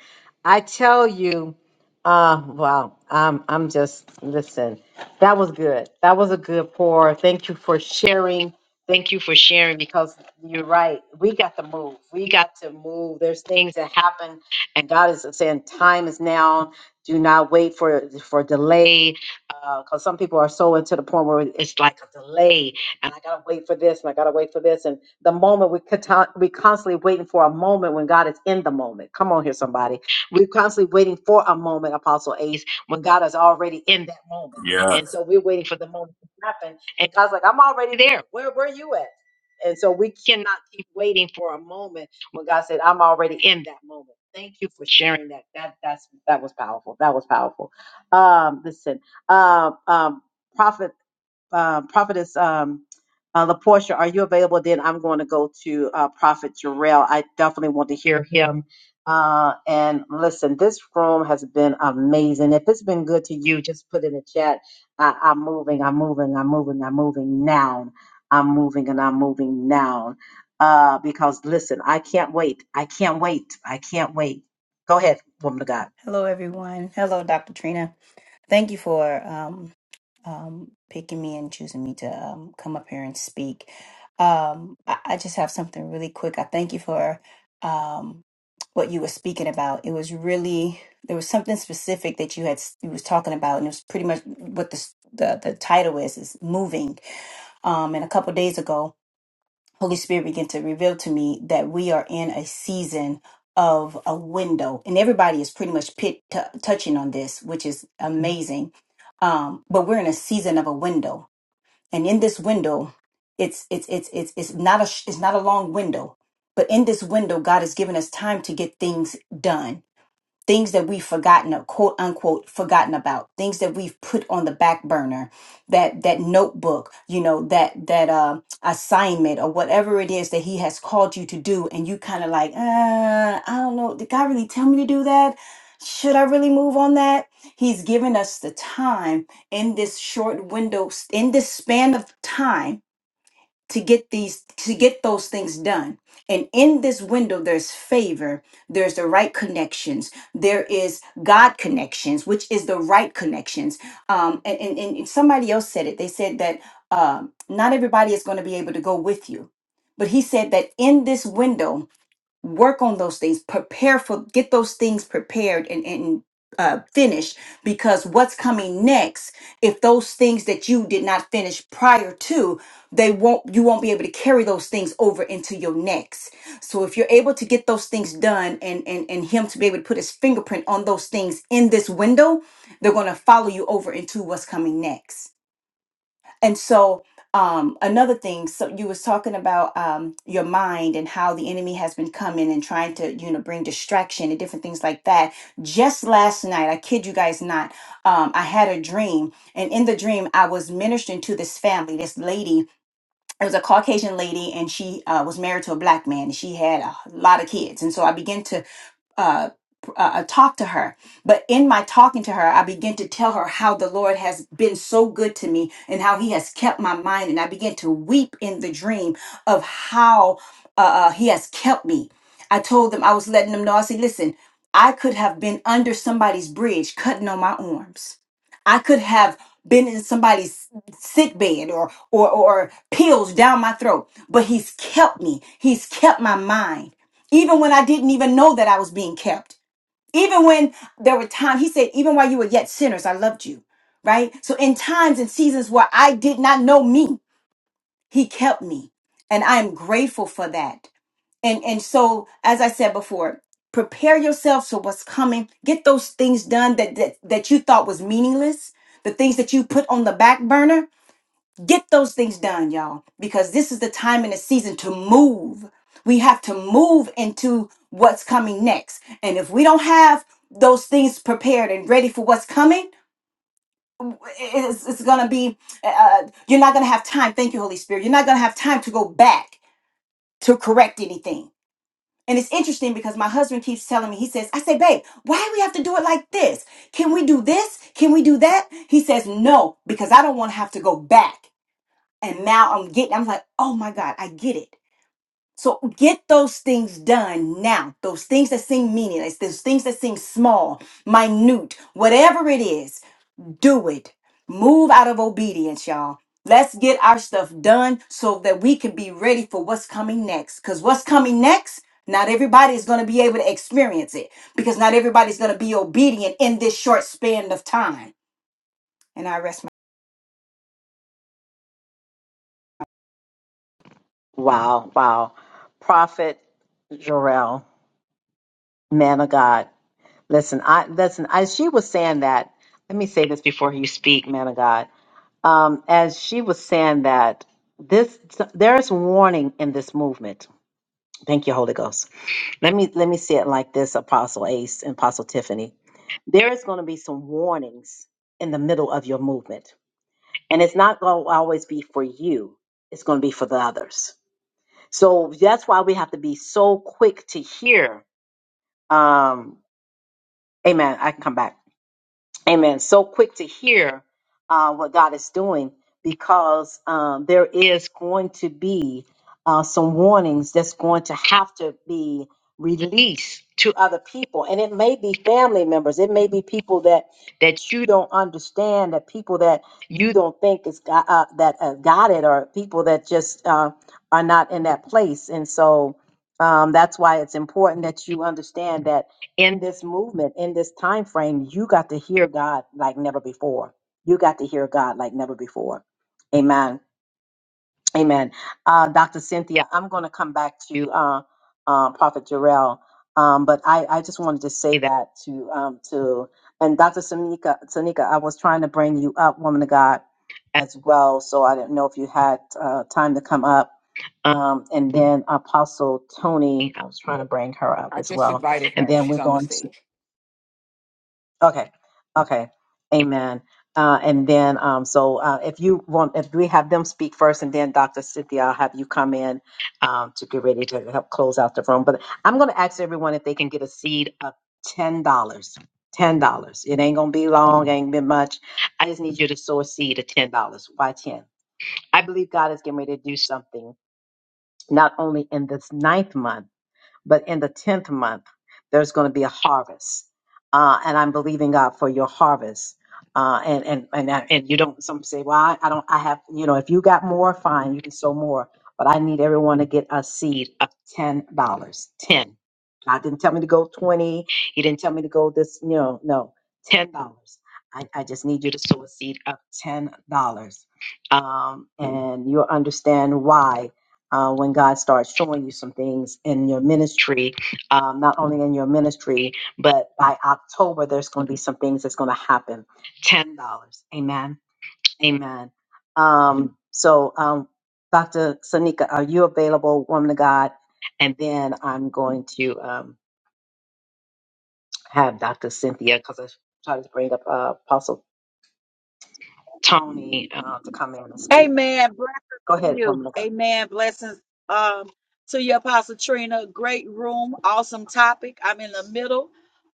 [SPEAKER 1] I tell you, uh, wow. I'm I'm just listen. That was good. That was a good pour. Thank you for sharing. Thank you for sharing because you're right. We got to move. We got to move. There's things that happen and God is saying time is now. Do not wait for for delay. because some people are so into the point where it's like a delay and I gotta wait for this, and I gotta wait for this. And the moment we cata- we constantly waiting for a moment when God is in the moment. Come on here, somebody. We're constantly waiting for a moment, Apostle Ace, when God is already in that moment. And
[SPEAKER 5] yes,
[SPEAKER 1] so we're waiting for the moment to happen. And God's like, I'm already there. Where were you at? And so we cannot keep waiting for a moment when God said, I'm already in that moment. Thank you for sharing that. That that's that was powerful. That was powerful. Um, listen, um, um, prophet uh, Prophetess um, uh, LaPortia, are you available? Then I'm going to go to uh, Prophet Jarrell. I definitely want to hear him. Uh, and listen, this room has been amazing. If it's been good to you, just put in the chat. I, I'm moving, I'm moving, I'm moving, I'm moving now. I'm moving and I'm moving now. Uh, because listen, I can't wait. I can't wait. I can't wait. Go ahead, woman of God.
[SPEAKER 8] Hello, everyone. Hello, Dr. Trina. Thank you for um, um, picking me and choosing me to um, come up here and speak. Um, I, I just have something really quick. I thank you for um, what you were speaking about. It was really there was something specific that you had you was talking about, and it was pretty much what the the, the title is is moving. Um, and a couple days ago. Holy Spirit began to reveal to me that we are in a season of a window, and everybody is pretty much pit t- touching on this, which is amazing. Um, but we're in a season of a window, and in this window, it's it's it's it's it's not a sh- it's not a long window, but in this window, God has given us time to get things done things that we've forgotten uh, quote unquote forgotten about things that we've put on the back burner that that notebook you know that that uh, assignment or whatever it is that he has called you to do and you kind of like uh, i don't know did god really tell me to do that should i really move on that he's given us the time in this short window in this span of time to get these to get those things done and in this window there's favor there's the right connections there is god connections which is the right connections um and and, and somebody else said it they said that um not everybody is going to be able to go with you but he said that in this window work on those things prepare for get those things prepared and and uh, finished because what's coming next if those things that you did not finish prior to they won't you won't be able to carry those things over into your next so if you're able to get those things done and and and him to be able to put his fingerprint on those things in this window they're going to follow you over into what's coming next and so um another thing so you was talking about um your mind and how the enemy has been coming and trying to you know bring distraction and different things like that just last night i kid you guys not um i had a dream and in the dream i was ministering to this family this lady it was a Caucasian lady, and she uh, was married to a black man. and She had a lot of kids, and so I began to uh, pr- uh, uh, talk to her. But in my talking to her, I began to tell her how the Lord has been so good to me and how He has kept my mind. And I began to weep in the dream of how uh, uh, He has kept me. I told them I was letting them know. I said, "Listen, I could have been under somebody's bridge, cutting on my arms." I could have been in somebody's sick bed or, or or pills down my throat, but he's kept me. He's kept my mind. Even when I didn't even know that I was being kept. Even when there were times he said, even while you were yet sinners, I loved you. Right? So in times and seasons where I did not know me, he kept me. And I am grateful for that and and so as i said before prepare yourself for what's coming get those things done that that, that you thought was meaningless the things that you put on the back burner get those things done y'all because this is the time and the season to move we have to move into what's coming next and if we don't have those things prepared and ready for what's coming it's, it's gonna be uh, you're not gonna have time thank you holy spirit you're not gonna have time to go back to correct anything and it's interesting because my husband keeps telling me, he says, I say, babe, why do we have to do it like this? Can we do this? Can we do that? He says, no, because I don't want to have to go back. And now I'm getting, I'm like, oh my God, I get it. So get those things done now. Those things that seem meaningless, those things that seem small, minute, whatever it is do it. Move out of obedience, y'all. Let's get our stuff done so that we can be ready for what's coming next. Because what's coming next, not everybody is going to be able to experience it because not everybody's going to be obedient in this short span of time. And I rest my.
[SPEAKER 1] Wow, wow. Prophet Jarrell, man of God. Listen, I listen. As she was saying that, let me say this before you speak, man of God. Um, as she was saying that, this there is warning in this movement. Thank you, Holy Ghost. Let me let me say it like this, Apostle Ace and Apostle Tiffany. There is going to be some warnings in the middle of your movement, and it's not going to always be for you. It's going to be for the others. So that's why we have to be so quick to hear. Um, amen. I can come back Amen. So quick to hear uh, what God is doing because um, there is going to be uh, some warnings that's going to have to be released to other people, and it may be family members, it may be people that that you don't understand, that people that you don't think is got, uh, that uh, got it, or people that just uh, are not in that place, and so. Um, that's why it's important that you understand that in this movement in this time frame you got to hear god like never before you got to hear god like never before amen amen uh, dr cynthia i'm going to come back to uh, uh, prophet jarrell um, but I, I just wanted to say that to um, to and dr sanika sanika i was trying to bring you up woman of god as well so i didn't know if you had uh, time to come up um, and then apostle tony i was trying to bring her up
[SPEAKER 9] I
[SPEAKER 1] as
[SPEAKER 9] just
[SPEAKER 1] well
[SPEAKER 9] invited
[SPEAKER 1] and
[SPEAKER 9] her.
[SPEAKER 1] then
[SPEAKER 9] She's
[SPEAKER 1] we're
[SPEAKER 9] on the
[SPEAKER 1] going to
[SPEAKER 9] stage.
[SPEAKER 1] Okay, okay, amen. Uh, and then, um, so uh, if you want, if we have them speak first, and then Dr. Cynthia, I'll have you come in um, to get ready to help close out the room. But I'm going to ask everyone if they can get a seed of ten dollars. Ten dollars. It ain't gonna be long. Ain't been much. I just need you to sow a seed of ten dollars. Why ten? I believe God is getting ready to do something not only in this ninth month but in the 10th month, there's going to be a harvest. Uh, and I'm believing God for your harvest. Uh, and, and, and, that- and you don't, some say, well, I, I don't, I have, you know, if you got more, fine, you can sow more, but I need everyone to get a seed of $10, dollars, 10. God didn't tell me to go 20. He didn't tell me to go this, you know, no, $10. I, I just need you to sow a seed of $10. Um, and you'll understand why uh, when God starts showing you some things in your ministry, um, not only in your ministry, but by October, there's going to be some things that's going to happen. $10. Amen. Amen. Um, so, um, Dr. Sanika, are you available, woman of God? And then I'm going to um, have Dr. Cynthia, because I try to bring up uh, Apostle Tony uh, to come in and speak.
[SPEAKER 10] Amen. Blessings
[SPEAKER 1] Go
[SPEAKER 10] to
[SPEAKER 1] ahead, woman
[SPEAKER 10] you.
[SPEAKER 1] of God.
[SPEAKER 10] Amen. Blessings um to you, Apostle Trina. Great room, awesome topic. I'm in the middle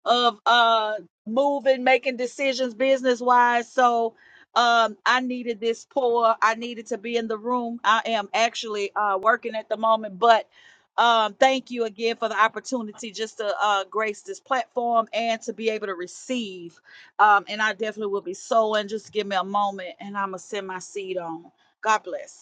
[SPEAKER 10] of uh moving, making decisions business wise. So um I needed this pour. I needed to be in the room. I am actually uh working at the moment, but um thank you again for the opportunity just to uh grace this platform and to be able to receive. Um, and I definitely will be sowing. Just give me a moment and I'm going to send my seed on. God bless.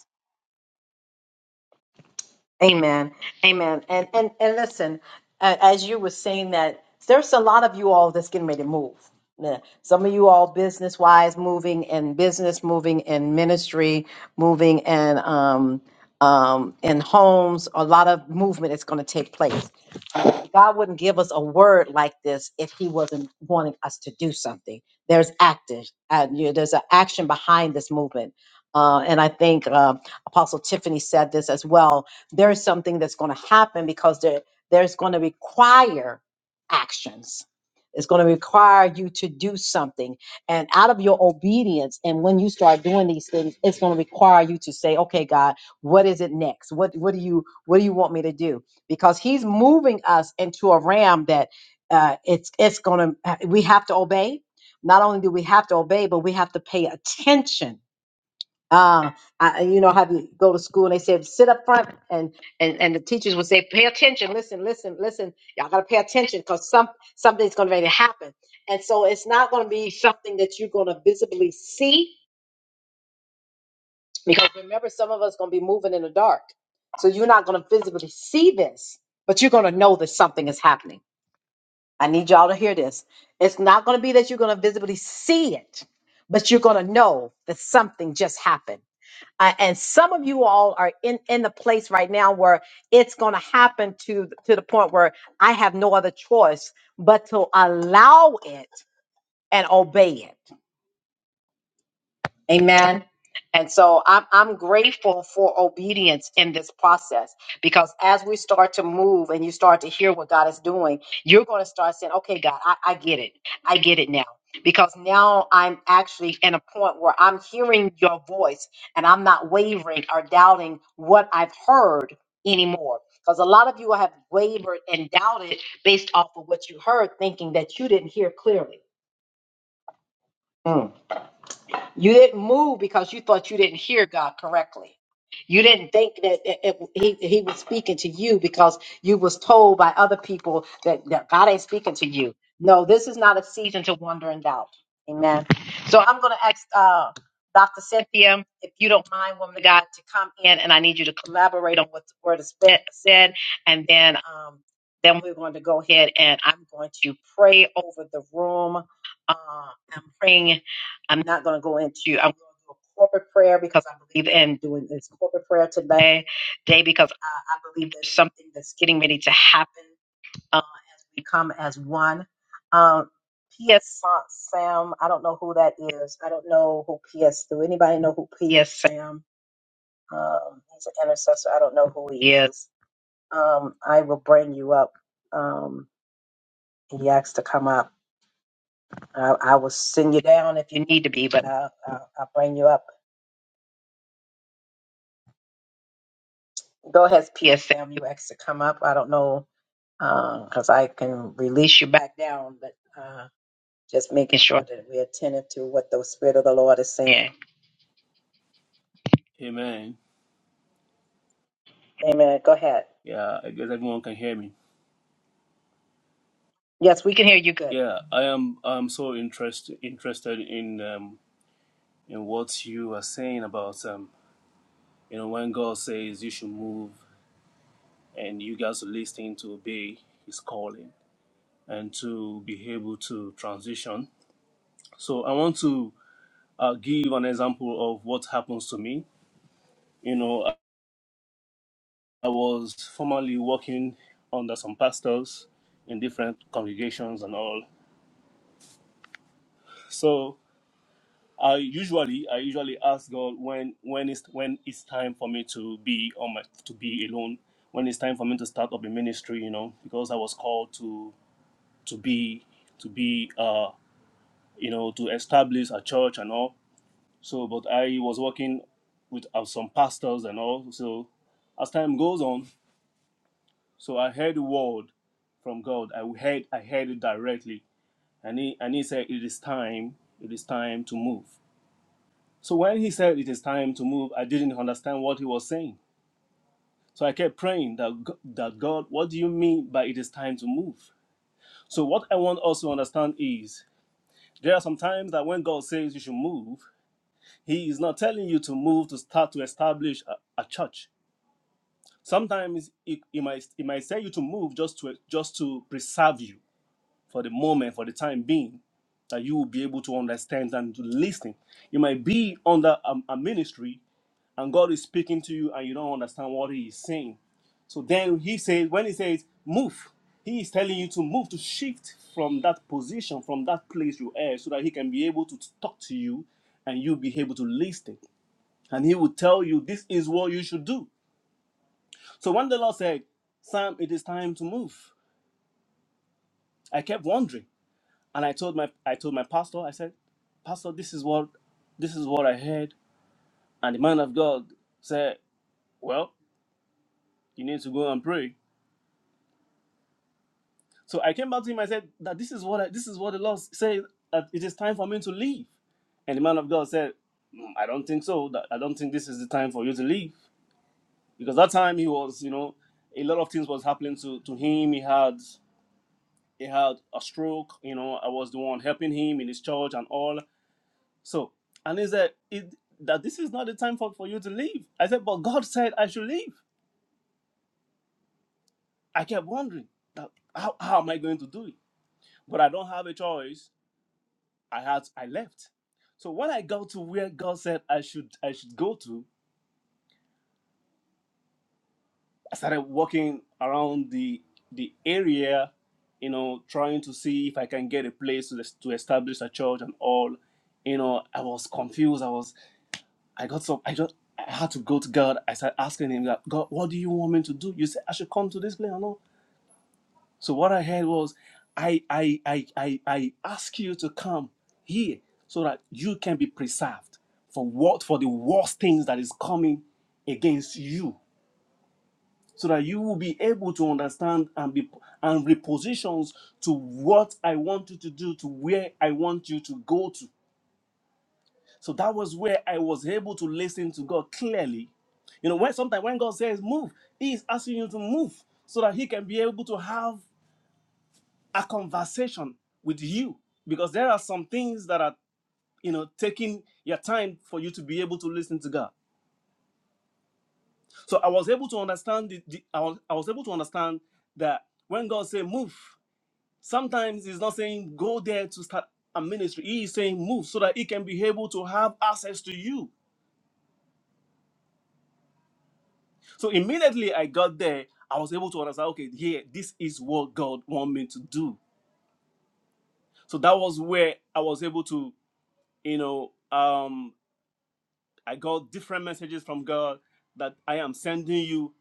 [SPEAKER 1] Amen. Amen. And and and listen, uh, as you were saying that, there's a lot of you all that's getting ready to move. Yeah. Some of you all business wise moving and business moving and ministry moving and um um in homes, a lot of movement is going to take place. God wouldn't give us a word like this if He wasn't wanting us to do something. There's active, uh, you know, there's an action behind this movement. Uh, and I think uh, Apostle Tiffany said this as well. There's something that's going to happen because there, there's going to require actions. It's going to require you to do something. And out of your obedience, and when you start doing these things, it's going to require you to say, okay, God, what is it next? What, what, do, you, what do you want me to do? because he's moving us into a realm that uh, it's it's gonna we have to obey. Not only do we have to obey, but we have to pay attention. Uh, I, you know, have you go to school and they said sit up front and and and the teachers would say pay attention, listen, listen, listen. Y'all gotta pay attention because some something's gonna really happen, and so it's not gonna be something that you're gonna visibly see because remember some of us gonna be moving in the dark, so you're not gonna visibly see this, but you're gonna know that something is happening I need y'all to hear this. It's not going to be that you're going to visibly see it, but you're going to know that something just happened. Uh, and some of you all are in, in the place right now where it's going to happen to to the point where I have no other choice but to allow it and obey it. Amen. And so I'm, I'm grateful for obedience in this process because as we start to move and you start to hear what God is doing, you're going to start saying, okay, God, I, I get it. I get it now. Because now I'm actually in a point where I'm hearing your voice and I'm not wavering or doubting what I've heard anymore. Because a lot of you have wavered and doubted based off of what you heard, thinking that you didn't hear clearly. Mm. You didn't move because you thought you didn't hear God correctly. You didn't think that it, it- he, he was speaking to you because you was told by other people that, that God ain't speaking to you. No, this is not a season to wonder and doubt. Amen. So I'm going to ask uh, Dr. Cynthia, if you don't mind, woman of God, to come in and I need you to collaborate on what the word is spe- said. And then, um, then we're going to go ahead and I'm going to pray over the room. Uh, I'm praying I'm not going to go into. I'm going to do a corporate prayer because I believe in doing this corporate prayer today, day because I, I believe there's something that's getting ready to happen uh, as we come as one. Um, P.S. Sa- Sam, I don't know who that is. I don't know who P.S. Do anybody know who P.S. Sam? Um, he's an intercessor. I don't know who he is. Um, I will bring you up. Um, he asked to come up. I, I will send you down if you need to be, but I, I, I'll bring you up. Go ahead, PSM. You asked to come up. I don't know because I can release you back down, but uh, just making sure that we're attentive to what the Spirit of the Lord is saying.
[SPEAKER 11] Amen.
[SPEAKER 1] Amen. Go ahead.
[SPEAKER 11] Yeah, I guess everyone can hear me.
[SPEAKER 1] Yes, we can hear you good.
[SPEAKER 11] Yeah, I am. I'm so interested interested in um, in what you are saying about um, you know when God says you should move and you guys are listening to obey His calling and to be able to transition. So I want to uh, give an example of what happens to me. You know, I I was formerly working under some pastors in different congregations and all. So I usually I usually ask God when when it's when it's time for me to be on my to be alone, when it's time for me to start up a ministry, you know, because I was called to to be to be uh you know to establish a church and all. So, but I was working with uh, some pastors and all. So, as time goes on, so I heard the word from God. I heard I heard it directly, and he and he said, "It is time. It is time to move." So when he said it is time to move, I didn't understand what he was saying. So I kept praying that, G- that God, what do you mean by it is time to move? So what I want us to understand is there are some times that when God says you should move, he is not telling you to move to start to establish a, a church. Sometimes he, he might he might say you to move just to just to preserve you for the moment, for the time being, that you will be able to understand and to listen. You might be under a, a ministry and God is speaking to you and you don't understand what He is saying. So then He says, when He says, move, He is telling you to move, to shift from that position, from that place you are, so that He can be able to talk to you and you be able to listen. And He will tell you, this is what you should do. So when the Lord said, Sam, it is time to move, I kept wondering. And I told my I told my pastor, I said, Pastor, this is what this is what I heard. And the man of God said, Well, you need to go and pray So I came back to him. I said that this is what I, this is what the Lord says that it is time for me to leave. And the man of God said, "Mm, I don't think so. That I don't think this is the time for you to leave because that time he was, you know, a lot of things was happening to to him. He had he had a stroke. You know, I was the one helping him in his church and all. So and he said it, that this is not the time for, for you to leave. I said, but God said I should leave. I kept wondering that how, how am I going to do it? But I don't have a choice I had I left. So when I got to where God said I should I should go to, I started walking around the the area, you know, trying to see if I can get a place to, to establish a church and all. You know, I was confused. I was I got so I just I had to go to God. I started asking him that God, what do you want me to do? You said I should come to this place. So what I heard was, I I I I, I ask you to come here so that you can be preserved for what for the worst things that is coming against you, so that you will be able to understand and be and repositions to what I want you to do, to where I want you to go to. So that was where I was able to listen to God clearly. You know, when sometimes when God says move, He is asking you to move so that He can be able to have a conversation with you because there are some things that are you know taking your time for you to be able to listen to god so i was able to understand the, the I, was, I was able to understand that when god say move sometimes he's not saying go there to start a ministry he is saying move so that he can be able to have access to you so immediately i got there i was able to understand okay here this is what god want me to do so that was where i was able to you know um I got different messages from God that I am sending you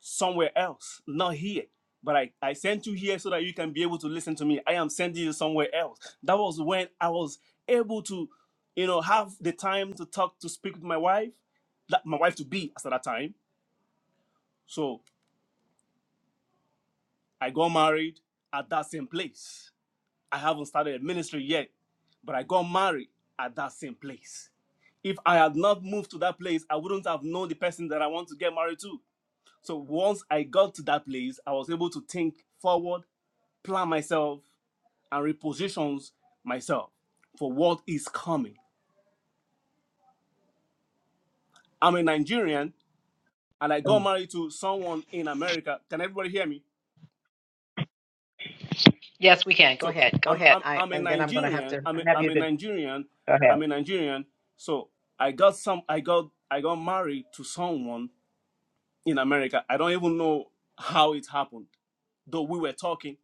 [SPEAKER 11] somewhere else, not here. But I, I sent you here so that you can be able to listen to me. I am sending you somewhere else. That was when I was able to, you know, have the time to talk, to speak with my wife, that my wife to be at that time. So I got married at that same place. I haven't started a ministry yet, but I got married at that same place. If I had not moved to that place, I wouldn't have known the person that I want to get married to. So once I got to that place, I was able to think forward, plan myself, and repositions myself for what is coming. I'm a Nigerian and I got married to someone in America. Can everybody hear me?
[SPEAKER 1] Yes, we can. Go
[SPEAKER 11] So
[SPEAKER 1] ahead. Go
[SPEAKER 11] I'm
[SPEAKER 1] ahead.
[SPEAKER 11] I'm,
[SPEAKER 1] I
[SPEAKER 11] I'm a
[SPEAKER 1] and then I'm going to have
[SPEAKER 11] Nigerian.
[SPEAKER 1] to
[SPEAKER 11] I'm a,
[SPEAKER 1] have
[SPEAKER 11] I'm
[SPEAKER 1] you
[SPEAKER 11] a
[SPEAKER 1] to
[SPEAKER 11] Nigerian.
[SPEAKER 1] go
[SPEAKER 11] I'm
[SPEAKER 1] ahead.
[SPEAKER 11] a Nigerian. So I got some I got I got married to someone in America. I don't even know how it happened. Though we were talking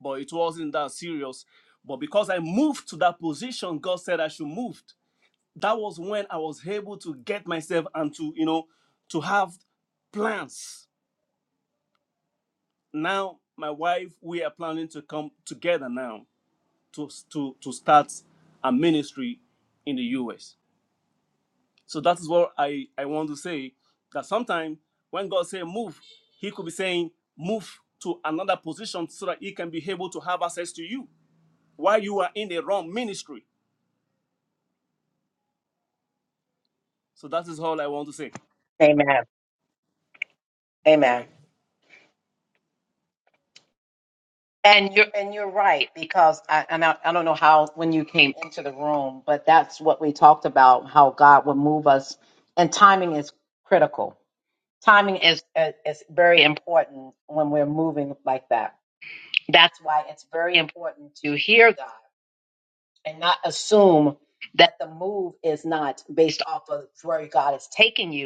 [SPEAKER 11] but it wasn't that serious. But because I moved to that position, God said I should move. That was when I was able to get myself and to, you know, to have plans. Now, my wife, we are planning to come together now to, to, to start a ministry in the US. So that is what I, I want to say that sometimes when God say move, He could be saying move to another position so that He can be able to have access to you while you are in the wrong ministry So that is all I want to say.
[SPEAKER 1] Amen.
[SPEAKER 11] Amen.
[SPEAKER 1] Amen. And you're and you're right because I and I, I don't know how when you came into the room, but that's what we talked about how God would move us, and timing is critical timing is, is is very important when we're moving like that. That's why it's very important to hear God and not assume that the move is not based off of where God is taking you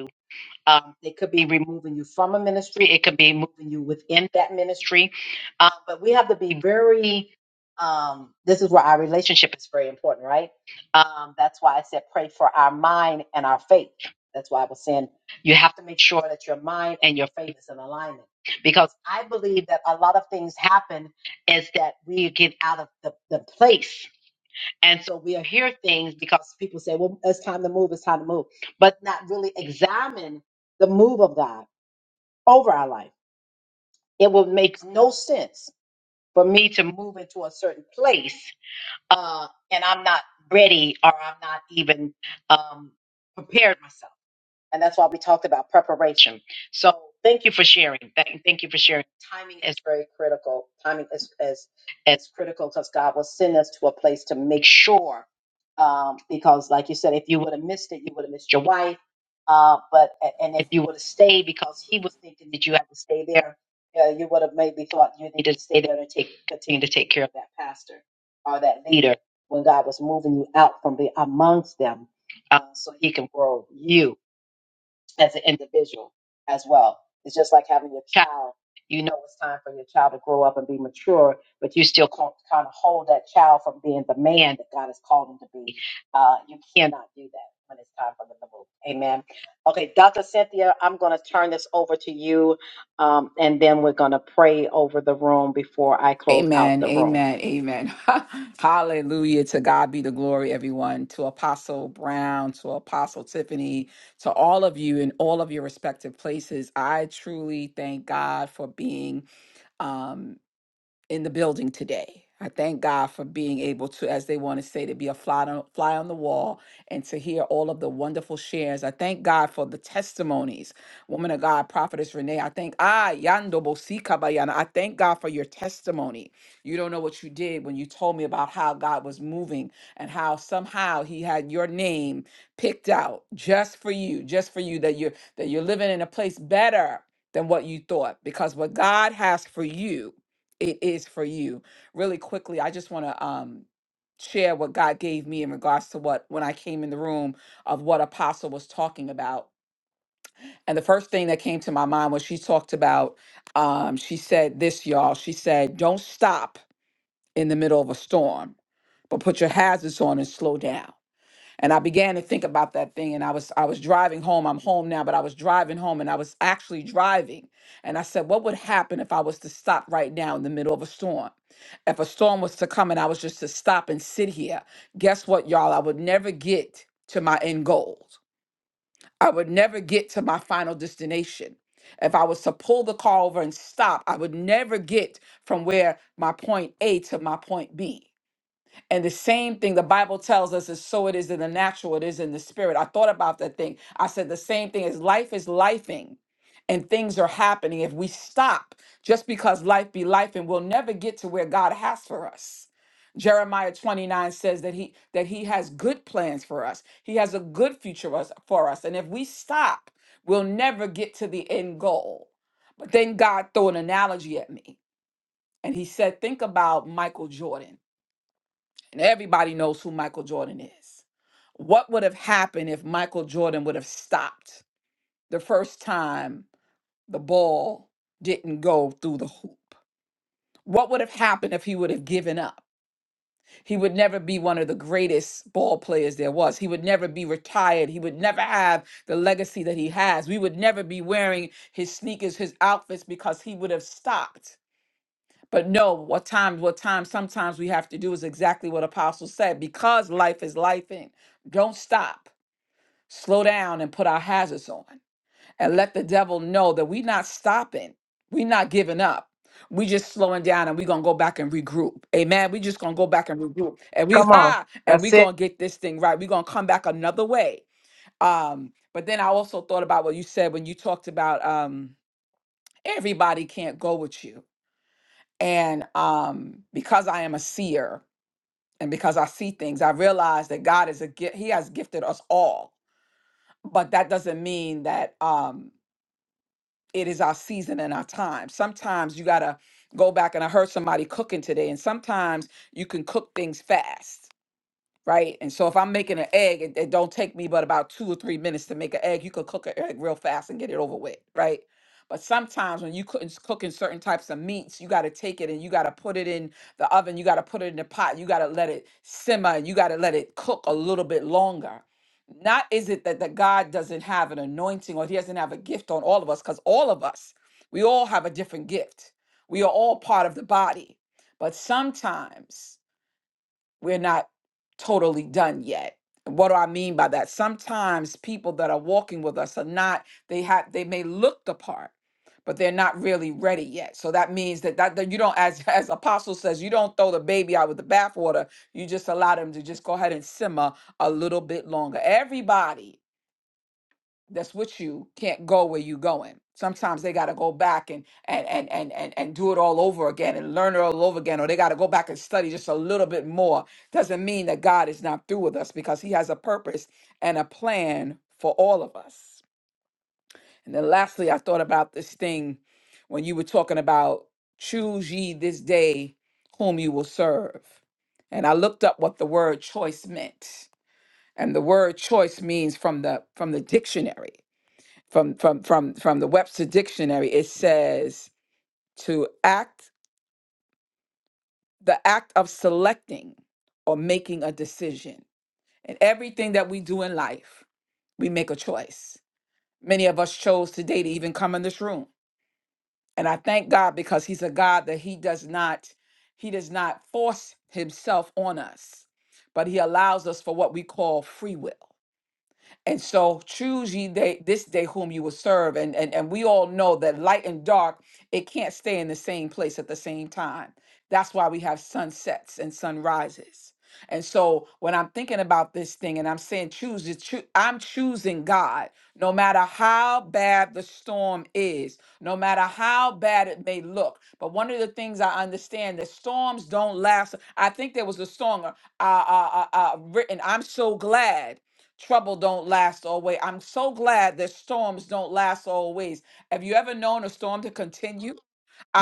[SPEAKER 1] um, it could be removing you from a ministry. It could be moving you within that ministry. Uh, but we have to be very, um, this is where our relationship is very important, right? Um, that's why I said pray for our mind and our faith. That's why I was saying you have to make sure that your mind and your faith is in alignment. Because I believe that a lot of things happen is that we get out of the, the place. And so we'll hear things because people say, well, it's time to move, it's time to move, but not really examine the move of God over our life. It will make no sense for me to move into a certain place uh, and I'm not ready or I'm not even um, prepared myself. And that's why we talked about preparation. So thank you for sharing. Thank thank you for sharing. Timing is very critical. Timing is is, is critical because God will send us to a place to make sure. Um, because like you said, if you would have missed it, you would have missed your wife. Uh, but a- and if you would have stayed because he was thinking that you had to stay there, uh, you would have maybe thought you needed to stay there to take continue to take care of that pastor or that leader when God was moving you out from the amongst them, uh, so He can grow you as an individual as well. It's just like having your child. You know it's time for your child to grow up and be mature, but you still can't kind of hold that child from being the man that God has called him to be. Uh, you cannot do that when it's time for them to move. Amen. Okay, Dr. Cynthia, I'm going to turn this over to you um, and then we're going to pray over the room before I close out
[SPEAKER 9] Amen.
[SPEAKER 1] the room.
[SPEAKER 9] Amen. Amen. Hallelujah. To God be the glory, everyone. To Apostle Brown, to Apostle Tiffany, to all of you in all of your respective places. I truly thank God for being um, in the building today. I thank God for being able to, as they want to say, to be a fly on, fly on the wall and to hear all of the wonderful shares. I thank God for the testimonies. Woman of God, Prophetess Renee, I thank, ah, Yando Bosi Kabayana, I thank God for your testimony. You don't know what you did when you told me about how God was moving and how somehow He had your name picked out just for you, just for you, that you're, that you're living in a place better than what you thought because what God has for you it is for you. Really quickly, I just want to um share what God gave me in regards to what when I came in the room of what apostle was talking about. And the first thing that came to my mind was she talked about um she said this y'all, she said don't stop in the middle of a storm, but put your hazards on and slow down and i began to think about that thing and i was i was driving home i'm home now but i was driving home and i was actually driving and i said what would happen if i was to stop right now in the middle of a storm if a storm was to come and i was just to stop and sit here guess what y'all i would never get to my end goal i would never get to my final destination if i was to pull the car over and stop i would never get from where my point a to my point b and the same thing the Bible tells us is so it is in the natural, it is in the spirit. I thought about that thing. I said the same thing is life is lifing and things are happening. If we stop just because life be life and we'll never get to where God has for us. Jeremiah 29 says that he that he has good plans for us. He has a good future us, for us. And if we stop, we'll never get to the end goal. But then God threw an analogy at me. And he said, think about Michael Jordan and everybody knows who Michael Jordan is. What would have happened if Michael Jordan would have stopped the first time the ball didn't go through the hoop? What would have happened if he would have given up? He would never be one of the greatest ball players there was. He would never be retired. He would never have the legacy that he has. We would never be wearing his sneakers, his outfits, because he would have stopped but no, what times, what times, sometimes we have to do is exactly what Apostle said because life is life in. Don't stop, slow down, and put our hazards on and let the devil know that we're not stopping, we're not giving up. We just slowing down and we're gonna go back and regroup. Amen. We just gonna go back and regroup. And we
[SPEAKER 1] Come on.
[SPEAKER 9] ha and we
[SPEAKER 1] That's
[SPEAKER 9] gonna
[SPEAKER 1] it.
[SPEAKER 9] get this thing right. We're gonna come back another way. Um, but then I also thought about what you said when you talked about um everybody can't go with you and um, because I am a seer and because I see things, I realize that God is a gift. He has gifted us all, but that doesn't mean that um, it is our season and our time. Sometimes you got to go back and I heard somebody cooking today, and sometimes you can cook things fast right? And so if I'm making an egg, it, it don't take me but about two or three minutes to make an egg. You could cook an egg real fast and get it over with, right? But sometimes when you couldn't cooking certain types of meats, you got to take it and you got to put it in the oven. You got to put it in the pot. You got to let it simmer. and You got to let it cook a little bit longer. Not is it that the God doesn't have an anointing or he doesn't have a gift on all of us, because all of us, we all have a different gift. We are all part of the body. But sometimes we're not totally done yet. What do I mean by that? Sometimes people that are walking with us are not, they have they may look the part, but they're not really ready yet. So that means that that, that you don't, as as apostle says, you don't throw the baby out with the bathwater. You just allow them to just go ahead and simmer a little bit longer. Everybody that's with you can't go where you're going. Sometimes they got to go back and and and and and and do it all over again and learn it all over again, or they got to go back and study just a little bit more. Doesn't mean that God is not through with us because He has a purpose and a plan for all of us. And then lastly, I thought about this thing when you were talking about choose ye this day whom you will serve, and I looked up what the word choice meant, and the word choice means from the from the dictionary from from from from the Webster dictionary it says to act the act of selecting or making a decision and everything that we do in life we make a choice many of us chose today to even come in this room and I thank God because he's a God that he does not he does not force himself on us but he allows us for what we call free will And so choose ye day, this day whom you will serve. And, and and we all know that light and dark, it can't stay in the same place at the same time. That's why we have sunsets and sunrises. And so when I'm thinking about this thing and I'm saying choose it, choo- I'm choosing God no matter how bad the storm is, no matter how bad it may look. But one of the things I understand that storms don't last. I think there was a song uh, uh, uh, uh, written, I'm so glad. Trouble don't last always. I'm so glad that storms don't last always. Have you ever known a storm to continue?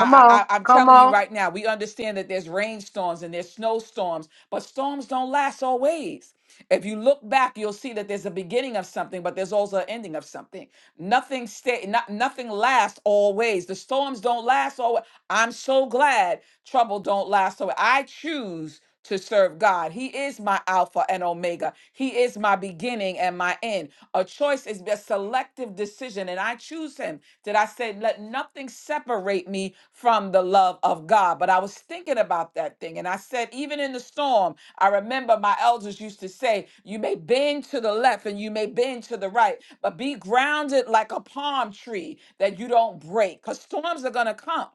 [SPEAKER 1] Come
[SPEAKER 9] I,
[SPEAKER 1] on.
[SPEAKER 9] I- I'm
[SPEAKER 1] Come
[SPEAKER 9] telling you
[SPEAKER 1] on.
[SPEAKER 9] right now, we understand that there's rainstorms and there's snowstorms, but storms don't last always. If you look back, you'll see that there's a beginning of something, but there's also an ending of something. Nothing stay, not, nothing lasts always. The storms don't last always. I'm so glad trouble don't last always. I choose to serve God. He is my Alpha and Omega. He is my beginning and my end. A choice is a selective decision, and I choose Him. Did I say? said, let nothing separate me from the love of God. But I was thinking about that thing. And I said, even in the storm, I remember my elders used to say, you may bend to the left and you may bend to the right, but be grounded like a palm tree that you don't break because storms are going to come.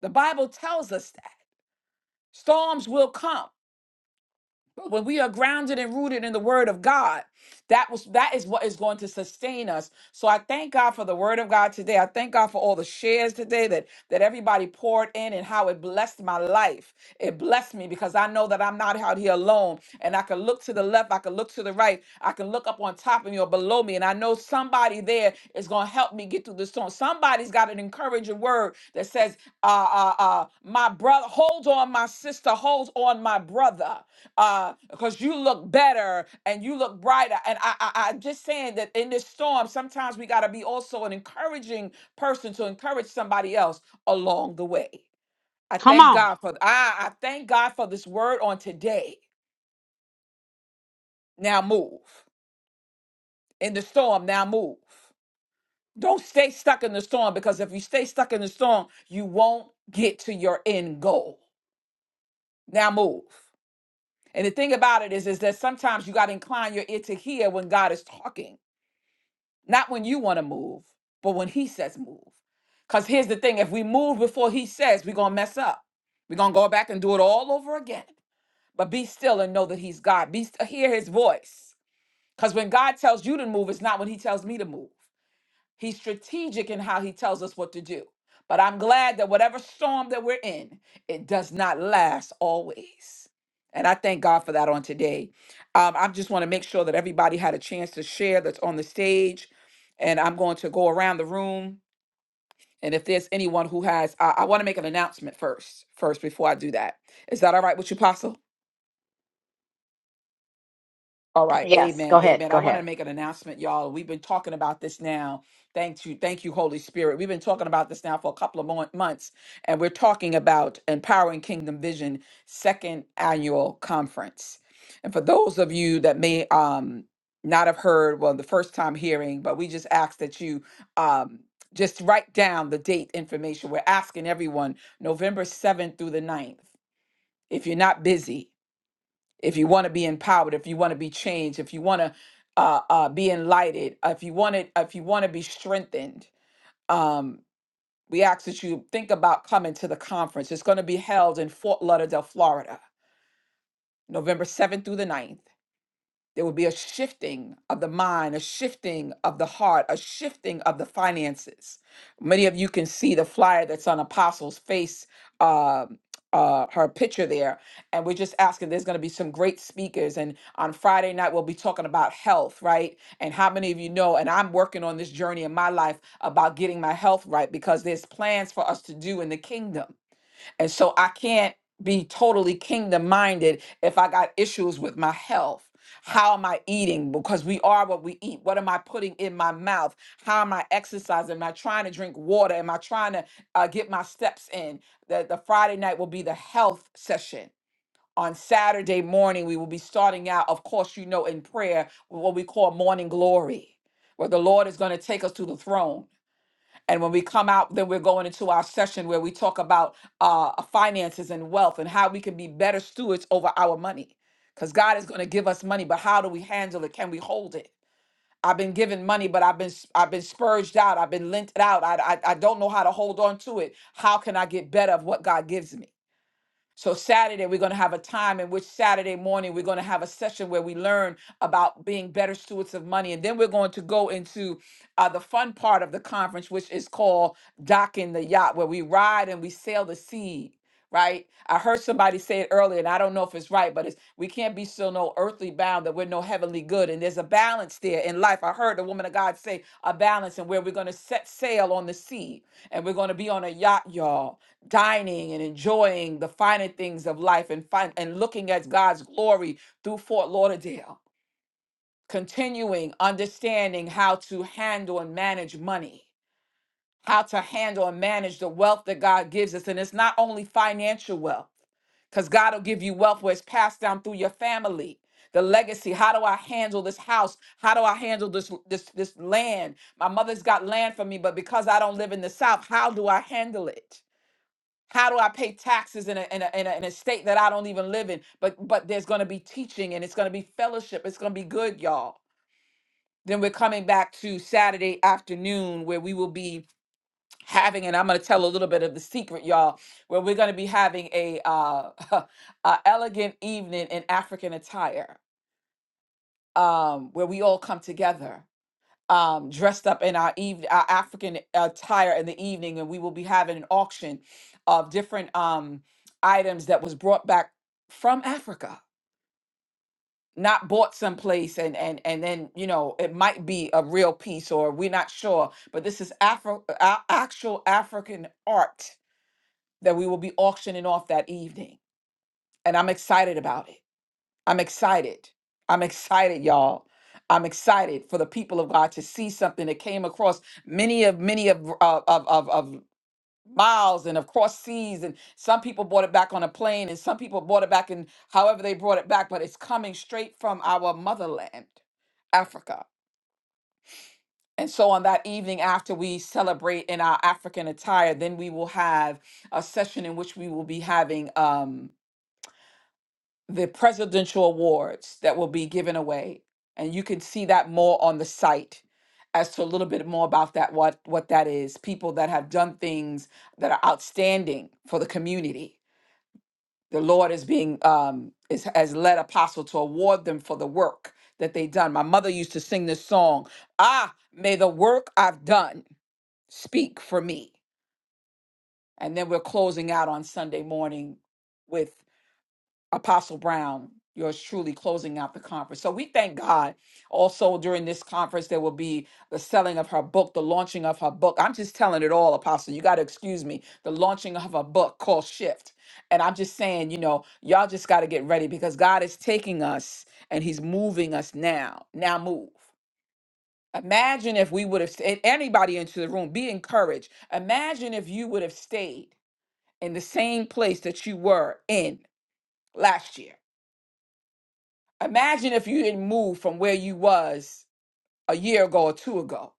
[SPEAKER 9] The Bible tells us that storms will come. But when we are grounded and rooted in the word of God, that was that is what is going to sustain us. So I thank God for the word of God today. I thank God for all the shares today that that everybody poured in and how it blessed my life. It blessed me because I know that I'm not out here alone. And I can look to the left, I can look to the right, I can look up on top of me or below me, and I know somebody there is going to help me through the storm. Somebody's got an encouraging word that says, uh, uh, uh, my brother, hold on, my sister, hold on, my brother, uh, because you look better and you look brighter. And I, I, I'm just saying that in this storm, sometimes we got to be also an encouraging person to encourage somebody else along the way. I
[SPEAKER 2] Come
[SPEAKER 9] thank
[SPEAKER 2] on.
[SPEAKER 9] God for, I, I thank God for this word on today. Now move. In the storm, now move. Don't stay stuck in the storm because if you stay stuck in the storm, you won't get to your end goal. Now move. And the thing about it is, is that sometimes you got to incline your ear to hear when God is talking, not when you want to move, but when He says move. Because here's the thing if we move before He says, we're going to mess up. We're going to go back and do it all over again. But be still and know that He's God. Be st- hear His voice. Because when God tells you to move, it's not when He tells me to move. He's strategic in how he tells us what to do. But I'm glad that whatever storm that we're in, it does not last always. And I thank God for that on today. Um, I just want to make sure that everybody had a chance to share that's on the stage. And I'm going to go around the room. And if there's anyone who has, I, I want to make an announcement first, first before I do that. Is that all right with you, Apostle? All right,
[SPEAKER 1] Yes, go
[SPEAKER 9] amen,
[SPEAKER 1] ahead.
[SPEAKER 9] amen. I
[SPEAKER 1] Go
[SPEAKER 9] want
[SPEAKER 1] ahead.
[SPEAKER 9] to make an announcement, y'all. We've been talking about this now. Thank you, thank you, Holy Spirit. We've been talking about this now for a couple of mon- months, and we're talking about Empowering Kingdom Vision Second Annual Conference. And for those of you that may um, not have heard, well, the first time hearing, but we just ask that you um, just write down the date information. We're asking everyone November 7th through the ninth, If you're not busy, if you want to be empowered, if you want to be changed, if you want to uh, uh, be enlightened, uh, if you want it, if you want to be strengthened, um, we ask that you think about coming to the conference. It's going to be held in Fort Lauderdale, Florida, November 7th through the ninth. There will be a shifting of the mind, a shifting of the heart, a shifting of the finances. Many of you can see the flyer that's on Apostle's face, uh, uh, her picture there. And we're just asking, there's going to be some great speakers. And on Friday night, we'll be talking about health, right? And how many of you know, and I'm working on this journey in my life about getting my health right because there's plans for us to do in the kingdom. And so I can't be totally kingdom minded if I got issues with my health. How am I eating? Because we are what we eat. What am I putting in my mouth? How am I exercising? Am I trying to drink water? Am I trying to uh, get my steps in? The, the Friday night will be the health session. On Saturday morning, we will be starting out, of course, you know, in prayer, with what we call morning glory, where the Lord is going to take us to the throne. And when we come out, then we're going into our session where we talk about uh, finances and wealth and how we can be better stewards over our money. Because God is going to give us money, but how do we handle it? Can we hold it? I've been given money, but I've been s- I've been spurged out. I've been lent out. I, I I don't know how to hold on to it. How can I get better of what God gives me? So Saturday, we're going to have a time in which Saturday morning, we're going to have a session where we learn about being better stewards of money. And then we're going to go into uh, the fun part of the conference, which is called Docking the Yacht, where we ride and we sail the sea. Right, I heard somebody say it earlier, and I don't know if it's right, but it's we can't be so no earthly bound that we're no heavenly good, and there's a balance there in life. I heard the woman of God say a balance, and where we're going to set sail on the sea, and we're going to be on a yacht, y'all dining and enjoying the finer things of life and fin- and looking at God's glory through Fort Lauderdale. Continuing understanding how to handle and manage money, how to handle and manage the wealth that God gives us. And it's not only financial wealth, because God will give you wealth where it's passed down through your family. The legacy. How do I handle this house? How do I handle this this this land? My mother's got land for me, but because I don't live in the South, how do I handle it? How do I pay taxes in a, in a, in a, in a state that I don't even live in? But but there's going to be teaching and it's going to be fellowship. It's going to be good, y'all. Then we're coming back to Saturday afternoon where we will be having, and I'm going to tell a little bit of the secret, y'all, where we're going to be having a, uh, a elegant evening in African attire um, where we all come together um, dressed up in our, eve- our African attire in the evening, and we will be having an auction of different um, items that was brought back from Africa, not bought someplace, and and and then you know it might be a real piece or we're not sure, but this is Afro uh, actual African art that we will be auctioning off that evening, and I'm excited about it. I'm excited. I'm excited, y'all. I'm excited for the people of God to see something that came across many of many of of of, of, of miles and across seas and some people brought it back on a plane and some people brought it back in however they brought it back but it's coming straight from our motherland africa and so on that evening after we celebrate in our african attire then we will have a session in which we will be having um, the presidential awards that will be given away and you can see that more on the site as to a little bit more about that what what that is people that have done things that are outstanding for the community the lord is being um is has led apostle to award them for the work that they done my mother used to sing this song ah may the work i've done speak for me and then we're closing out on sunday morning Apostle Brown, yours truly, closing out the conference. So we thank God. Also, during this conference, there will be the selling of her book, the launching of her book. I'm just telling it all, Apostle. You got to excuse me. The launching of a book called Shift. And I'm just saying, you know, y'all just got to get ready because God is taking us and He's moving us now. Now move. Imagine if we would have stayed, anybody into the room, be encouraged. Imagine if you would have stayed in the same place that you were in last year Imagine if you didn't move from where you was a year ago or two ago.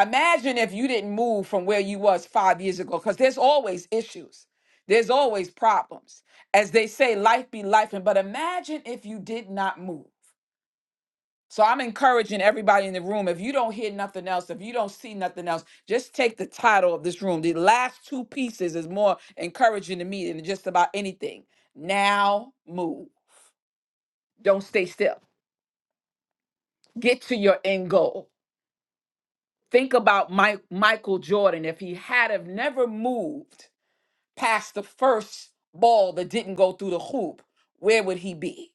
[SPEAKER 9] Imagine if you didn't move from where you was five years ago, because there's always issues. There's always problems. As they say, life be life. But imagine if you did not move. So I'm encouraging everybody in the room, if you don't hear nothing else, if you don't see nothing else, just take the title of this room. The last two pieces is more encouraging to me than just about anything. Now move. Don't stay still. Get to your end goal Think about Mike, Michael Jordan if he had have never moved past the first ball that didn't go through the hoop, where would he be?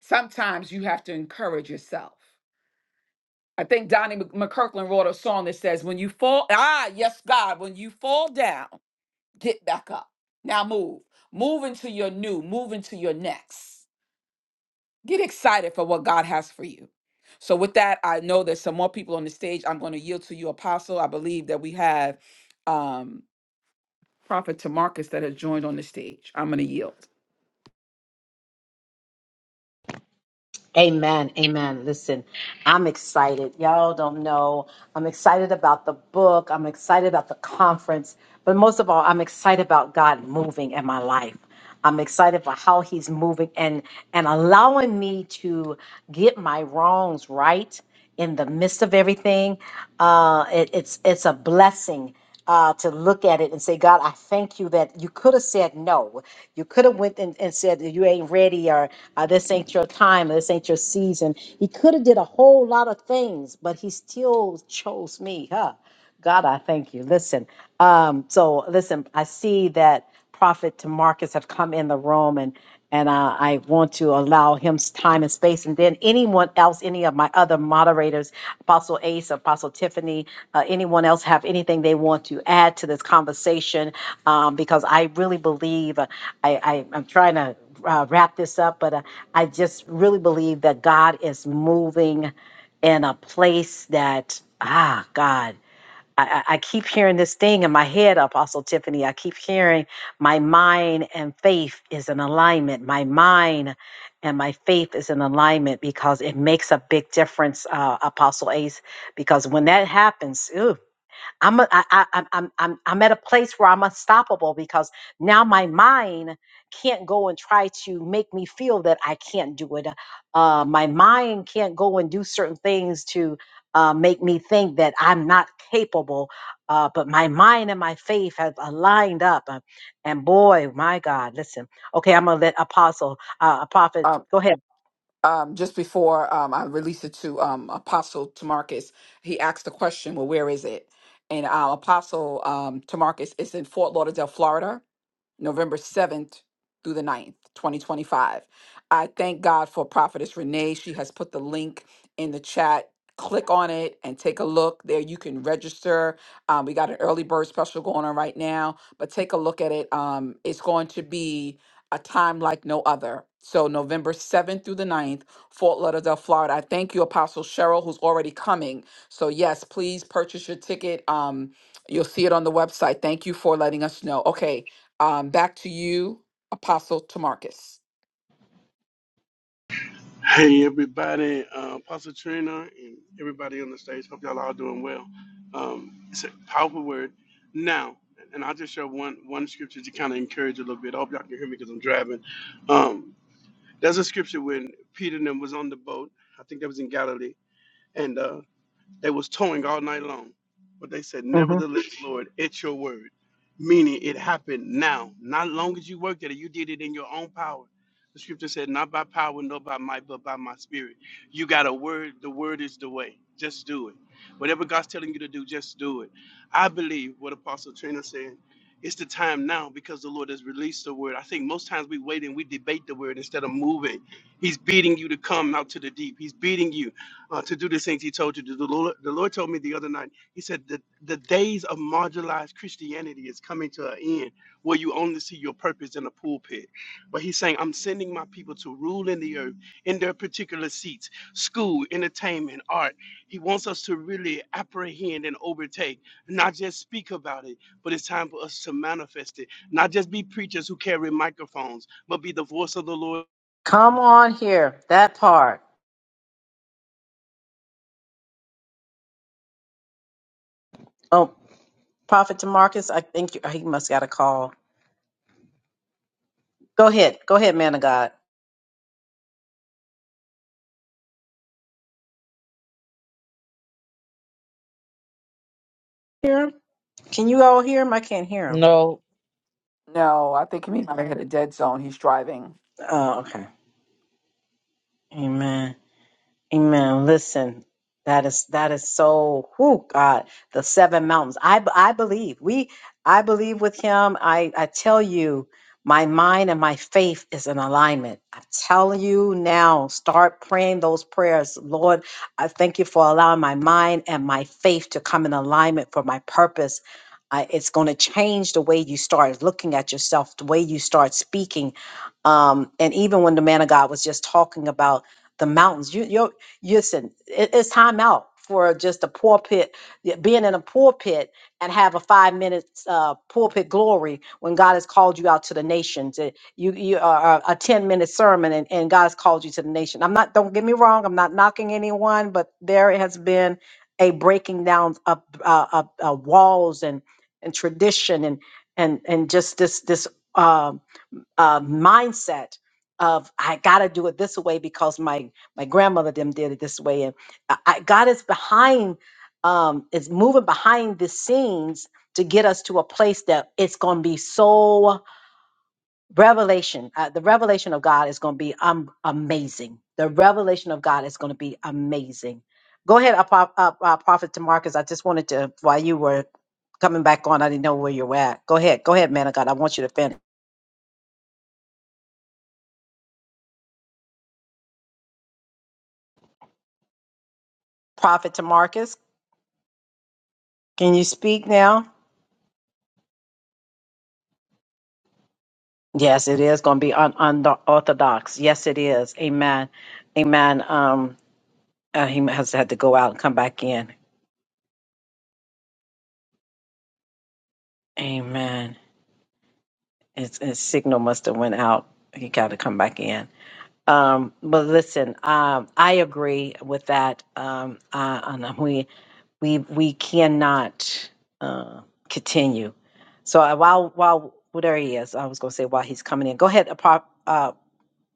[SPEAKER 9] Sometimes you have to encourage yourself. I think Donnie Mc- McKirkland wrote a song that says, "When you fall, ah, yes, God, when you fall down, get back up. Now move, move into your new, move into your next." Get excited for what God has for you. So, with that, I know there's some more people on the stage. I'm going to yield to you, Apostle. I believe that we have um, Prophet Tamarcus that has joined on the stage. I'm going to yield.
[SPEAKER 1] Amen. Amen. Listen, I'm excited. Y'all don't know. I'm excited about the book. I'm excited about the conference. But most of all, I'm excited about God moving in my life. I'm excited for how he's moving and and allowing me to get my wrongs right in the midst of everything. Uh, it, it's it's a blessing. Uh, to look at it and say, God, I thank you that you could have said no. You could have went and, and said you ain't ready or uh, this ain't your time, or this ain't your season. He could have did a whole lot of things, but he still chose me, huh? God, I thank you. Listen, um, so listen, I see that Prophet Tamarcus have come in the room and and uh, I want to allow him s- time and space. And then anyone else, any of my other moderators, Apostle Ace, Apostle Tiffany, uh, anyone else have anything they want to add to this conversation? Um, because I really believe uh, I, I I'm trying to uh, wrap this up, but uh, I just really believe that God is moving in a place that ah God. I, I I keep hearing this thing in my head, Apostle Tiffany. I keep hearing my mind and faith is in alignment. My mind and my faith is in alignment because it makes a big difference, uh, Apostle Ace. Because when that happens, ooh. I'm a, I, I, I'm I'm I'm I'm at a place where I'm unstoppable because now my mind can't go and try to make me feel that I can't do it. Uh, my mind can't go and do certain things to uh, make me think that I'm not capable. Uh, but my mind and my faith have aligned up, Uh, and boy, my God, listen. Okay, I'm gonna let Apostle, uh, a prophet,
[SPEAKER 9] Um,
[SPEAKER 1] go ahead.
[SPEAKER 9] um, just before um, I release it to um, Apostle Tamarcus, he asked the question, well, where is it? And uh, Apostle um, Tamarcus is in Fort Lauderdale, Florida. November 7th through the ninth, 2025. I thank God for Prophetess Renee. She has put the link in the chat. Click on it and take a look. There you can register. Um, we got an early bird special going on right now, but take a look at it. Um, it's going to be a time like no other. So, November 7th through the ninth, Fort Lauderdale, Florida. I thank you, Apostle Cheryl, who's already coming. So, yes, please purchase your ticket. Um, you'll see it on the website. Thank you for letting us know. Okay, um, back to you, Apostle Tamarcus.
[SPEAKER 12] Hey everybody, uh, Pastor Trina and everybody on the stage. Hope y'all all doing well. Um, it's a powerful word. Now, and I'll just share one one scripture to kind of encourage a little bit. I hope y'all can hear me because I'm driving. Um, there's a scripture when Peter and them was on the boat. I think that was in Galilee, and. uh, they was towing all night long. But they said,
[SPEAKER 1] hmm
[SPEAKER 12] Nevertheless, Lord, at your word. Meaning it happened now. Not long as you worked at it, you did it in your own power. The scripture said, Not by power, nor by might, but by my spirit. You got a word, the word is the way. Just do it. Whatever God's telling you to do, just do it. I believe what Apostle Trina said. It's the time now because the Lord has released the word. I think most times we wait and we debate the word instead of moving. He's beating you to come out to the deep. He's beating you uh, to do the things he told you to do. The Lord, the Lord told me the other night, he said that the days of marginalized Christianity is coming to an end where you only see your purpose in a pulpit. But he's saying, I'm sending my people to rule in the earth in their particular seats, school, entertainment, art. He wants us to really apprehend and overtake, not just speak about it, but it's time for us to manifest it, not just be preachers who carry microphones, but be the voice of the Lord
[SPEAKER 1] Come on here, that part. Oh, Prophet Demarcus, I think you, he must got a call. Go ahead. Go ahead, man of God. Hear him? Can you all hear him? I can't hear him.
[SPEAKER 2] No.
[SPEAKER 9] No, I think he might have hit a dead zone. He's driving.
[SPEAKER 1] Oh, okay. Amen. Amen. Listen, that is that is so. Whoo, God, the seven mountains. I b- I believe we. I believe with Him. I I tell you, my mind and my faith is in alignment. I tell you now. Start praying those prayers, Lord. I thank you for allowing my mind and my faith to come in alignment for my purpose. I, it's going to change the way you start looking at yourself, the way you start speaking, um, and even when the man of God was just talking about the mountains. you Listen, it, it's time out for just a pulpit, yeah, being in a pulpit and have a five minutes uh, pulpit glory when God has called you out to the nations. It- you you are a ten minute sermon and, and God has called you to the nation. I'm not. Don't get me wrong. I'm not knocking anyone, but there has been a breaking down of uh, of, uh, walls and and tradition and and and just this this. um, uh, mindset of I gotta do it this way because my my grandmother them did it this way, and I, I, God is behind, um, is moving behind the scenes to get us to a place that it's gonna be so revelation. Uh, the revelation of God is gonna be um amazing. The revelation of God is gonna be amazing. Go ahead, uh, Pro- uh, uh, Prophet Demarcus. I just wanted to while you were coming back on, I didn't know where you were at. Go ahead, go ahead, man of God. I want you to finish. Prophet Tamarcus. Can you speak now? Yes, it is going to be un- unorthodox. Yes, it is. Amen. Amen. Um, uh, he has had to go out and come back in. Amen. His, his signal must have went out. He got to come back in. Um, but listen, um, I agree with that. Um, uh, and we we we cannot uh, continue. So uh, while while well, there he is, I was going to say while he's coming in, go ahead, Apo- uh,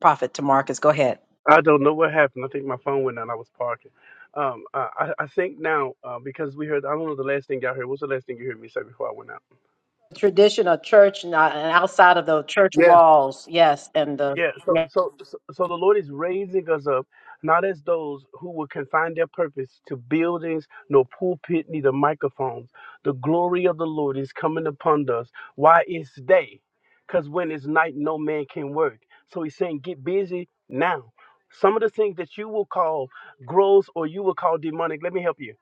[SPEAKER 1] prophet to Marcus. Go ahead.
[SPEAKER 12] I don't know what happened. I think my phone went out. I was parking. Um, I, I I think now uh, because we heard. I don't know the last thing y'all heard. What's the last thing you heard me say before I went out?
[SPEAKER 1] tradition of church and uh, and outside of the church walls. Yes, and the
[SPEAKER 12] Yeah, so,
[SPEAKER 1] yeah,
[SPEAKER 12] so so so the Lord is raising us up, not as those who will confine their purpose to buildings, nor pulpit, neither microphones. The glory of the Lord is coming upon us. Why it's day? Because when it's night, no man can work. So he's saying, get busy now. Some of the things that you will call gross or you will call demonic, let me help you.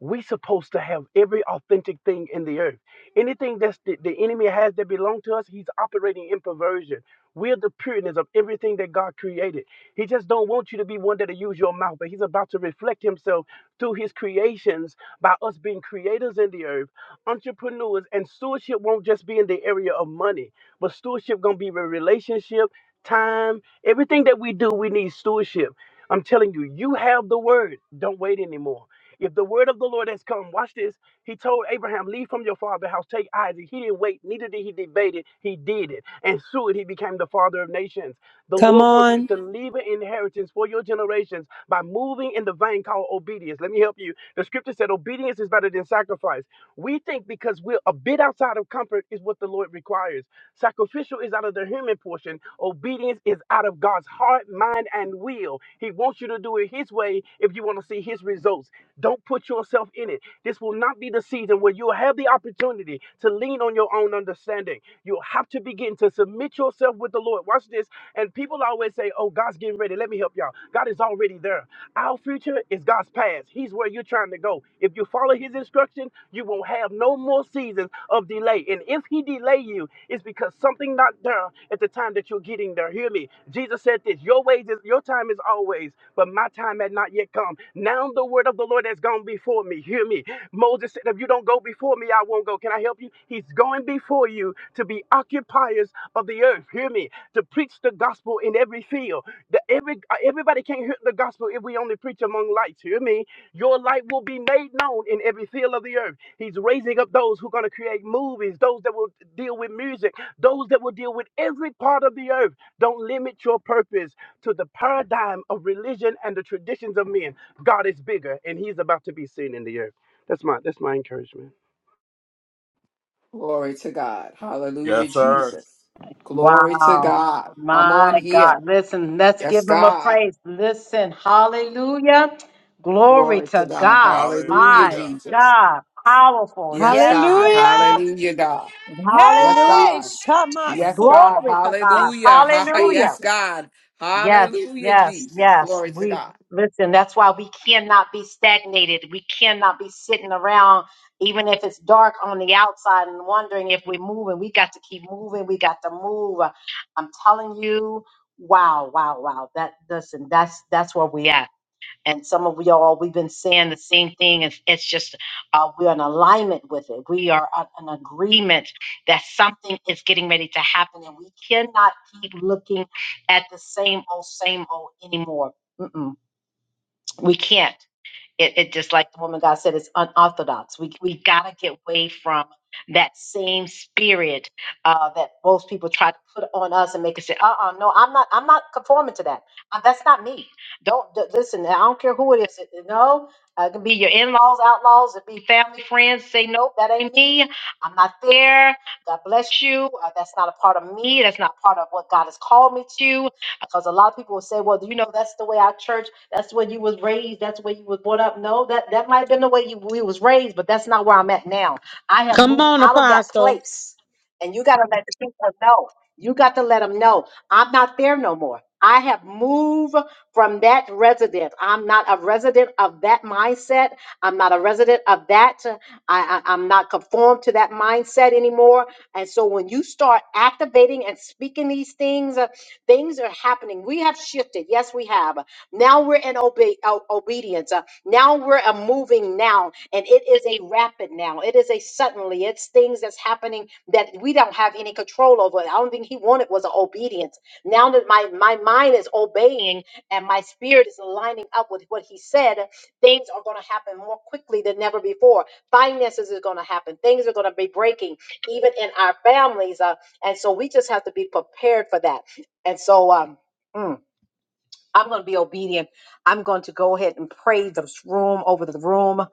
[SPEAKER 12] We supposed to have every authentic thing in the earth. Anything that's the, the enemy has that belong to us, he's operating in perversion. We're the pureness of everything that God created. He just don't want you to be one that'll use your mouth, but He's about to reflect Himself through His creations by us being creators in the earth, entrepreneurs, and stewardship won't just be in the area of money, but stewardship gonna be a relationship, time, everything that we do, we need stewardship. I'm telling you, you have the word. Don't wait anymore. If the word of the Lord has come, watch this. He told Abraham, Leave from your father's house, take Isaac. He didn't wait, neither did he debate it. He did it and through it he became the father of nations. The
[SPEAKER 7] Come
[SPEAKER 12] Lord wants you
[SPEAKER 7] on.
[SPEAKER 12] to leave an inheritance for your generations by moving in the vein called obedience. Let me help you. The scripture said obedience is better than sacrifice. We think because we're a bit outside of comfort is what the Lord requires. Sacrificial is out of the human portion. Obedience is out of God's heart, mind, and will. He wants you to do it His way if you want to see His results. Don't put yourself in it. This will not be the season where you'll have the opportunity to lean on your own understanding. You'll have to begin to submit yourself with the Lord. Watch this. And people always say, Oh, God's getting ready. Let me help y'all. God is already there. Our future is God's past. He's where you're trying to go. If you follow his instruction, you won't have no more seasons of delay. And if he delay you, it's because something not done at the time that you're getting there. Hear me. Jesus said this, your ways is your time is always, but my time had not yet come. Now the word of the Lord has gone before me. Hear me. Moses said, if you don't go before me, I won't go. Can I help you? He's going before you to be occupiers of the earth. Hear me. To preach the gospel in every field. The, every, everybody can't hear the gospel if we only preach among lights. Hear me your light will be made known in every field of the earth. He's raising up those who are going to create movies, those that will deal with music, those that will deal with every part of the earth. Don't limit your purpose to the paradigm of religion and the traditions of men. God is bigger, and He's about to be seen in the earth. That's my that's my encouragement.
[SPEAKER 9] Glory to God. Hallelujah,
[SPEAKER 5] yes, sir.
[SPEAKER 9] Jesus. Glory to
[SPEAKER 1] wow,
[SPEAKER 9] God. Come
[SPEAKER 1] my
[SPEAKER 9] on here.
[SPEAKER 1] God! Listen, let's
[SPEAKER 9] Yes,
[SPEAKER 1] give him a
[SPEAKER 9] God.
[SPEAKER 1] praise. Listen, Hallelujah, glory
[SPEAKER 9] Glory to
[SPEAKER 1] to
[SPEAKER 9] God.
[SPEAKER 1] God.
[SPEAKER 9] Hallelujah,
[SPEAKER 1] My
[SPEAKER 5] Hallelujah.
[SPEAKER 9] Jesus.
[SPEAKER 1] God, powerful.
[SPEAKER 9] Yes,
[SPEAKER 1] Yes,
[SPEAKER 9] God.
[SPEAKER 1] yes,
[SPEAKER 7] Hallelujah.
[SPEAKER 1] yes.
[SPEAKER 9] Hallelujah, God. Yes,
[SPEAKER 1] Hallelujah,
[SPEAKER 7] Hey,
[SPEAKER 9] God. Yes,
[SPEAKER 7] Shamasu.
[SPEAKER 9] God.
[SPEAKER 1] glory to God.
[SPEAKER 7] Thank you,
[SPEAKER 9] Hallelujah. Ha, ha.
[SPEAKER 7] Jesus.
[SPEAKER 1] Hallelujah.
[SPEAKER 9] Yes, God.
[SPEAKER 1] Yes,
[SPEAKER 9] Hallelujah,
[SPEAKER 1] yes,
[SPEAKER 9] Jesus.
[SPEAKER 1] yes.
[SPEAKER 9] Glory to
[SPEAKER 1] We
[SPEAKER 9] God.
[SPEAKER 1] listen, that's why we cannot be stagnated. We cannot be sitting around, even if it's dark on the outside and wondering if we're moving. We got to keep moving. We got to move. I'm telling you, wow, wow, wow. That listen, that's that's where we at and some of y'all we've been saying the same thing it's, it's just uh, we're in alignment with it we are a- an agreement that something is getting ready to happen and we cannot keep looking at the same old same old anymore Mm-mm. we can't it, it just like the woman God said, it's unorthodox. We we gotta get away from that same spirit uh, that most people try to put on us and make us say, "Uh, uh no, I'm not. I'm not conforming to that. Uh, that's not me. Don't d- listen. I don't care who it is. It- No, uh, it can be your in-laws, outlaws, it can be family, friends. Say, nope, that ain't me. I'm not there. God bless you. Uh, that's not a part of me. That's not part of what God has called me to. Because a lot of people will say, well, you know, that's the way our church. That's where you was raised. That's where you was brought up. No, that that might have been the way you we was raised, but that's not where I'm at now. I have
[SPEAKER 2] Come
[SPEAKER 1] moved
[SPEAKER 2] on,
[SPEAKER 1] out of that
[SPEAKER 2] Apostle.
[SPEAKER 1] place, and you got to let the people know. You got to let them know I'm not there no more. I have moved from that residence. I'm not a resident of that mindset. I'm not a resident of that. I, I I'm not conformed to that mindset anymore. And so when you start activating and speaking these things, uh, things are happening. We have shifted. Yes, we have. Now we're in obe- o- obedience. Uh, now we're a moving now, and it is a rapid now. It is a suddenly. It's things that's happening that we don't have any control over. I don't think he wanted was an obedience. Now that my my mind is obeying and my spirit is lining up with what he said, things are going to happen more quickly than never before. Finances is going to happen. Things are going to be breaking, even in our families. Uh, and so we just have to be prepared for that. And so, um. mm. I'm going to be obedient. I'm going to go ahead and pray this room over the room.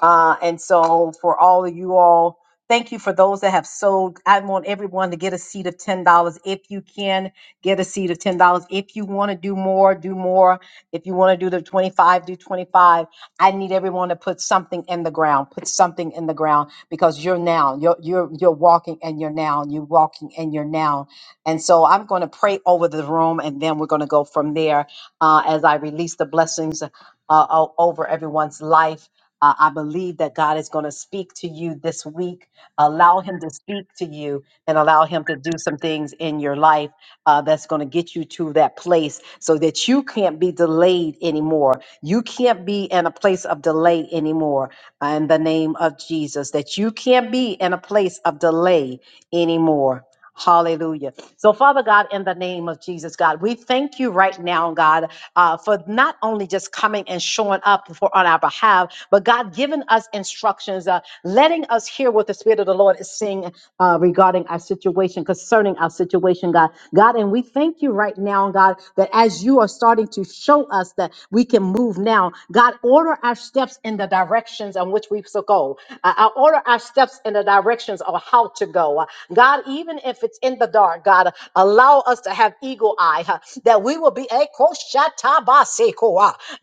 [SPEAKER 1] Uh, and so, for all of you all, thank you for those that have sold. I want everyone to get a seat of $10. If you can, get a seat of $10. If you want to do more, do more. If you want to do the 25, do 25. I need everyone to put something in the ground. Put something in the ground because you're now. You're, you're, you're walking and you're now. You're walking and you're now. And so, I'm going to pray over the room and then we're going to go from there uh, as I release the blessings uh, o- over everyone's life. Uh, I believe that God is going to speak to you this week. Allow Him to speak to you and allow Him to do some things in your life uh, that's going to get you to that place so that you can't be delayed anymore. You can't be in a place of delay anymore in the name of Jesus, that you can't be in a place of delay anymore Hallelujah. So, Father God, in the name of Jesus, God, we thank you right now, God, uh, for not only just coming and showing up for on our behalf, but God giving us instructions, uh, letting us hear what the Spirit of the Lord is saying uh, regarding our situation, concerning our situation, God. God, and we thank you right now, God, that as you are starting to show us that we can move now, God, order our steps in the directions in which we shall go. Uh, I order our steps in the directions of how to go. Uh, God, even if it's in the dark, God, allow us to have eagle eye, huh, that we will be a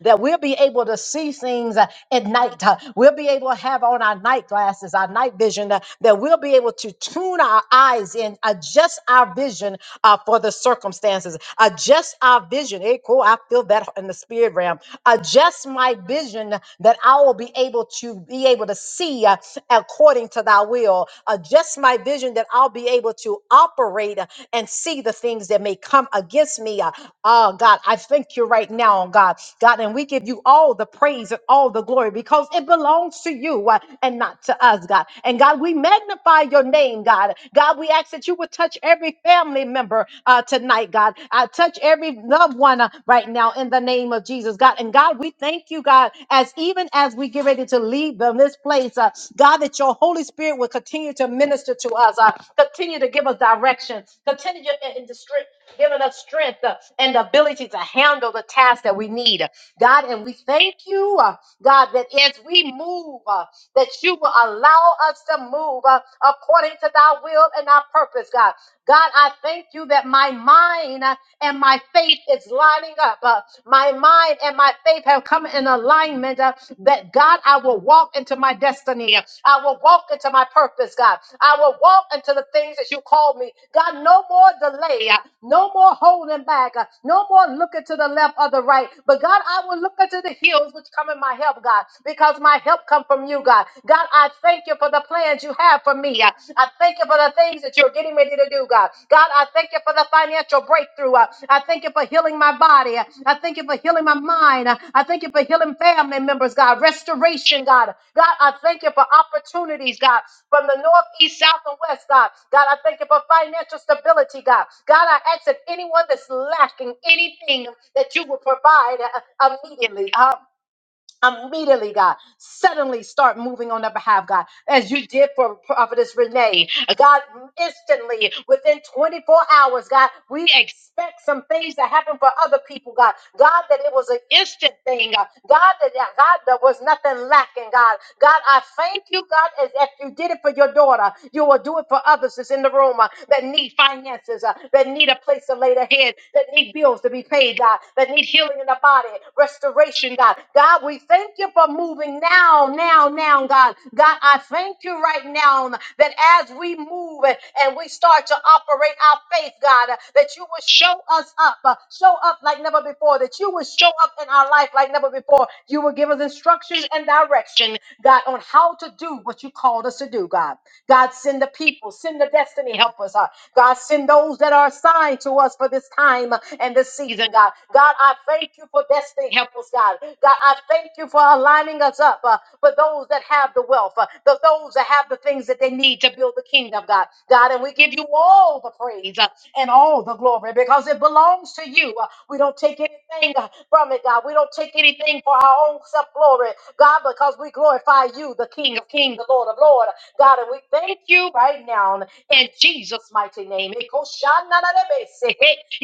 [SPEAKER 1] that we'll be able to see things uh, at night. huh. We'll be we'll be able to have on our night glasses, our night vision, uh, that we'll be able to tune our eyes and adjust our vision uh, for the circumstances, adjust our vision. Hey, cool. I feel that in the spirit realm. Adjust my vision that I will be able to be able to see uh, according to thy will. Adjust my vision that I'll be able to operate uh, and see the things that may come against me. uh, Oh God, I thank you right now, oh God God. God, and we give you all the praise and all the glory because it belongs to you uh, and not to us, God. And God, we magnify your name, God. God, we ask that you would touch every family member uh, tonight, God. I touch every loved one uh, right now in the name of Jesus, God. And God, we thank you, God, as even as we get ready to leave them this place, uh, God, that your Holy Spirit will continue to minister to us, uh, continue to give us direction, continue to and giving us strength uh, and the ability to handle the tasks that we need. God, and we thank you, uh, God, that as we move, uh, that you will allow us to move uh, according to thy will and our purpose, God. God, I thank you that my mind uh, and my faith is lining up. Uh, my mind and my faith have come in alignment uh, that God, I will walk into my destiny. I will walk into my purpose, God. I will walk into the things that you called me. God, no more delay, uh, no more holding back, uh, no more looking to the left or the right. But God, I will look into the hills which come in my help, God, because my help come from you, God. God, I thank you for the plans you have for me. Uh, I thank you for the things that you're getting ready to do, God. God, I thank you for the financial breakthrough. Uh, I thank you for healing my body. Uh, I thank you for healing my mind. Uh, I thank you for healing family members, God. Restoration, God. God, I thank you for opportunities, God, from the north, east, south, and west, God. God, I thank you for financial stability, God. God, I ask that anyone that's lacking anything that you will provide uh, immediately immediately, God, suddenly start moving on their behalf, God, as you did for Prophetess Renee. God, instantly, within 24 hours, God, we expect some things to happen for other people, God. God, that it was an instant thing, God. God, that God, there was nothing lacking, God. God, I thank you, God, as if you did it for your daughter, you will do it for others that's in the room uh, that need finances, uh, that need a place to lay their their head, that need bills to be paid, God, that need healing in the body, restoration, God. God, we thank you for moving now, now, now, God. God, I thank you right now that as we move and and we start to operate our faith, God, uh, that you will show us up, uh, show up like never before, that you will show up in our life like never before. You will give us instructions and direction, God, on how to do what you called us to do, God. God, send the people, send the destiny helpers. Uh, God, send those that are assigned to us for this time uh, and this season, God. God, I thank you for destiny helpers, God. God, I thank you for aligning us up uh, for those that have the wealth, uh, the, those that have the things that they need to build the kingdom, God. God, and we give you all the praise uh, and all all the glory because it belongs to you. Uh, We don't take anything uh, from it, God. We don't take anything for our own self glory, God, because we glorify you, the King of Kings, the Lord of Lords, God. And we thank you right now in Jesus' mighty name. Ikoshanarabese,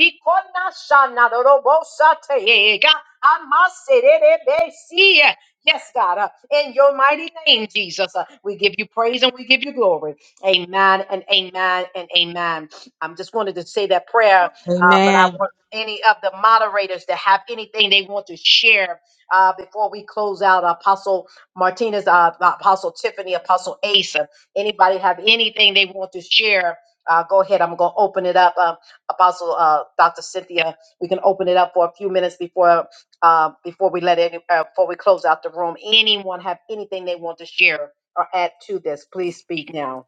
[SPEAKER 1] ikonashanarobosate, God. Amaserebesi. Yes, God, uh, in your mighty name, Jesus, uh, we give you praise and we give you glory. Amen and amen and amen. I am just wanted to say that prayer, uh, but I
[SPEAKER 2] Amen.
[SPEAKER 1] want any of the moderators to have anything they want to share uh, before we close out. Apostle Martinez, uh, Apostle Tiffany, Apostle Asa. Anybody have anything they want to share? Uh, go ahead. I'm going to open it up. Uh, Apostle uh, Dr. Cynthia, we can open it up for a few minutes before uh, before we let any uh, before we close out the room. Anyone have anything they want to share or add to this? Please speak now.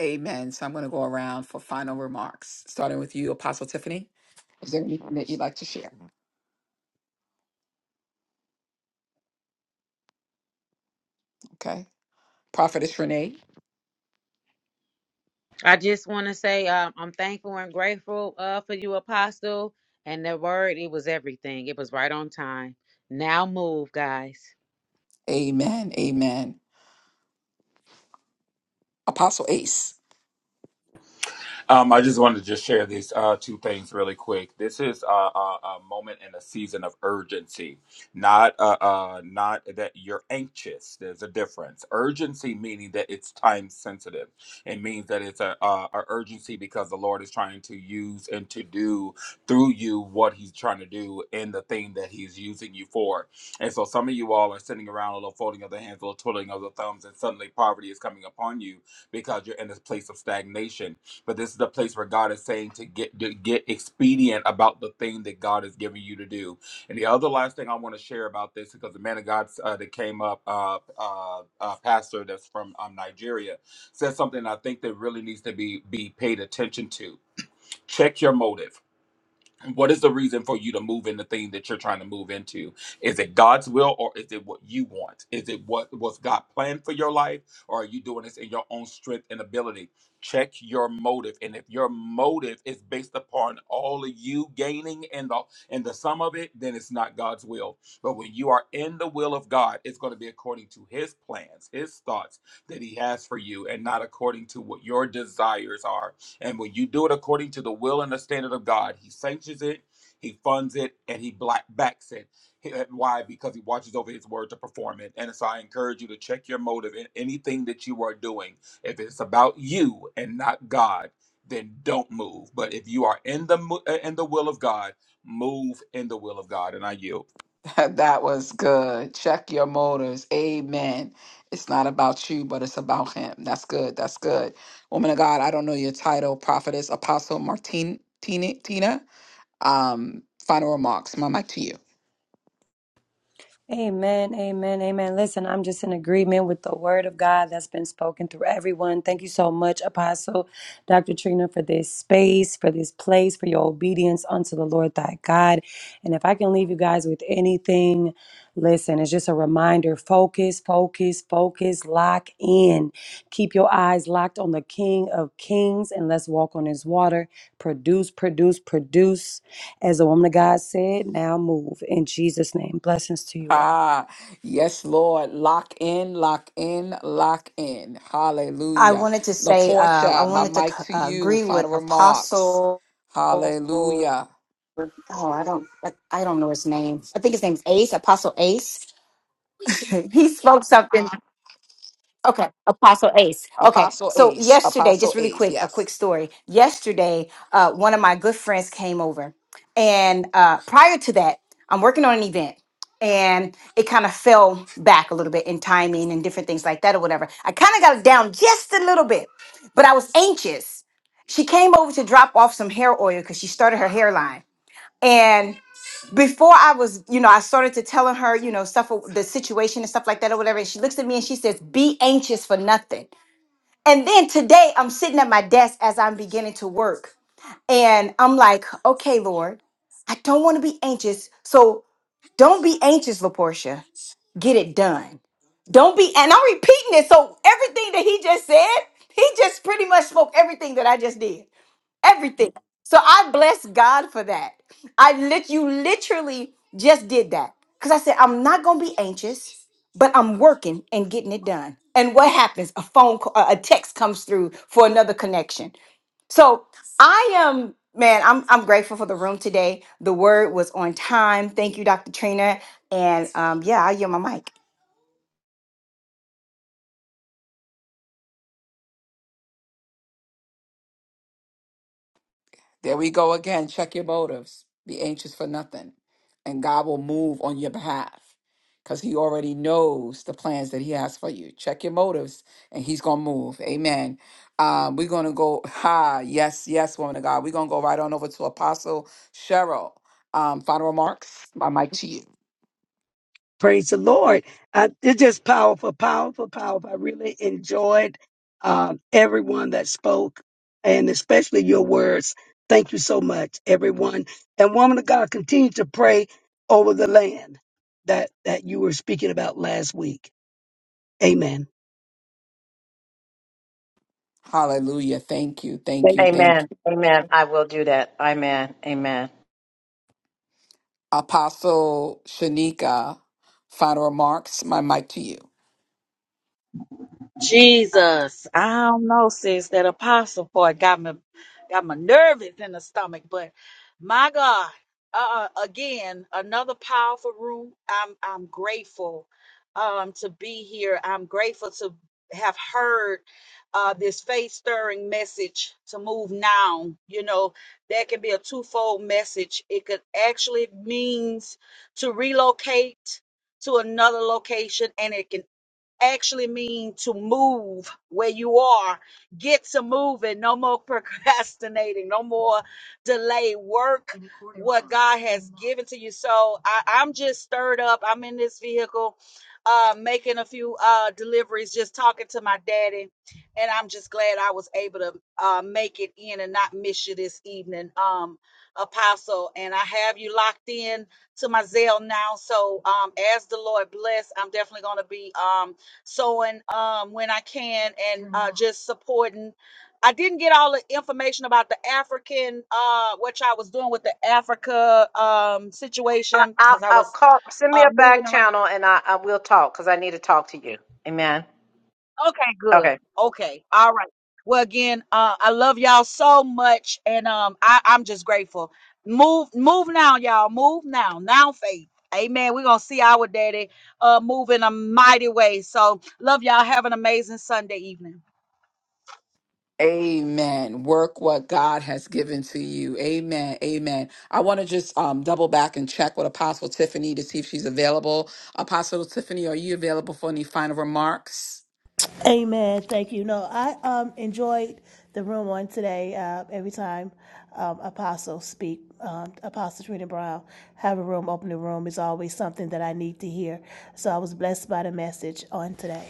[SPEAKER 9] Amen. So I'm going to go around for final remarks, starting with you, Apostle Tiffany. Is there anything that you'd like to share? Okay. Prophetess Renee.
[SPEAKER 2] I just want to say um, I'm thankful and grateful uh, for you, Apostle. And the word, it was everything. It was right on time. Now move, guys.
[SPEAKER 9] Amen. Amen. Apostle Ace.
[SPEAKER 5] Um, I just wanted to just share these uh, two things really quick. This is a, a, a moment in a season of urgency, not uh, uh, not that you're anxious. There's a difference. Urgency meaning that it's time sensitive. It means that it's a, a, a urgency because the Lord is trying to use and to do through you what He's trying to do in the thing that He's using you for. And so some of you all are sitting around a little folding of the hands, a little twiddling of the thumbs, and suddenly poverty is coming upon you because you're in this place of stagnation but this is the place where God is saying to get to get expedient about the thing that God is giving you to do. And the other last thing I want to share about this, because the man of God uh, that came up, uh, uh, uh, pastor that's from um, Nigeria, said something I think that really needs to be be paid attention to. Check your motive what is the reason for you to move in the thing that you're trying to move into is it god's will or is it what you want is it what was god planned for your life or are you doing this in your own strength and ability check your motive and if your motive is based upon all of you gaining and the and the sum of it then it's not god's will but when you are in the will of god it's going to be according to his plans his thoughts that he has for you and not according to what your desires are and when you do it according to the will and the standard of God, He sanctions it, He funds it, and He black backs it. He- uh, Why? Because He watches over His word to perform it. And so I encourage you to check your motive in anything that you are doing. If it's about you and not God, then don't move. But if you are in the mo- uh, in the will of God, move in the will of God. And I yield.
[SPEAKER 9] that was good. Check your motives. Amen. It's not about you, but it's about him. That's good. That's good. Woman of God, I don't know your title, Prophetess Apostle Martin Tina. Tina. Um, final remarks. My mic to you.
[SPEAKER 7] Amen, amen, amen. Listen, I'm just in agreement with the word of God that's been spoken through everyone. Thank you so much, Apostle Dr. Trina, for this space, for this place, for your obedience unto the Lord thy God. And if I can leave you guys with anything, listen, it's just a reminder focus, focus, focus, lock in. Keep your eyes locked on the King of Kings and let's walk on his water. Produce, produce, produce. As the woman of God said, now move in Jesus' name. Blessings to you all.
[SPEAKER 9] Ah, yes, Lord. Lock in, lock in, lock in.
[SPEAKER 8] I
[SPEAKER 9] Hallelujah.
[SPEAKER 8] wanted to say, uh, I
[SPEAKER 9] LaPortia, my
[SPEAKER 8] wanted to
[SPEAKER 9] mic
[SPEAKER 8] c-
[SPEAKER 9] to
[SPEAKER 8] uh,
[SPEAKER 9] you.
[SPEAKER 8] agree with
[SPEAKER 9] Final remarks.
[SPEAKER 8] Apostle. Oh,
[SPEAKER 9] Hallelujah.
[SPEAKER 8] I don't, I I don't know his name. I think his name's Ace, Apostle Ace. he spoke something. Okay, Apostle Ace. Okay,
[SPEAKER 9] Apostle
[SPEAKER 8] so
[SPEAKER 9] Ace,
[SPEAKER 8] yesterday,
[SPEAKER 9] Apostle
[SPEAKER 8] just really
[SPEAKER 9] Ace,
[SPEAKER 8] quick, a
[SPEAKER 9] yes.
[SPEAKER 8] quick story. Yesterday, uh, one of my good friends came over, and uh, prior to that, I'm working on an event, and it kind of fell back a little bit in timing and different things like that or whatever. I kind of got it down just a little bit, but I was anxious. She came over to drop off some hair oil because she started her hairline, before I was, you know, I started to telling her, you know, stuff, the situation and stuff like that or whatever. And she looks at me and she says, be anxious for nothing. And then today I'm sitting at my desk as I'm beginning to work. And I'm like, okay, Lord, I don't want to be anxious. So don't be anxious, LaPortia. Get it done. Don't be, and I'm repeating it. So everything that he just said, he just pretty much spoke everything that I just did everything. So I bless God for that. I lit you literally just did that because I said I'm not gonna be anxious, but I'm working and getting it done. And what happens? A phone call, a a text comes through for another connection. So I am man. I'm I'm grateful for the room today. The word was on time. Thank you, Dr. Trina. And um, yeah, I yield my mic.
[SPEAKER 9] There we go again. Check your motives. Be anxious for nothing. And God will move on your behalf because He already knows the plans that He has for you. Check your motives and He's going to move. Amen. Um, we're going to go, ha, yes, yes, woman of God. We're going to go right on over to Apostle Cheryl. Um, final remarks. My mic to you.
[SPEAKER 4] Praise the Lord. I, it's just powerful, powerful, powerful. I really enjoyed uh, everyone that spoke and especially your words. Thank you so much, everyone. And woman of God, continue to pray over the land that, that you were speaking about last week. Amen.
[SPEAKER 9] Hallelujah. Thank you. Thank
[SPEAKER 4] Thank
[SPEAKER 9] you.
[SPEAKER 4] you.
[SPEAKER 9] Thank
[SPEAKER 1] Amen.
[SPEAKER 9] you.
[SPEAKER 1] Amen. I will do that. Amen. Amen.
[SPEAKER 9] Apostle Shanika, final remarks. My mic to you.
[SPEAKER 10] Jesus, I don't know, sis. That apostle part got me, got my nervous in the stomach. But my God, uh, uh, again, another powerful room. I'm, I'm grateful, um, to be here. I'm grateful to have heard, uh, this faith stirring message to move now. You know, that can be a twofold message. It could actually means to relocate to another location, and it can actually mean to move where you are. Get to moving. No more procrastinating. No more delay. Work what God has given to you. So I, I'm just stirred up. I'm in this vehicle, uh, making a few uh, deliveries, just talking to my daddy. And I'm just glad I was able to uh, make it in and not miss you this evening, um, Apostle. And I have you locked in to my Zelle now. So um, as the Lord bless, I'm definitely going to be. Um, sewing um, when I can and uh, Mhm. just supporting. I didn't get all the information about the African, uh, what y'all was doing with the Africa um,
[SPEAKER 1] I,
[SPEAKER 10] situation
[SPEAKER 1] I'll,
[SPEAKER 10] because I
[SPEAKER 1] I'll
[SPEAKER 10] was
[SPEAKER 1] call. Send me
[SPEAKER 10] uh,
[SPEAKER 1] a
[SPEAKER 10] moving
[SPEAKER 1] back
[SPEAKER 10] around.
[SPEAKER 1] channel, and I, I will talk because I need to talk to you. Amen.
[SPEAKER 10] Okay, good.
[SPEAKER 1] Okay.
[SPEAKER 10] Okay, all right. Well, again, uh, I love y'all so much, and um, I, I'm just grateful. Move, move now, y'all. Move now, now, faith. Amen. We're gonna see our daddy uh, move in a mighty way. So, love y'all. Have an amazing Sunday evening.
[SPEAKER 9] Amen. Work what God has given to you. Amen. Amen. I want to just um, double back and check with Apostle Tiffany to see if she's available. Apostle Tiffany, are you available for any final remarks?
[SPEAKER 3] Amen. Thank you. No, I um enjoyed the room on today. Uh, every time um, Apostle speak, um, Apostle Trina Brown have a room, open the room is always something that I need to hear. So I was blessed by the message on today.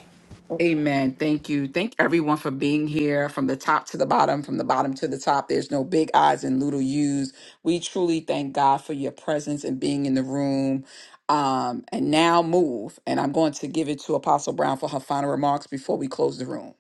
[SPEAKER 9] Amen. Thank you. Thank everyone for being here from the top to the bottom, from the bottom to the top. There's no big eyes and little U's. We truly thank God for your presence and being in the room. Um, and now move. And I'm going to give it to Apostle Brown for her final remarks before we close the room.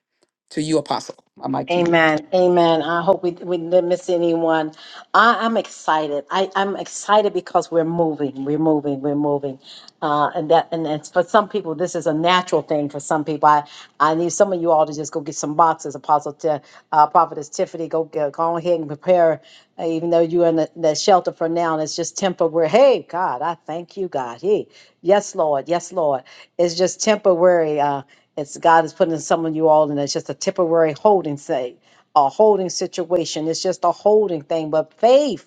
[SPEAKER 9] To you, Apostle. My mic to you.
[SPEAKER 1] Amen. Amen. I hope we, we didn't miss anyone. I, I'm excited. I, I'm excited because we're moving. We're moving. We're moving. Uh, and that and that's for some people, this is a natural thing for some people. I, I need some of you all to just go get some boxes. Apostle Ti- uh, Prophetess Tiffany, go get, go ahead and prepare, uh, even though you're in the, the shelter for now and it's just temporary. Hey, God, I thank you, God. Hey, yes, Lord. Yes, Lord. It's just temporary. Uh, it's God is putting some of you all in. It's just a temporary holding say, a holding situation. It's just a holding thing. But faith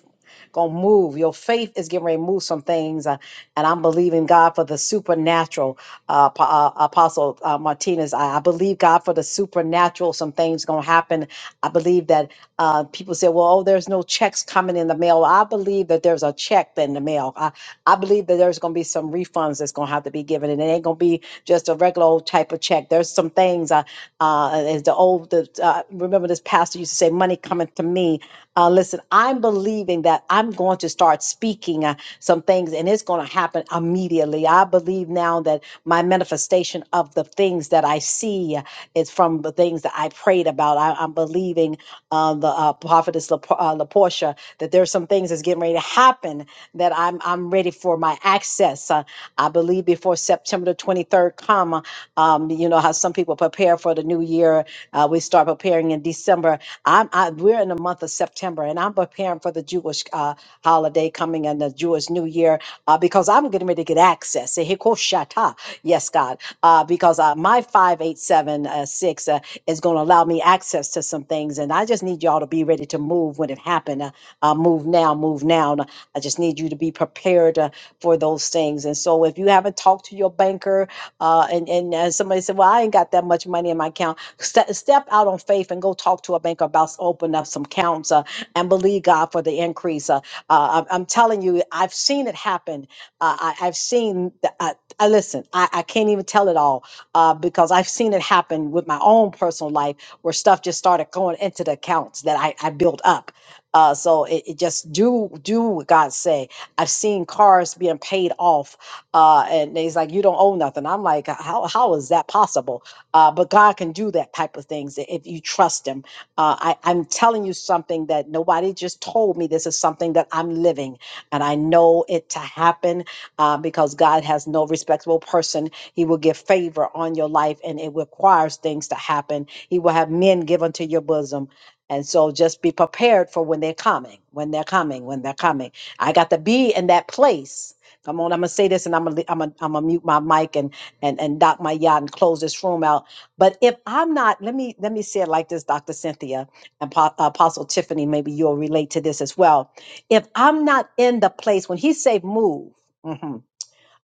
[SPEAKER 1] gonna move. Your faith is getting ready to move some things. Uh, and I'm believing God for the supernatural, uh, Ap- uh, Apostle uh, Martinez. I, I believe God for the supernatural. Some things going to happen. I believe that uh, people say, well, oh, there's no checks coming in the mail. Well, I believe that there's a check in the mail. I, I believe that there's going to be some refunds that's going to have to be given. And it ain't going to be just a regular old type of check. There's some things, uh, uh, as the old, the, uh, remember this pastor used to say, money coming to me. Uh, listen, I'm believing that I'm going to start speaking uh, some things, and it's going going to happen immediately. I believe now that my manifestation of the things that I see is from the things that I prayed about. I, am believing um, the uh, prophetess La, uh, LaPortia that there's some things that's getting ready to happen that I'm I'm ready for my access. Uh, I believe before September the 23rd come, um, you know how some people prepare for the new year. Uh, we start preparing in December. I'm I, we're in the month of September, and I'm preparing for the Jewish uh, holiday coming and the Jewish New Year uh, because I'm getting ready to get access. Eh, hikoshata. Yes, God, uh, because uh, my 587 uh, 6 uh, is going to allow me access to some things. And I just need y'all to be ready to move when it happened. Uh, uh, move now, move now. And I just need you to be prepared uh, for those things. And so if you haven't talked to your banker uh, and, and uh, somebody said, well, I ain't got that much money in my account, ste- step out on faith and go talk to a banker about s- opening up some accounts uh, and believe God for the increase. uh, uh, I'm, I'm telling you, I've seen it happen. Uh, I, I've seen. The, I, I listen. I, I can't even tell it all uh, because I've seen it happen with my own personal life, where stuff just started going into the accounts that I, I built up. Uh, so it, it just do do what God say. I've seen cars being paid off, uh, and he's like, "You don't owe nothing." I'm like, "How how is that possible?" Uh, but God can do that type of things i- if you trust Him uh, I, I'm telling you something that nobody just told me. This is something that I'm living, and I know it to happen uh, because God has no respectable person. He will give favor on your life, and it requires things to happen. He will have men given to your bosom. And so just be prepared for when they're coming, when they're coming, when they're coming. I got to be in that place. Come on, I'm gonna say this and I'm gonna I'm gonna, I'm gonna mute my mic and and and dock my yacht and close this room out but if I'm not, let me let me say it like this, Dr. Cynthia and Po- Apostle Tiffany, maybe you'll relate to this as well. If I'm not in the place when he say move, mm-hmm,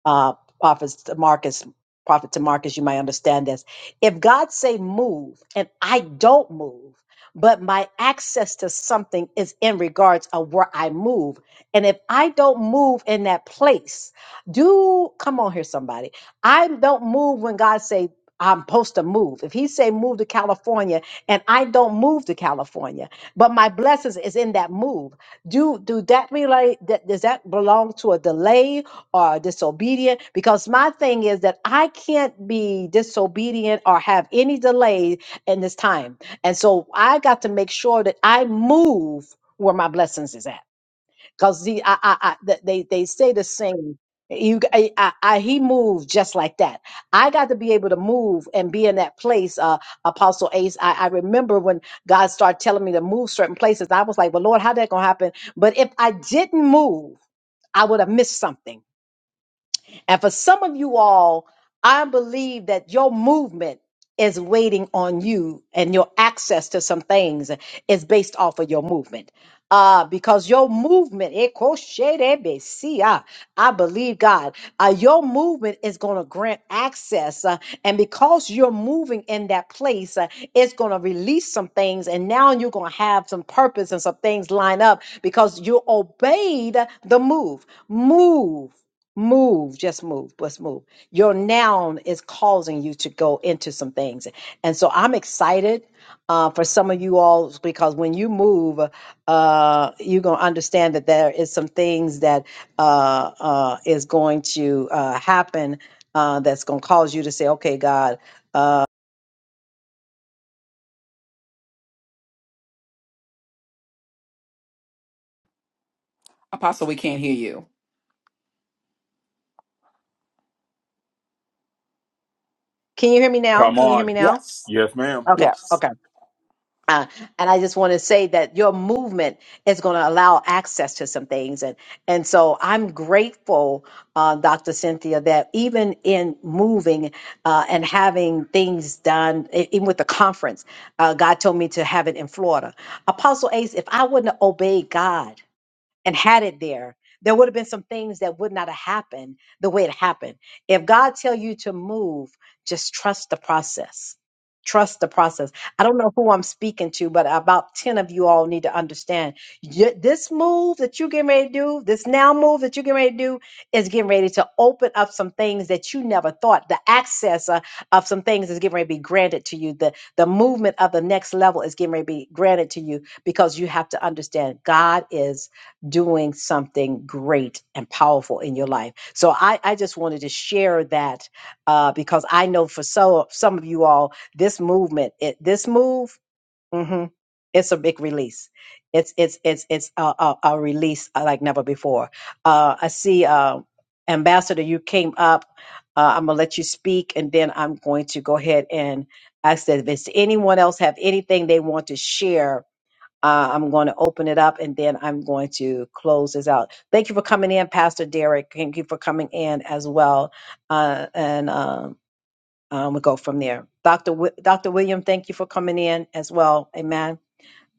[SPEAKER 1] uh, prophets to Marcus, prophet to Marcus, you might understand this. If God say move and I don't move, but my access to something is in regards of where I move. And if I don't move in that place, do come on here, somebody. I don't move when God say I'm supposed to move. If he say move to California and I don't move to California, but my blessings is in that move. Do do that relate that does that belong to a delay? or disobedient because my thing is that I can't be disobedient or have any delay in this time. And so I got to make sure that I move where my blessings is at. Because the, I, I, I, th- they, they say the same. You, g- I, I, I- he moved just like that. I got to be able to move and be in that place. Uh, Apostle Ace, I, I remember when God started telling me to move certain places. I was like, "Well, Lord, how that gonna happen?" But if I didn't move, I would have missed something and for some of you all, I believe that your movement is waiting on you and your access to some things is based off of your movement. Uh, because your movement, eh, kosherebesia, I believe God, uh, your movement is going to grant access. uh, and because you're moving in that place, uh, it's going to release some things. And now you're going to have some purpose and some things line up because you obeyed the move. Move. Move, just move, Let's move. Your noun is causing you to go into some things. And so I'm excited uh, for some of you all because when you move, uh, you're going to understand that there is some things that uh, uh, is going to uh, happen uh, that's going to cause you to say, okay, God,
[SPEAKER 9] Apostle, we can't hear you.
[SPEAKER 1] can you hear me now?
[SPEAKER 5] Come
[SPEAKER 1] Can you hear me
[SPEAKER 5] on.
[SPEAKER 1] now?
[SPEAKER 9] Yes,
[SPEAKER 5] Yes, ma'am.
[SPEAKER 1] Okay,
[SPEAKER 9] yes.
[SPEAKER 1] okay. Uh, and I just want to say that your movement is going to allow access to some things, and and so I'm grateful, uh, Dr. Cynthia, that even in moving uh, and having things done, e- even with the conference, uh, God told me to have it in Florida. Apostle Ace, if I wouldn't have obeyed God and had it there, there would have been some things that would not have happened the way it happened. If God tell you to move, just trust the process. Trust the process. I don't know who I'm speaking to, but about 10 of you all need to understand y- this move that you getting ready to do, this now move that you getting ready to do is getting ready to open up some things that you never thought. The access uh, of some things is getting ready to be granted to you. The, the movement of the next level is getting ready to be granted to you because you have to understand God is doing something great and powerful in your life. So I, I just wanted to share that uh, because I know for so some of you all, this movement, it, this move, mhm, it's a big release. It's it's it's it's a, a, a release uh, like never before. Uh, I see, uh, Ambassador, you came up. Uh, I'm gonna let you speak, and then I'm going to go ahead and ask that if anyone else have anything they want to share uh, I'm going to open it up and then I'm going to close this out. Thank you for coming in, Pastor Derek. Thank you for coming in as well. Uh, and um, um, we'll go from there. Dr. W- Dr. William, thank you for coming in as well. Amen.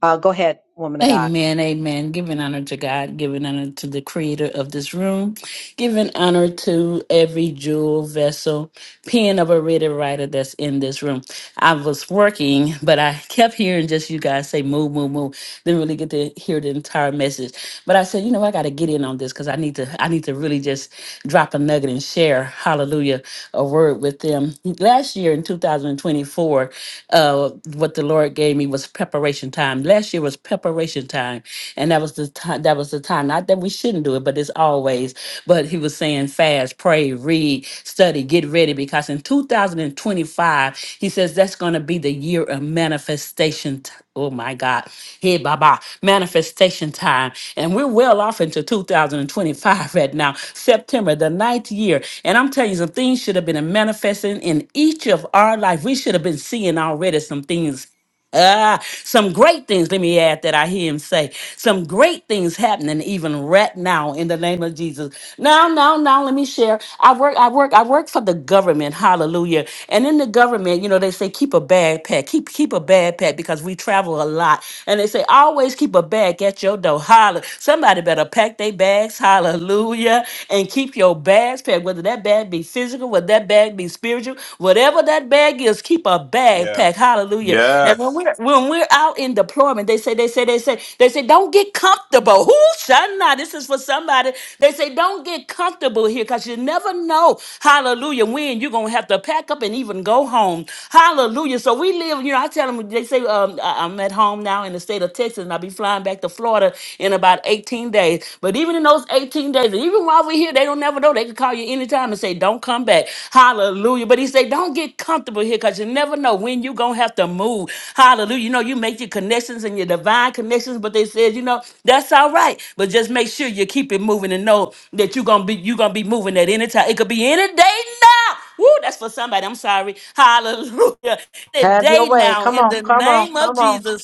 [SPEAKER 1] Uh, go ahead, woman of God.
[SPEAKER 13] Amen, amen. Giving honor to God, giving honor to the creator of this room, giving honor to every jewel, vessel, pen of a reader, writer that's in this room. I was working, but I kept hearing just you guys say move, move, move. Didn't really get to hear the entire message. But I said, you know, I gotta get in on this because I need to I need to really just drop a nugget and share, hallelujah, a word with them. Last year in 2024, uh what the Lord gave me was preparation time. Last year was preparation time. And that was the time that was the time. Not that we shouldn't do it, but it's all always, but he was saying fast, pray, read, study, get ready, because in 2025, he says that's going to be the year of manifestation. t- oh my God. Hey, Baba, manifestation time. And we're well off into 2025 right now, September, the ninth year. And I'm telling you, some things should have been manifesting in each of our life. We should have been seeing already some things Ah, some great things, let me add that I hear him say. Some great things happening even right now in the name of Jesus. Now, now, now, let me share. I work, I work, I work for the government, hallelujah. And in the government, you know, they say keep a bag pack, keep keep a bag pack because we travel a lot. And they say always keep a bag at your door. Holler. Somebody better pack their bags, hallelujah, and keep your bags packed, whether that bag be physical, whether that bag be spiritual, whatever that bag bad gifts, keep a backpack,
[SPEAKER 5] Yes.
[SPEAKER 13] Hallelujah. And when
[SPEAKER 5] Yes.
[SPEAKER 13] we're when we're out in deployment, they say, they say, they say, they say, don't get comfortable. Who shall not? This is for somebody. They say, don't get comfortable here because you never know, hallelujah, when you're gonna have to pack up and even go home. Hallelujah. So we live, you know, I tell them they say, um, I- I'm at home now in the state of Texas, and I'll be flying back to Florida in about 18 days. But even in those 18 days, and even while we're here, they don't never know. They can call you anytime and say, say, don't come back. Hallelujah. But he said, don't get comfortable here because you never know when you're going to have to move. Hallelujah. You know, you make your connections and your divine connections, but they said, you know, that's all right. But just make sure you keep it moving and know that you're going to be, you're going to be moving at any time. It could be any day Woo, that's for somebody. I'm sorry. Hallelujah.
[SPEAKER 1] Have your
[SPEAKER 13] Today
[SPEAKER 1] way.
[SPEAKER 13] now,
[SPEAKER 1] Come
[SPEAKER 13] in
[SPEAKER 1] on,
[SPEAKER 13] the
[SPEAKER 1] come on,
[SPEAKER 13] name of
[SPEAKER 1] come on.
[SPEAKER 13] Jesus.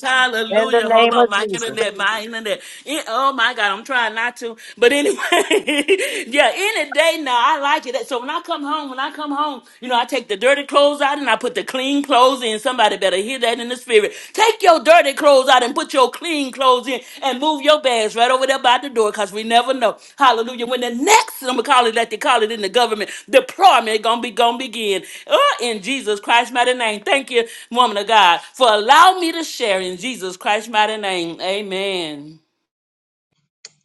[SPEAKER 1] In the
[SPEAKER 13] Hallelujah. Hold
[SPEAKER 1] name
[SPEAKER 13] on,
[SPEAKER 1] of
[SPEAKER 13] my
[SPEAKER 1] Jesus.
[SPEAKER 13] internet, my internet. In- oh my God, I'm trying not to. But anyway, yeah, any day now, I like it. So when I come home, when I come home, you know, I take the dirty clothes out and I put the clean clothes in. Somebody better hear hear that in the spirit. Take your dirty clothes out and put your clean clothes in and move your bags right over there by the door because we never know. Hallelujah. When the next, I'm going to call it like they call it in the government, deployment going to be going to begin. Oh, in Jesus Christ's mighty name. Thank you, woman of God, for allowing me to share in Jesus Christ's mighty name. Amen.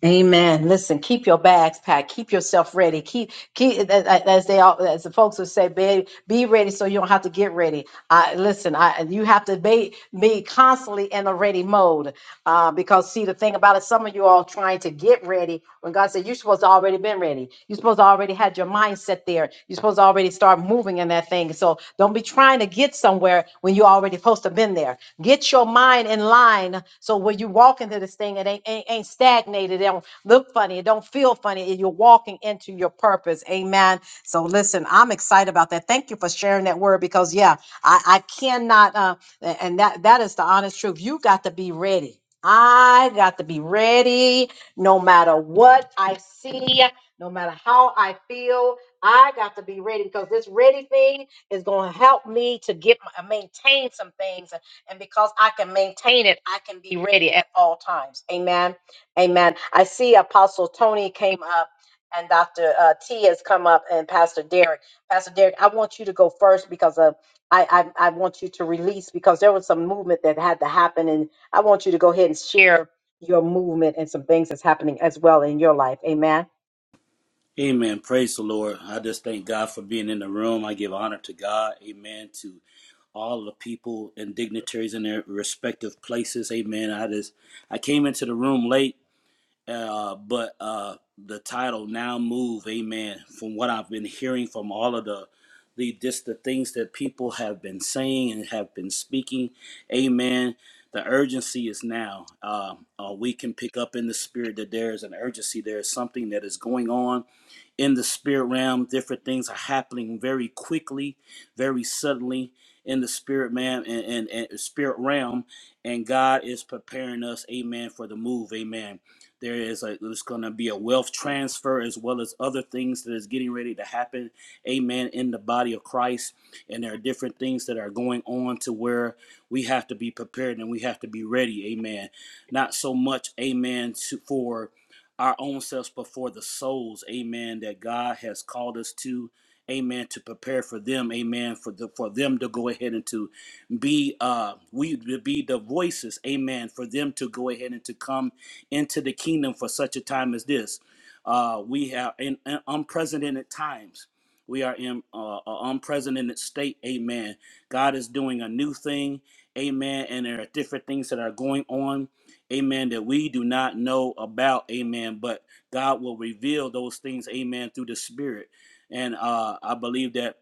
[SPEAKER 1] Amen. Listen, keep your bags packed. Keep yourself ready. Keep, keep as they all, as the folks would say, be, be ready so you don't have to get ready. I listen. I you have to be be constantly in a ready mode uh, because see the thing about it, some of you all trying to get ready when God said you're supposed to already been ready. You're supposed to already had your mindset there. You're supposed to already start moving in that thing. So don't be trying to get somewhere when you already supposed to been there. Get your mind in line so when you walk into this thing, it ain't, ain't, ain't stagnated. It don't look funny. It don't feel funny. and You're walking into your purpose. Amen. So listen, I'm excited about that. Thank you for sharing that word because yeah, I, I cannot uh, and that that is the honest truth. You got to be ready. I got to be ready no matter what I see. No matter how I feel, I got to be ready because this ready thing is going to help me to get my, maintain some things. And because I can maintain it, I can be ready at all times. Amen. Amen. I see Apostle Tony came up and Dr. Uh, T has come up and Pastor Derek. Pastor Derek, I want you to go first because uh, I, I, I want you to release because there was some movement that had to happen. And I want you to go ahead and share your movement and some things that's happening as well in your life. Amen.
[SPEAKER 14] Amen. Praise the Lord. I just thank God for being in the room. I give honor to God. Amen. To all the people and dignitaries in their respective places. Amen. I just I came into the room late uh, but uh, the title now move, amen. From what I've been hearing from all of the the just the things that people have been saying and have been speaking, amen. The urgency is now. Uh, uh, we can pick up in the spirit that there is an urgency. There is something that is going on in the spirit realm. Different things are happening very quickly, very suddenly in the spirit man and, and, and spirit realm. And God is preparing us, amen, for the move, amen. There is a there's going to be a wealth transfer as well as other things that is getting ready to happen. Amen. In the body of Christ, and there are different things that are going on to where we have to be prepared and we have to be ready. Amen. Not so much. Amen. To, for our own selves, but for the souls. Amen. That God has called us to. Amen. To prepare for them. Amen. For the for them to go ahead and to be uh we to be the voices amen for them to go ahead and to come into the kingdom for such a time as this. Uh, we have in, in unprecedented times. We are in uh, an unprecedented state. Amen. God is doing a new thing. Amen. And there are different things that are going on. Amen. That we do not know about. Amen. But God will reveal those things. Amen. Through the Spirit. And uh, I believe that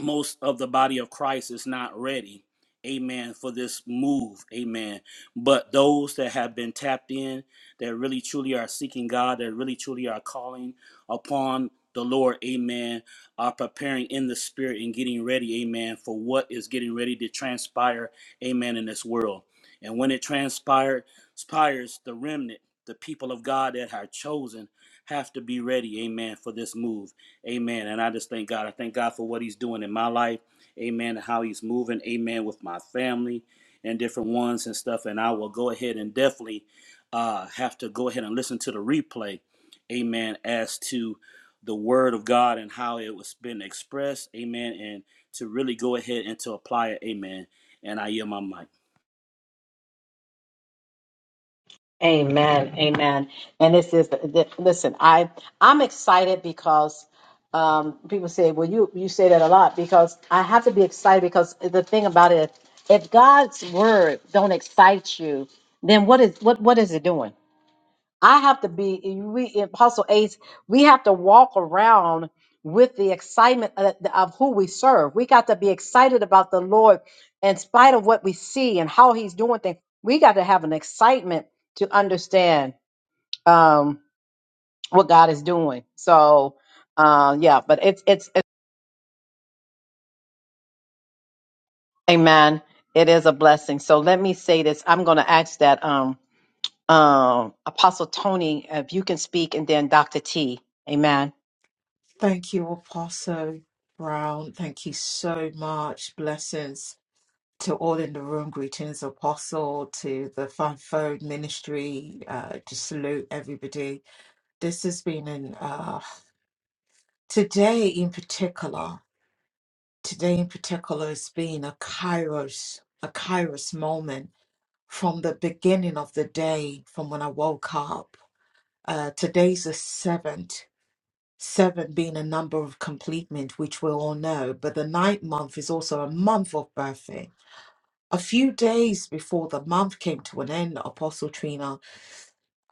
[SPEAKER 14] most of the body of Christ is not ready, amen, for this move, amen. But those that have been tapped in, that really truly are seeking God, that really truly are calling upon the Lord, amen, are preparing in the spirit and getting ready, amen, for what is getting ready to transpire, amen, in this world. And when it transpire- transpires, the remnant, the people of God that are chosen, have to be ready, amen, for this move. Amen. And I just thank God. I thank God for what He's doing in my life. Amen. And how He's moving. Amen. With my family and different ones and stuff. And I will go ahead and definitely uh, have to go ahead and listen to the replay. Amen. As to the Word of God and how it was been expressed. Amen. And to really go ahead and to apply it. Amen. And I yield my mic.
[SPEAKER 1] Amen. Amen. And this is th- listen, I I'm excited because um people say, well you you say that a lot because I have to be excited because the thing about it if God's word don't excite you, then what is what what is it doing? I have to be we in Apostle Ace, we have to walk around with the excitement of, of who we serve. We got to be excited about the Lord in spite of what we see and how he's doing things. We got to have an excitement to understand um what God is doing. So uh yeah, but it's it's, it's amen. It is a blessing. So let me say this. I'm gonna ask that um Um, Apostle Tony, if you can speak, and then Dr. T. Amen.
[SPEAKER 15] Thank you, Apostle Brown. Thank you so much. Blessings to all in the room. Greetings, Apostle, to the Fivefold Ministry. Uh, to salute everybody. This has been an uh, today in particular. Today in particular has been a Kairos, a Kairos moment from the beginning of the day, from when I woke up. Uh, today's the seventh. Seven being a number of completement, which we all know, but the ninth month is also a month of birthing. A few days before the month came to an end, Apostle Trina,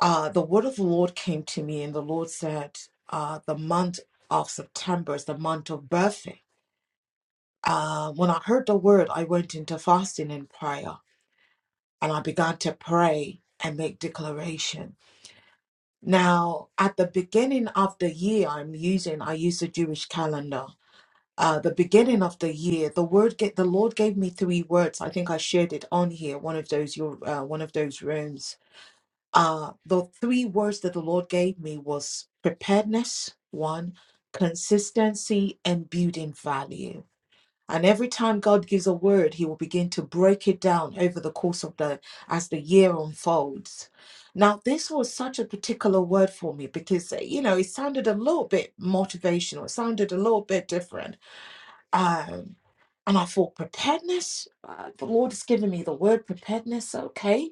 [SPEAKER 15] uh, the word of the Lord came to me, and the Lord said, uh, The month of September is the month of birthing. Uh, when I heard the word, I went into fasting and prayer, and I began to pray and make declaration. Now, at the beginning of the year, I'm using, I use the Jewish calendar uh, the beginning of the year, the word get, the Lord gave me three words. I think I shared it on here, one of those your uh, one of those rooms. Uh, the three words that the Lord gave me was preparedness, one, consistency, and building value. And every time God gives a word, He will begin to break it down over the course of the as the year unfolds. Now, this was such a particular word for me because uh, you know it sounded a little bit motivational. It sounded a little bit different Um, and I thought, preparedness? Uh, the Lord has given me the word preparedness, okay?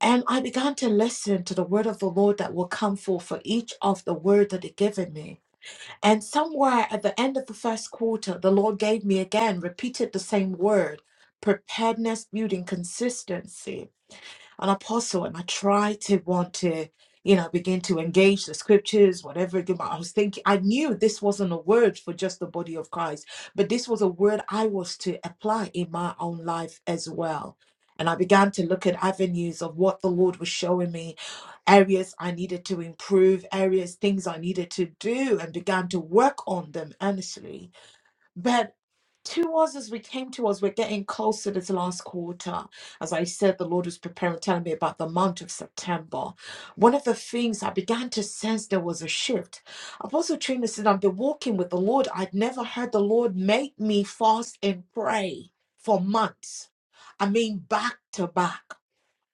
[SPEAKER 15] And I began to listen to the word of the Lord that will come forth for each of the word that He given me. And somewhere at the end of the first quarter, the Lord gave me again, repeated the same word preparedness, building consistency an apostle and I tried to want to, you know, begin to engage the scriptures, whatever it I was thinking, I knew this wasn't a word for just the body of Christ, but this was a word I was to apply in my own life as well. And I began to look at avenues of what the Lord was showing me, areas I needed to improve, areas, things I needed to do, and began to work on them earnestly. But to us as we came to us we're getting closer this last quarter as i said the lord was preparing telling me about the month of september one of the things i began to sense there was a shift apostle trina said i've been walking with the lord i'd never heard the lord make me fast and pray for months i mean back to back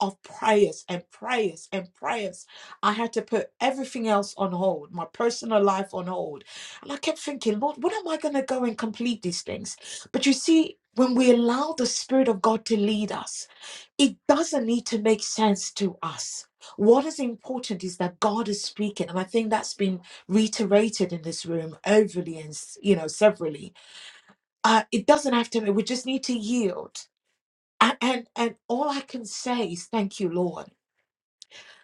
[SPEAKER 15] of prayers and prayers and prayers. I had to put everything else on hold, my personal life on hold. And I kept thinking, Lord, when am I going to go and complete these things? But you see, when we allow the Spirit of God to lead us, it doesn't need to make sense to us. What is important is that God is speaking, and I think that's been reiterated in this room overly and you know severally. Uh, it doesn't have to. We just need to yield, and and, and all I can say is thank you, Lord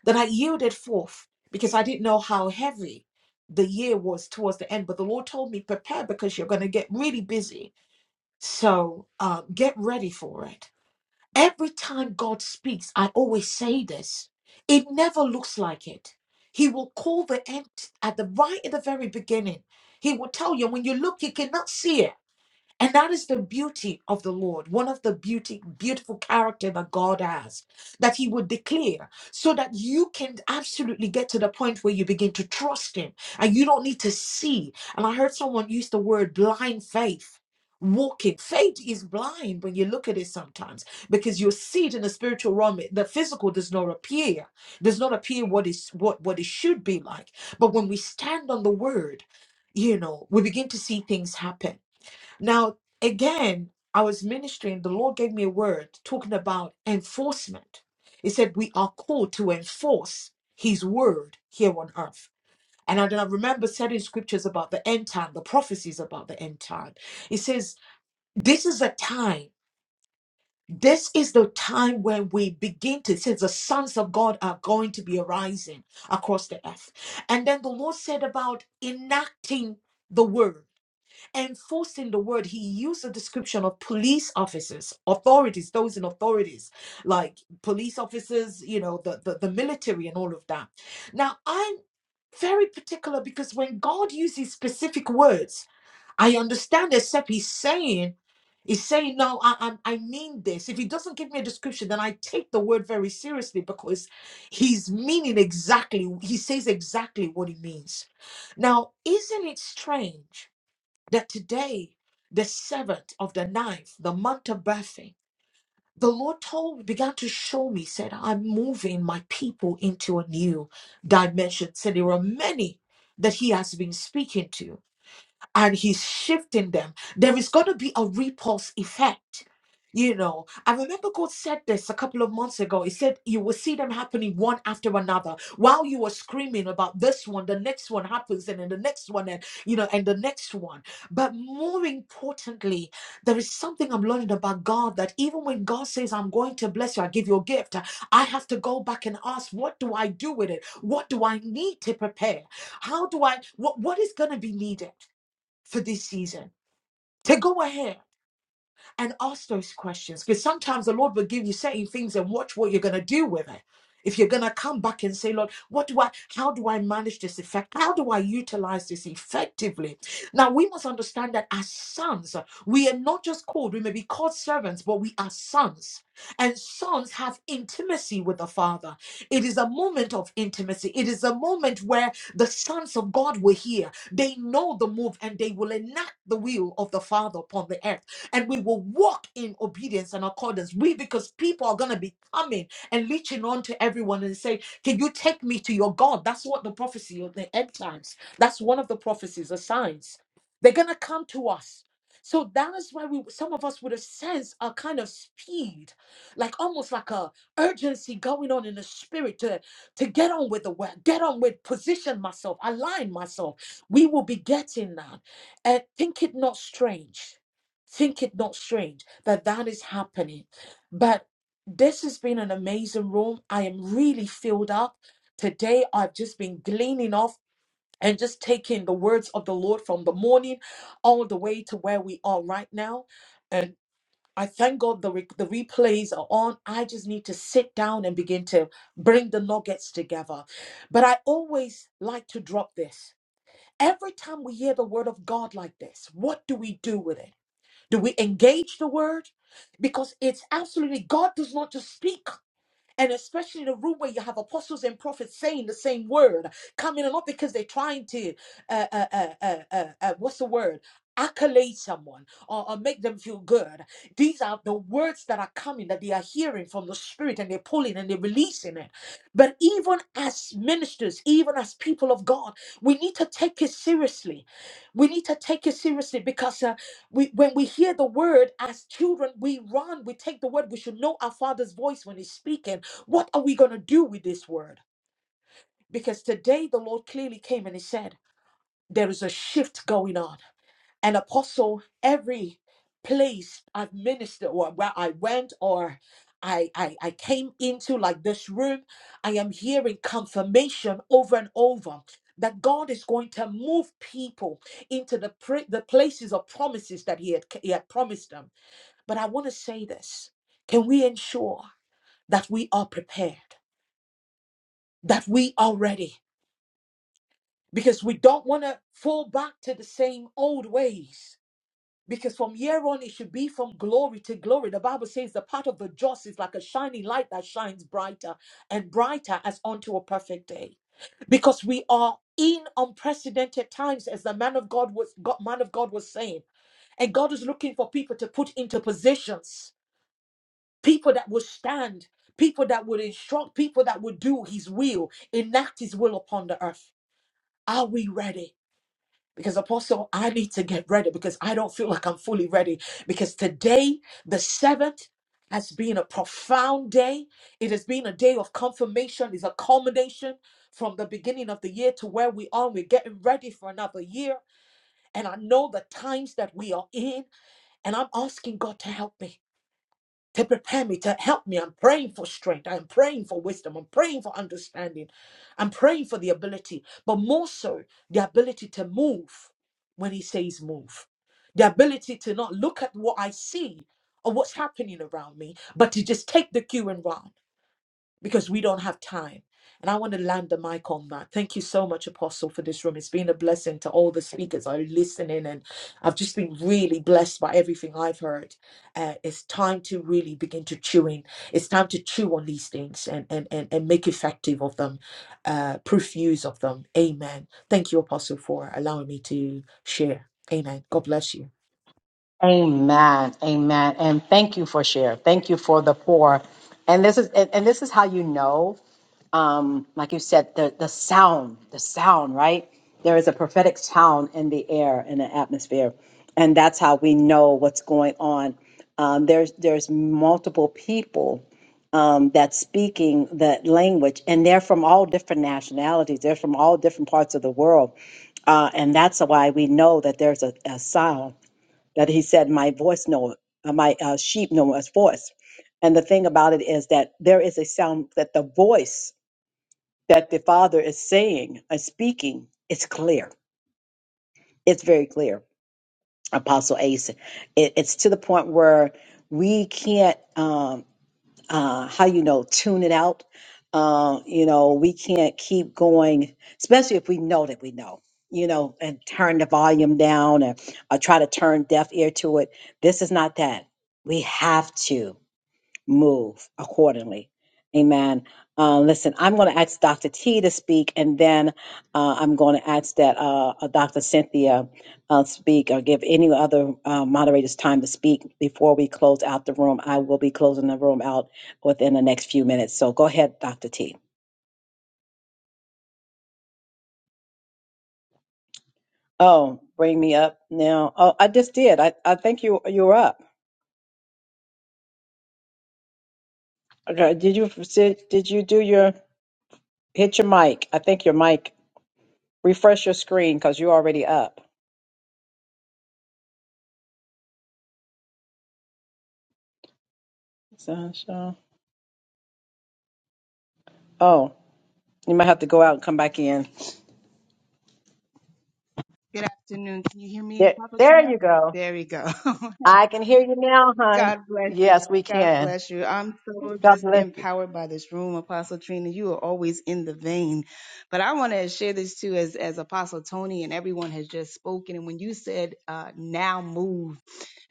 [SPEAKER 15] that I yielded forth because I didn't know how heavy the year was towards the end. But the Lord told me, prepare because you're going to get really busy. So uh, get ready for it. Every time God speaks, I always say this it never looks like it. He will call the end at the right at the very beginning. He will tell you when you look, you cannot see it and that is the beauty of the Lord, one of the beauty, beautiful character that God has, that He would declare, so that you can absolutely get to the point where you begin to trust Him and you don't need to see. And I heard someone use the word blind faith. Walking faith is blind when you look at it sometimes because you see it in the spiritual realm. The physical does not appear, does not appear what is what what it should be like. But when we stand on the word, you know, we begin to see things happen. Now, again, I was ministering, the Lord gave me a word talking about enforcement. He said, We are called to enforce His word here on earth. And I, then I remember certain scriptures about the end time, the prophecies about the end time. It says, This is a time. This is the time when we begin to, it says the sons of God are going to be arising across the earth. And then the Lord said about enacting the word enforcing the word he used a description of police officers authorities those in authorities like police officers you know the, the the military and all of that now i'm very particular because when god uses specific words i understand except he's saying he's saying no i i, I mean this if he doesn't give me a description then i take the word very seriously because he's meaning exactly he says exactly what he means now isn't it strange that today, the seventh of the ninth, the month of birthing, the Lord told, began to show me, said, I'm moving my people into a new dimension. Said there are many that He has been speaking to and he's shifting them, there is going to be a repulse effect. You know, I remember God said this a couple of months ago. He said, You will see them happening one after another. While you were screaming about this one, the next one happens, and then the next one, and you know, and the next one. But more importantly, there is something I'm learning about God that even when God says, I'm going to bless you, I give you a gift, I have to go back and ask, What do I do with it? What do I need to prepare? How do I, what, what is going to be needed? for this season. To go ahead and ask those questions because sometimes the Lord will give you certain things and watch what you're going to do with it. If you're going to come back and say, Lord, what do I, how do I manage this effect? How do I utilize this effectively? Now, we must understand that as sons, we are not just called, we may be called servants, but we are sons. And sons have intimacy with the Father. It is a moment of intimacy. It is a moment where the sons of God were here. They know the move and they will enact the will of the Father upon the earth and we will walk in obedience and accordance. We, because people are going to be coming and reaching on to everyone and say, Can you take me to your God? That's what the prophecy of the end times. That's one of the prophecies, the signs. They're going to come to us. So that is why we, some of us would have sensed a kind of speed, like almost like a urgency going on in the spirit to, to get on with the work, get on with position myself, align myself. We will be getting that. And think it not strange Think it not strange that that is happening. But this has been an amazing room. I am really filled up. Today, I've just been gleaning off and just taking the words of the Lord from the morning all the way to where we are right now. And I thank God the, re- the replays are on. I just need to sit down and begin to bring the nuggets together. But I always like to drop this. Every time we hear the word of God like this, what do we do with it? Do we engage the word? Because it's absolutely, God does not just speak. And especially in a room where you have apostles and prophets saying the same word, coming along because they're trying to, uh, uh, uh, uh, uh, uh, what's the word? Accolade someone or, or make them feel good. These are the words that are coming that they are hearing from the Spirit and they're pulling and they're releasing it. But even as ministers, even as people of God, we need to take it seriously. We need to take it seriously because uh, we, when we hear the word as children, we run, we take the word. We should know our Father's voice when He's speaking what are we going to do with this word? Because today the Lord clearly came and he said, There is a shift going on. And apostle, every place I've ministered or where I went or I, I, I came into, like this room, I am hearing confirmation over and over that God is going to move people into the, pra- the places of promises that he had, he had promised them. But I want to say this can we ensure that we are prepared, that we are ready? because we don't want to fall back to the same old ways. Because from here on, it should be from glory to glory. The Bible says the path of the just is like a shining light that shines brighter and brighter as unto a perfect day. Because we are in unprecedented times, as the man of God was God, man of God was saying. And God is looking for people to put into positions, people that will stand, people that would instruct, people that would do his will, enact his will upon the earth. Are we ready? Because, Apostle, I need to get ready because I don't feel like I'm fully ready. Because today, the seventh, has been a profound day. It has been a day of confirmation, it's a culmination from the beginning of the year to where we are. We're getting ready for another year. And I know the times that we are in, and I'm asking God to help me to prepare me, to help me. I'm praying for strength. I'm praying for wisdom. I'm praying for understanding. I'm praying for the ability, but more so, the ability to move when He says move, the ability to not look at what I see or what's happening around me, but to just take the cue and run because we don't have time. And I want to land the mic on that. Thank you so much, Apostle, for this room. It's been a blessing to all the speakers I listen listening, and I've just been really blessed by everything I've heard. Uh, it's time to really begin to chew in. It's time to chew on these things and and and, and make effective of them, uh, proof use of them. Amen. Thank you, Apostle, for allowing me to share. Amen. God bless you.
[SPEAKER 1] Amen. Amen. And thank you for sharing. Thank you for the pour. And this is and, and this is how you know um, like you said, the the sound, the sound, right? There is a prophetic sound in the air, in the atmosphere, and that's how we know what's going on. Um, there's there's multiple people um, that's speaking that language, and they're from all different nationalities. They're from all different parts of the world, uh, and that's why we know that there's a, a sound that he said, "My voice know, uh, my uh, sheep know his voice." And the thing about it is that there is a sound that the voice that the Father is saying and speaking is clear. It's very clear, Apostle Ace. It, it's to the point where we can't, um, uh, how you know, tune it out. Uh, you know, we can't keep going, especially if we know that we know. You know, and turn the volume down, and or try to turn deaf ear to it. This is not that. We have to move accordingly. Amen. Uh, listen, I'm going to ask Dr. T to speak, and then uh, I'm going to ask that uh, uh, Dr. Cynthia uh, speak or give any other uh, moderators time to speak before we close out the room. I will be closing the room out within the next few minutes. So go ahead, Dr. T. Oh, bring me up now. Oh, I just did. I, I think you you're up. Okay. Did you did you do your hit your mic? I think your mic. Refresh your screen because you're already up. Sasha. Oh, you might have to go out and come back in.
[SPEAKER 16] Good afternoon. Can you hear me,
[SPEAKER 1] There,
[SPEAKER 16] Papa
[SPEAKER 1] there
[SPEAKER 16] Gino?
[SPEAKER 1] you go.
[SPEAKER 16] There we go.
[SPEAKER 1] I can hear you now, hon.
[SPEAKER 16] God bless you.
[SPEAKER 1] Yes, we
[SPEAKER 16] God
[SPEAKER 1] can.
[SPEAKER 16] bless you. I'm so
[SPEAKER 1] God
[SPEAKER 16] just
[SPEAKER 1] bless
[SPEAKER 16] empowered by this room, Apostle Trina. You are always in the vein. But I want to share this too, as as Apostle Tony and everyone has just spoken. And when you said uh, "now move,"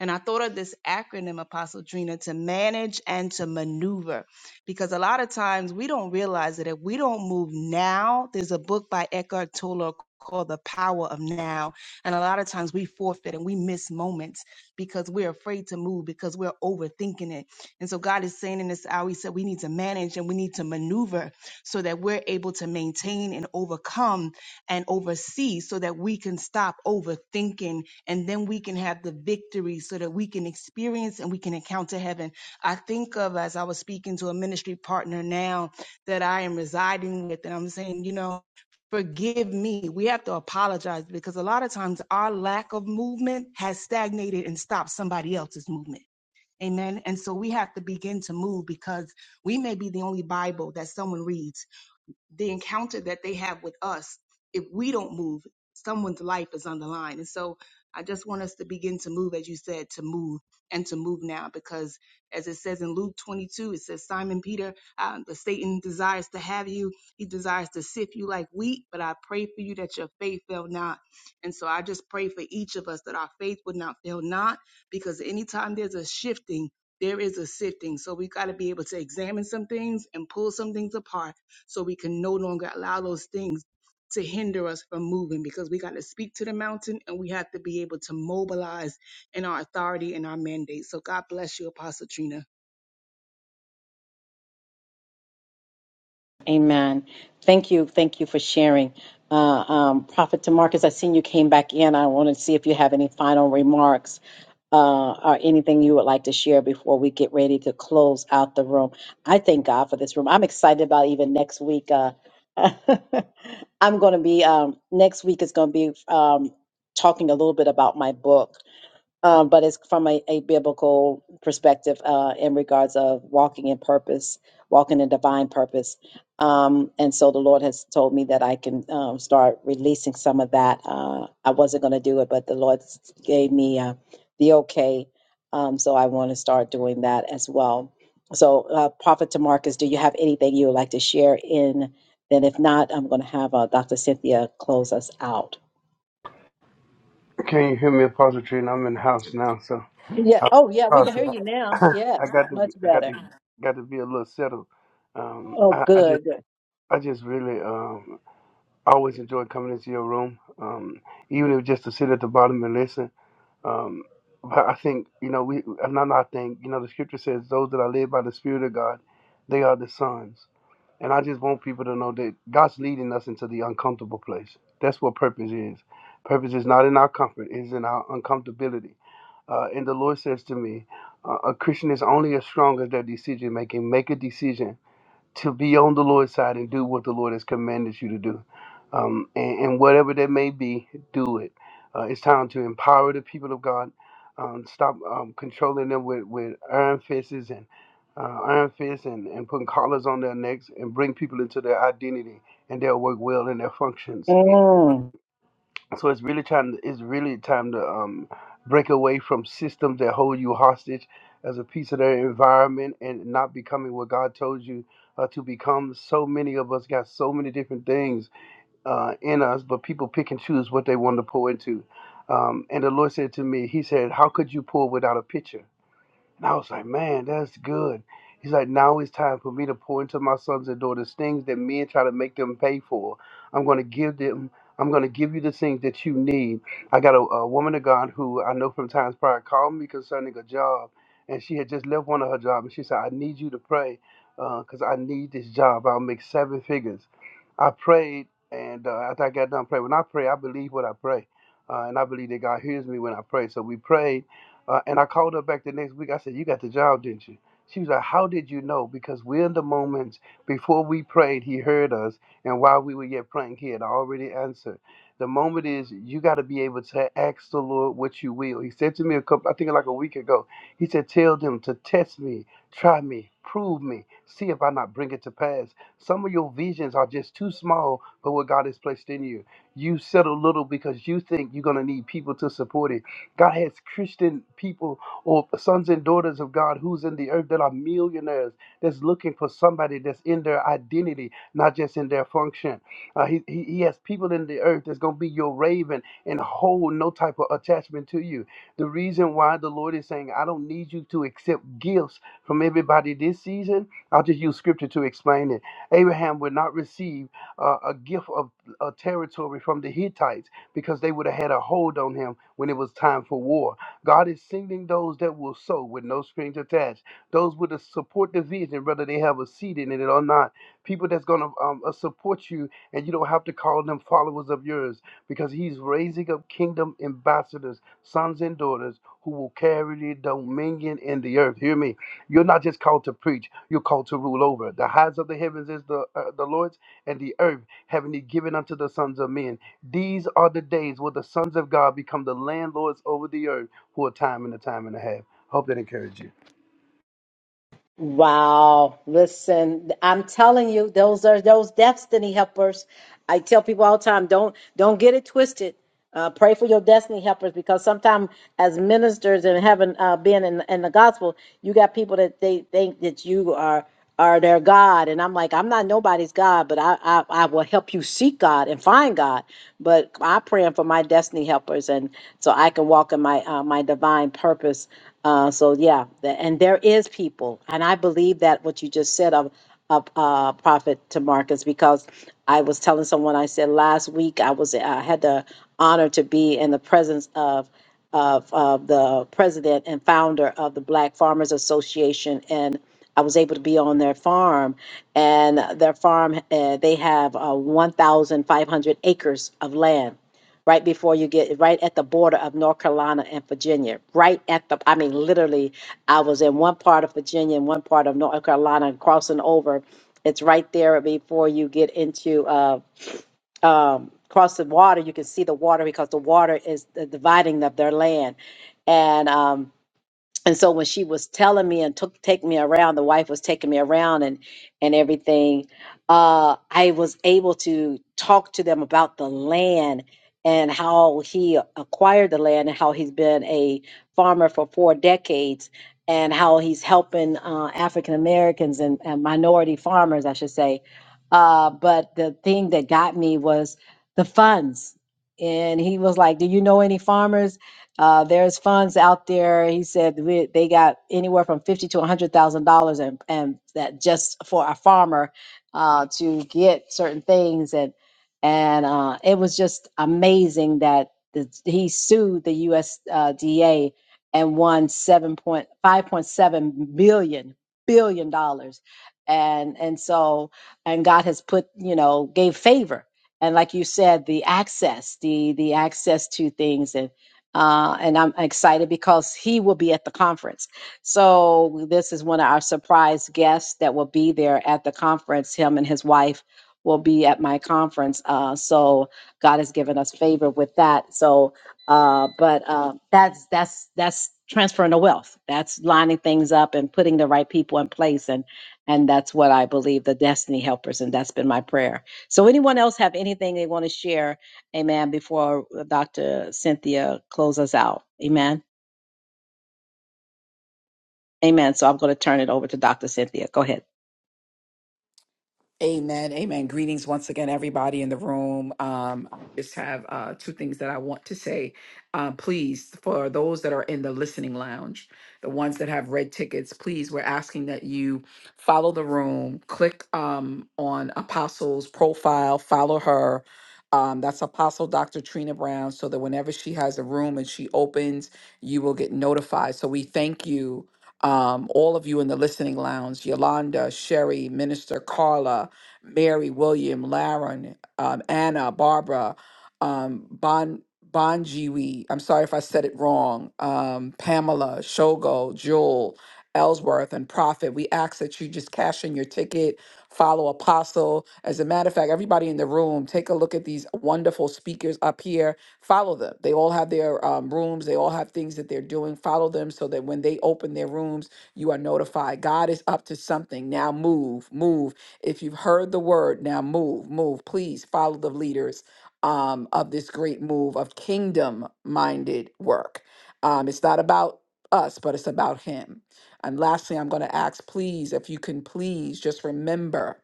[SPEAKER 16] and I thought of this acronym, Apostle Trina, to manage and to maneuver, because a lot of times we don't realize that if we don't move now, there's a book by Eckhart Tolle called "The Power of Now," and a lot of times we forfeit and we miss moments because we're afraid to move because we're overthinking it. And so God is saying in this hour, He said we need to manage and we need to maneuver so that we're able to maintain and overcome and oversee so that we can stop overthinking and then we can have the victory so that we can experience and we can encounter heaven. I think of as I was speaking to a ministry partner now that I am residing with, and I'm saying, you know, forgive me. We have to apologize because a lot of times our lack of movement has stagnated and stopped somebody else's movement. Amen. And so we have to begin to move because we may be the only Bible that someone reads the encounter that they have with us, if we don't move, someone's life is on the line. And so I just want us to begin to move, as you said, to move and to move now, because as it says in Luke 22, it says, Simon Peter, uh, the Satan desires to have you. He desires to sift you like wheat, but I pray for you that your faith fail not. And so I just pray for each of us that our faith would not fail not, because anytime there's a shifting, there is a sifting. So we got to be able to examine some things and pull some things apart so we can no longer allow those things to hinder us from moving because we got to speak to the mountain and we have to be able to mobilize in our authority and our mandate. So God bless you, Apostle Trina.
[SPEAKER 1] Amen. Thank you. Thank you for sharing. Uh, um, Prophet Demarcus, I seen you came back in. I want to see if you have any final remarks uh, or anything you would like to share before we get ready to close out the room. I thank God for this room. I'm excited about even next week. Uh, I'm going to be, um, next week is going to be um, talking a little bit about my book um, but it's from a, a biblical perspective uh, in regards of walking in purpose, walking in divine purpose. Um, and so the Lord has told me that I can um, start releasing some of that. Uh, I wasn't going to do it, but the Lord s- gave me uh, the okay. Um, so I want to start doing that as well. So, uh, Prophet Tamarcus, do you have anything you would like to share in? Then, if not, I'm going to have uh, Dr. Cynthia close us out.
[SPEAKER 12] Can you hear me? I'm in the house now, so
[SPEAKER 1] Yeah. Oh, yeah. We
[SPEAKER 12] Oh,
[SPEAKER 1] can
[SPEAKER 12] sir.
[SPEAKER 1] hear you now.
[SPEAKER 12] I
[SPEAKER 1] Yes.
[SPEAKER 12] got to
[SPEAKER 1] Much
[SPEAKER 12] got
[SPEAKER 1] better.
[SPEAKER 12] to got to be a little settled. Um,
[SPEAKER 1] Oh,
[SPEAKER 12] I, I just
[SPEAKER 1] good.
[SPEAKER 12] I just really um I always enjoy coming into your room, um, even if just to sit at the bottom and listen. Um, but I think, you know, we, and i not think, you know, the scripture says, those that are led by the Spirit of God, they are the sons. And I just want people to know that God's leading us into the uncomfortable place. That's what purpose is. Purpose is not in our comfort, it's in our uncomfortability. Uh, and the Lord says to me, uh, a Christian is only as strong as their decision making. Make a decision to be on the Lord's side and do what the Lord do and be, do it. Uh, and stop um, controlling them with, with iron fists and uh, iron fists and, and putting collars on their necks and bring people into their identity and they'll work well in their functions.
[SPEAKER 1] Mm.
[SPEAKER 12] So it's really time. It's really time to um, break away from systems that hold you hostage as a piece of their environment and not becoming what God told you uh, to become. So many of us got so many different things uh, in us, but people pick and choose what they want to pour into. Um, and the Lord said to me, He said, "How could you pour without a pitcher?" And I was like, man, that's good. He's like, now it's time for me to pour into my sons and daughters things that men try to make them pay for. I'm going to give them. I'm going to give you the things that you need. I got a, a woman of God who I know from times prior called me concerning a job, and she had just left one of her jobs, and she said, I need you to pray because I need this job. I'll make seven figures. I prayed, and uh, after I got done praying, when I pray, I believe what I pray, uh, and I believe that God hears me when I pray. So we prayed uh, and I called her back the next week. I said, You got the job, didn't you? She was like, How did you know? Because we're in the moments before we prayed, he heard us. And while we were yet praying, he had already answered. The moment is you got to be able to ask the Lord what you will. He said to me a couple, I think like a week ago, he said, Tell them to test me, try me, prove me, see if I not bring it to pass. Some of your visions are just too small for what God has placed in you. You settle little because you think you're going to need people to support it God has Christian people or sons and daughters of God who's in the earth that are millionaires that's looking for somebody that's in their identity, not just in their function. Uh, he, he, he has people in the earth that's going to be your raven and hold no type of attachment to you. The reason why the Lord is saying, I don't need you to accept gifts from everybody this season, I'll just use scripture to explain it. Abraham would not receive uh, a gift of a territory from the Hittites because they would have had a hold on him when it was time for war. God is sending those that will sow with no strings attached, those with a support the vision, whether they have a seed in it or not. People that's going to um, uh, support you, and you don't have to call them followers of yours because He's raising up kingdom ambassadors, sons and daughters who will carry the dominion in the earth. Hear me. You're not just called to preach, you're called to rule over. The heights of the heavens is the, uh, the Lord's, and the earth having He given unto the sons of men. These are the days where the sons of God become the landlords over the earth for a time and a time and a half. Hope that encouraged you.
[SPEAKER 1] Wow. Listen, I'm telling you, those are those destiny helpers. I tell people all the time, don't don't get it twisted. Uh, pray for your destiny helpers because sometimes as ministers and having uh, been in, in the gospel, you got people that they think that you are. are their God. And I'm like, I'm not nobody's God, but I, I, I will help you seek God and find God. But I'm praying for my destiny helpers and so I can walk in my uh, my divine purpose. Uh, so yeah, th- and there is people, and I believe that what you just said of of uh, prophet to Marcus, because I was telling someone I said last week I was I had the honor to be in the presence of of, of the president and founder of the Black Farmers Association and I was able to be on their farm, and their farm uh, they have uh, 1,500 acres of land. Right before you get right at the border of North Carolina and Virginia, right at the, I mean, literally, I was in one part of Virginia and one part of North Carolina and crossing over. It's right there before you get into uh, um, cross the water. You can see the water because the water is the dividing of their land. And um, and so when she was telling me and took take me around the wife was taking me around and and everything uh i was able to talk to them about the land and how he acquired the land and how he's been a farmer for four decades and how he's helping uh, african americans and, and minority farmers i should say uh, but the thing that got me was the funds and he was like do you know any farmers uh, there's funds out there. He said we, they got anywhere from fifty to a hundred thousand dollars, and and that just for a farmer uh, to get certain things, and and uh, it was just amazing that the, he sued the USDA and won seven point five point seven billion billion dollars, and and so and God has put you know gave favor. And like you said, the access, the the access to things, and uh, and I'm excited because he will be at the conference. So this is one of our surprise guests that will be there at the conference. Him and his wife will be at my conference. Uh, so God has given us favor with that. So, uh, but uh, that's that's that's transferring the wealth. That's lining things up and putting the right people in place and. And that's what I believe, the destiny helpers, and that's been my prayer. So, anyone else have anything they want to share? Amen. Before Dr. Cynthia closes us out. Amen. Amen. So I'm going to turn it over to Dr. Cynthia. Go ahead.
[SPEAKER 9] Amen. Amen. Greetings once again, everybody in the room. Um, I just have uh, two things that I want to say. Uh, please, for those that are in the listening lounge, the ones that have red tickets, please, we're asking that you follow the room, click um, on Apostle's profile, follow her. Um, that's Apostle Dr. Trina Brown, so that whenever she has a room and she opens, you will get notified. So we thank you um, all of you in the listening lounge, Yolanda, Sherry, Minister Carla, Mary, William, Laren, um, Anna, Barbara, um, Bon Bonjiwi. I'm sorry if I said it wrong. Um, Pamela, Shogo, Jewel, Ellsworth, and Prophet. We ask that you just cash in your ticket. Follow Apostle. As a matter of fact, everybody in the room, take a look at these wonderful speakers up here. Follow them. They all have their um, rooms. They all have things that they're doing. Follow them so that when they open their rooms, you are notified. God is up to something. Now move, move if you've heard the word, now move, move. Please follow the leaders um, of this great move of kingdom minded work. Um, it's not about us, but it's about Him. And lastly, I'm going to ask, please, if you can please just remember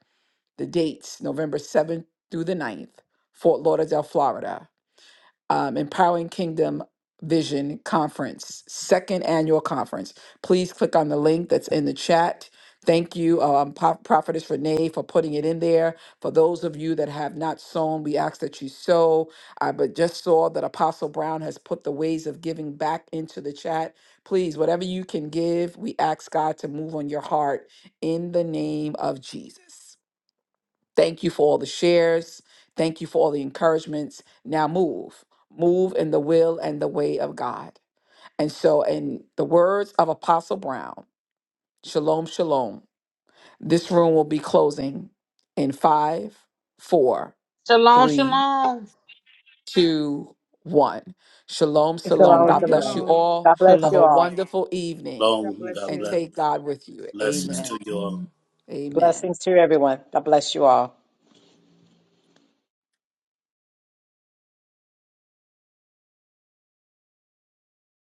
[SPEAKER 9] the dates November 7th through the 9th, Fort Lauderdale, Florida um, Empowering Kingdom Vision Conference, second annual conference. Please click on the link that's in the chat. Thank you, um, Pro- Prophetess Renee, for putting it in there. For those of you that have not sown, we ask that you sow. I but just saw that Apostle Brown has put the ways of giving back into the chat. Please, whatever you can give, we ask God to move on your heart in the name of Jesus. Thank you for all the shares. Thank you for all the encouragements. Now move, move in the will and the way of God. And so, in the words of Apostle Brown, shalom, shalom. This room will be closing in five, four,
[SPEAKER 2] Shalom,
[SPEAKER 9] three,
[SPEAKER 2] shalom.
[SPEAKER 9] two, one. Shalom, shalom.
[SPEAKER 1] Shalom,
[SPEAKER 9] God bless
[SPEAKER 1] shalom.
[SPEAKER 9] you
[SPEAKER 16] Shalom.
[SPEAKER 9] all.
[SPEAKER 1] God bless
[SPEAKER 9] Have
[SPEAKER 1] you
[SPEAKER 9] a
[SPEAKER 15] Shalom.
[SPEAKER 1] all.
[SPEAKER 9] wonderful evening
[SPEAKER 14] Long God
[SPEAKER 9] and
[SPEAKER 16] shalom.
[SPEAKER 14] bless
[SPEAKER 9] take God with you.
[SPEAKER 14] blessings
[SPEAKER 9] Amen.
[SPEAKER 14] to you all.
[SPEAKER 9] Amen.
[SPEAKER 1] Blessings to everyone. God bless you all.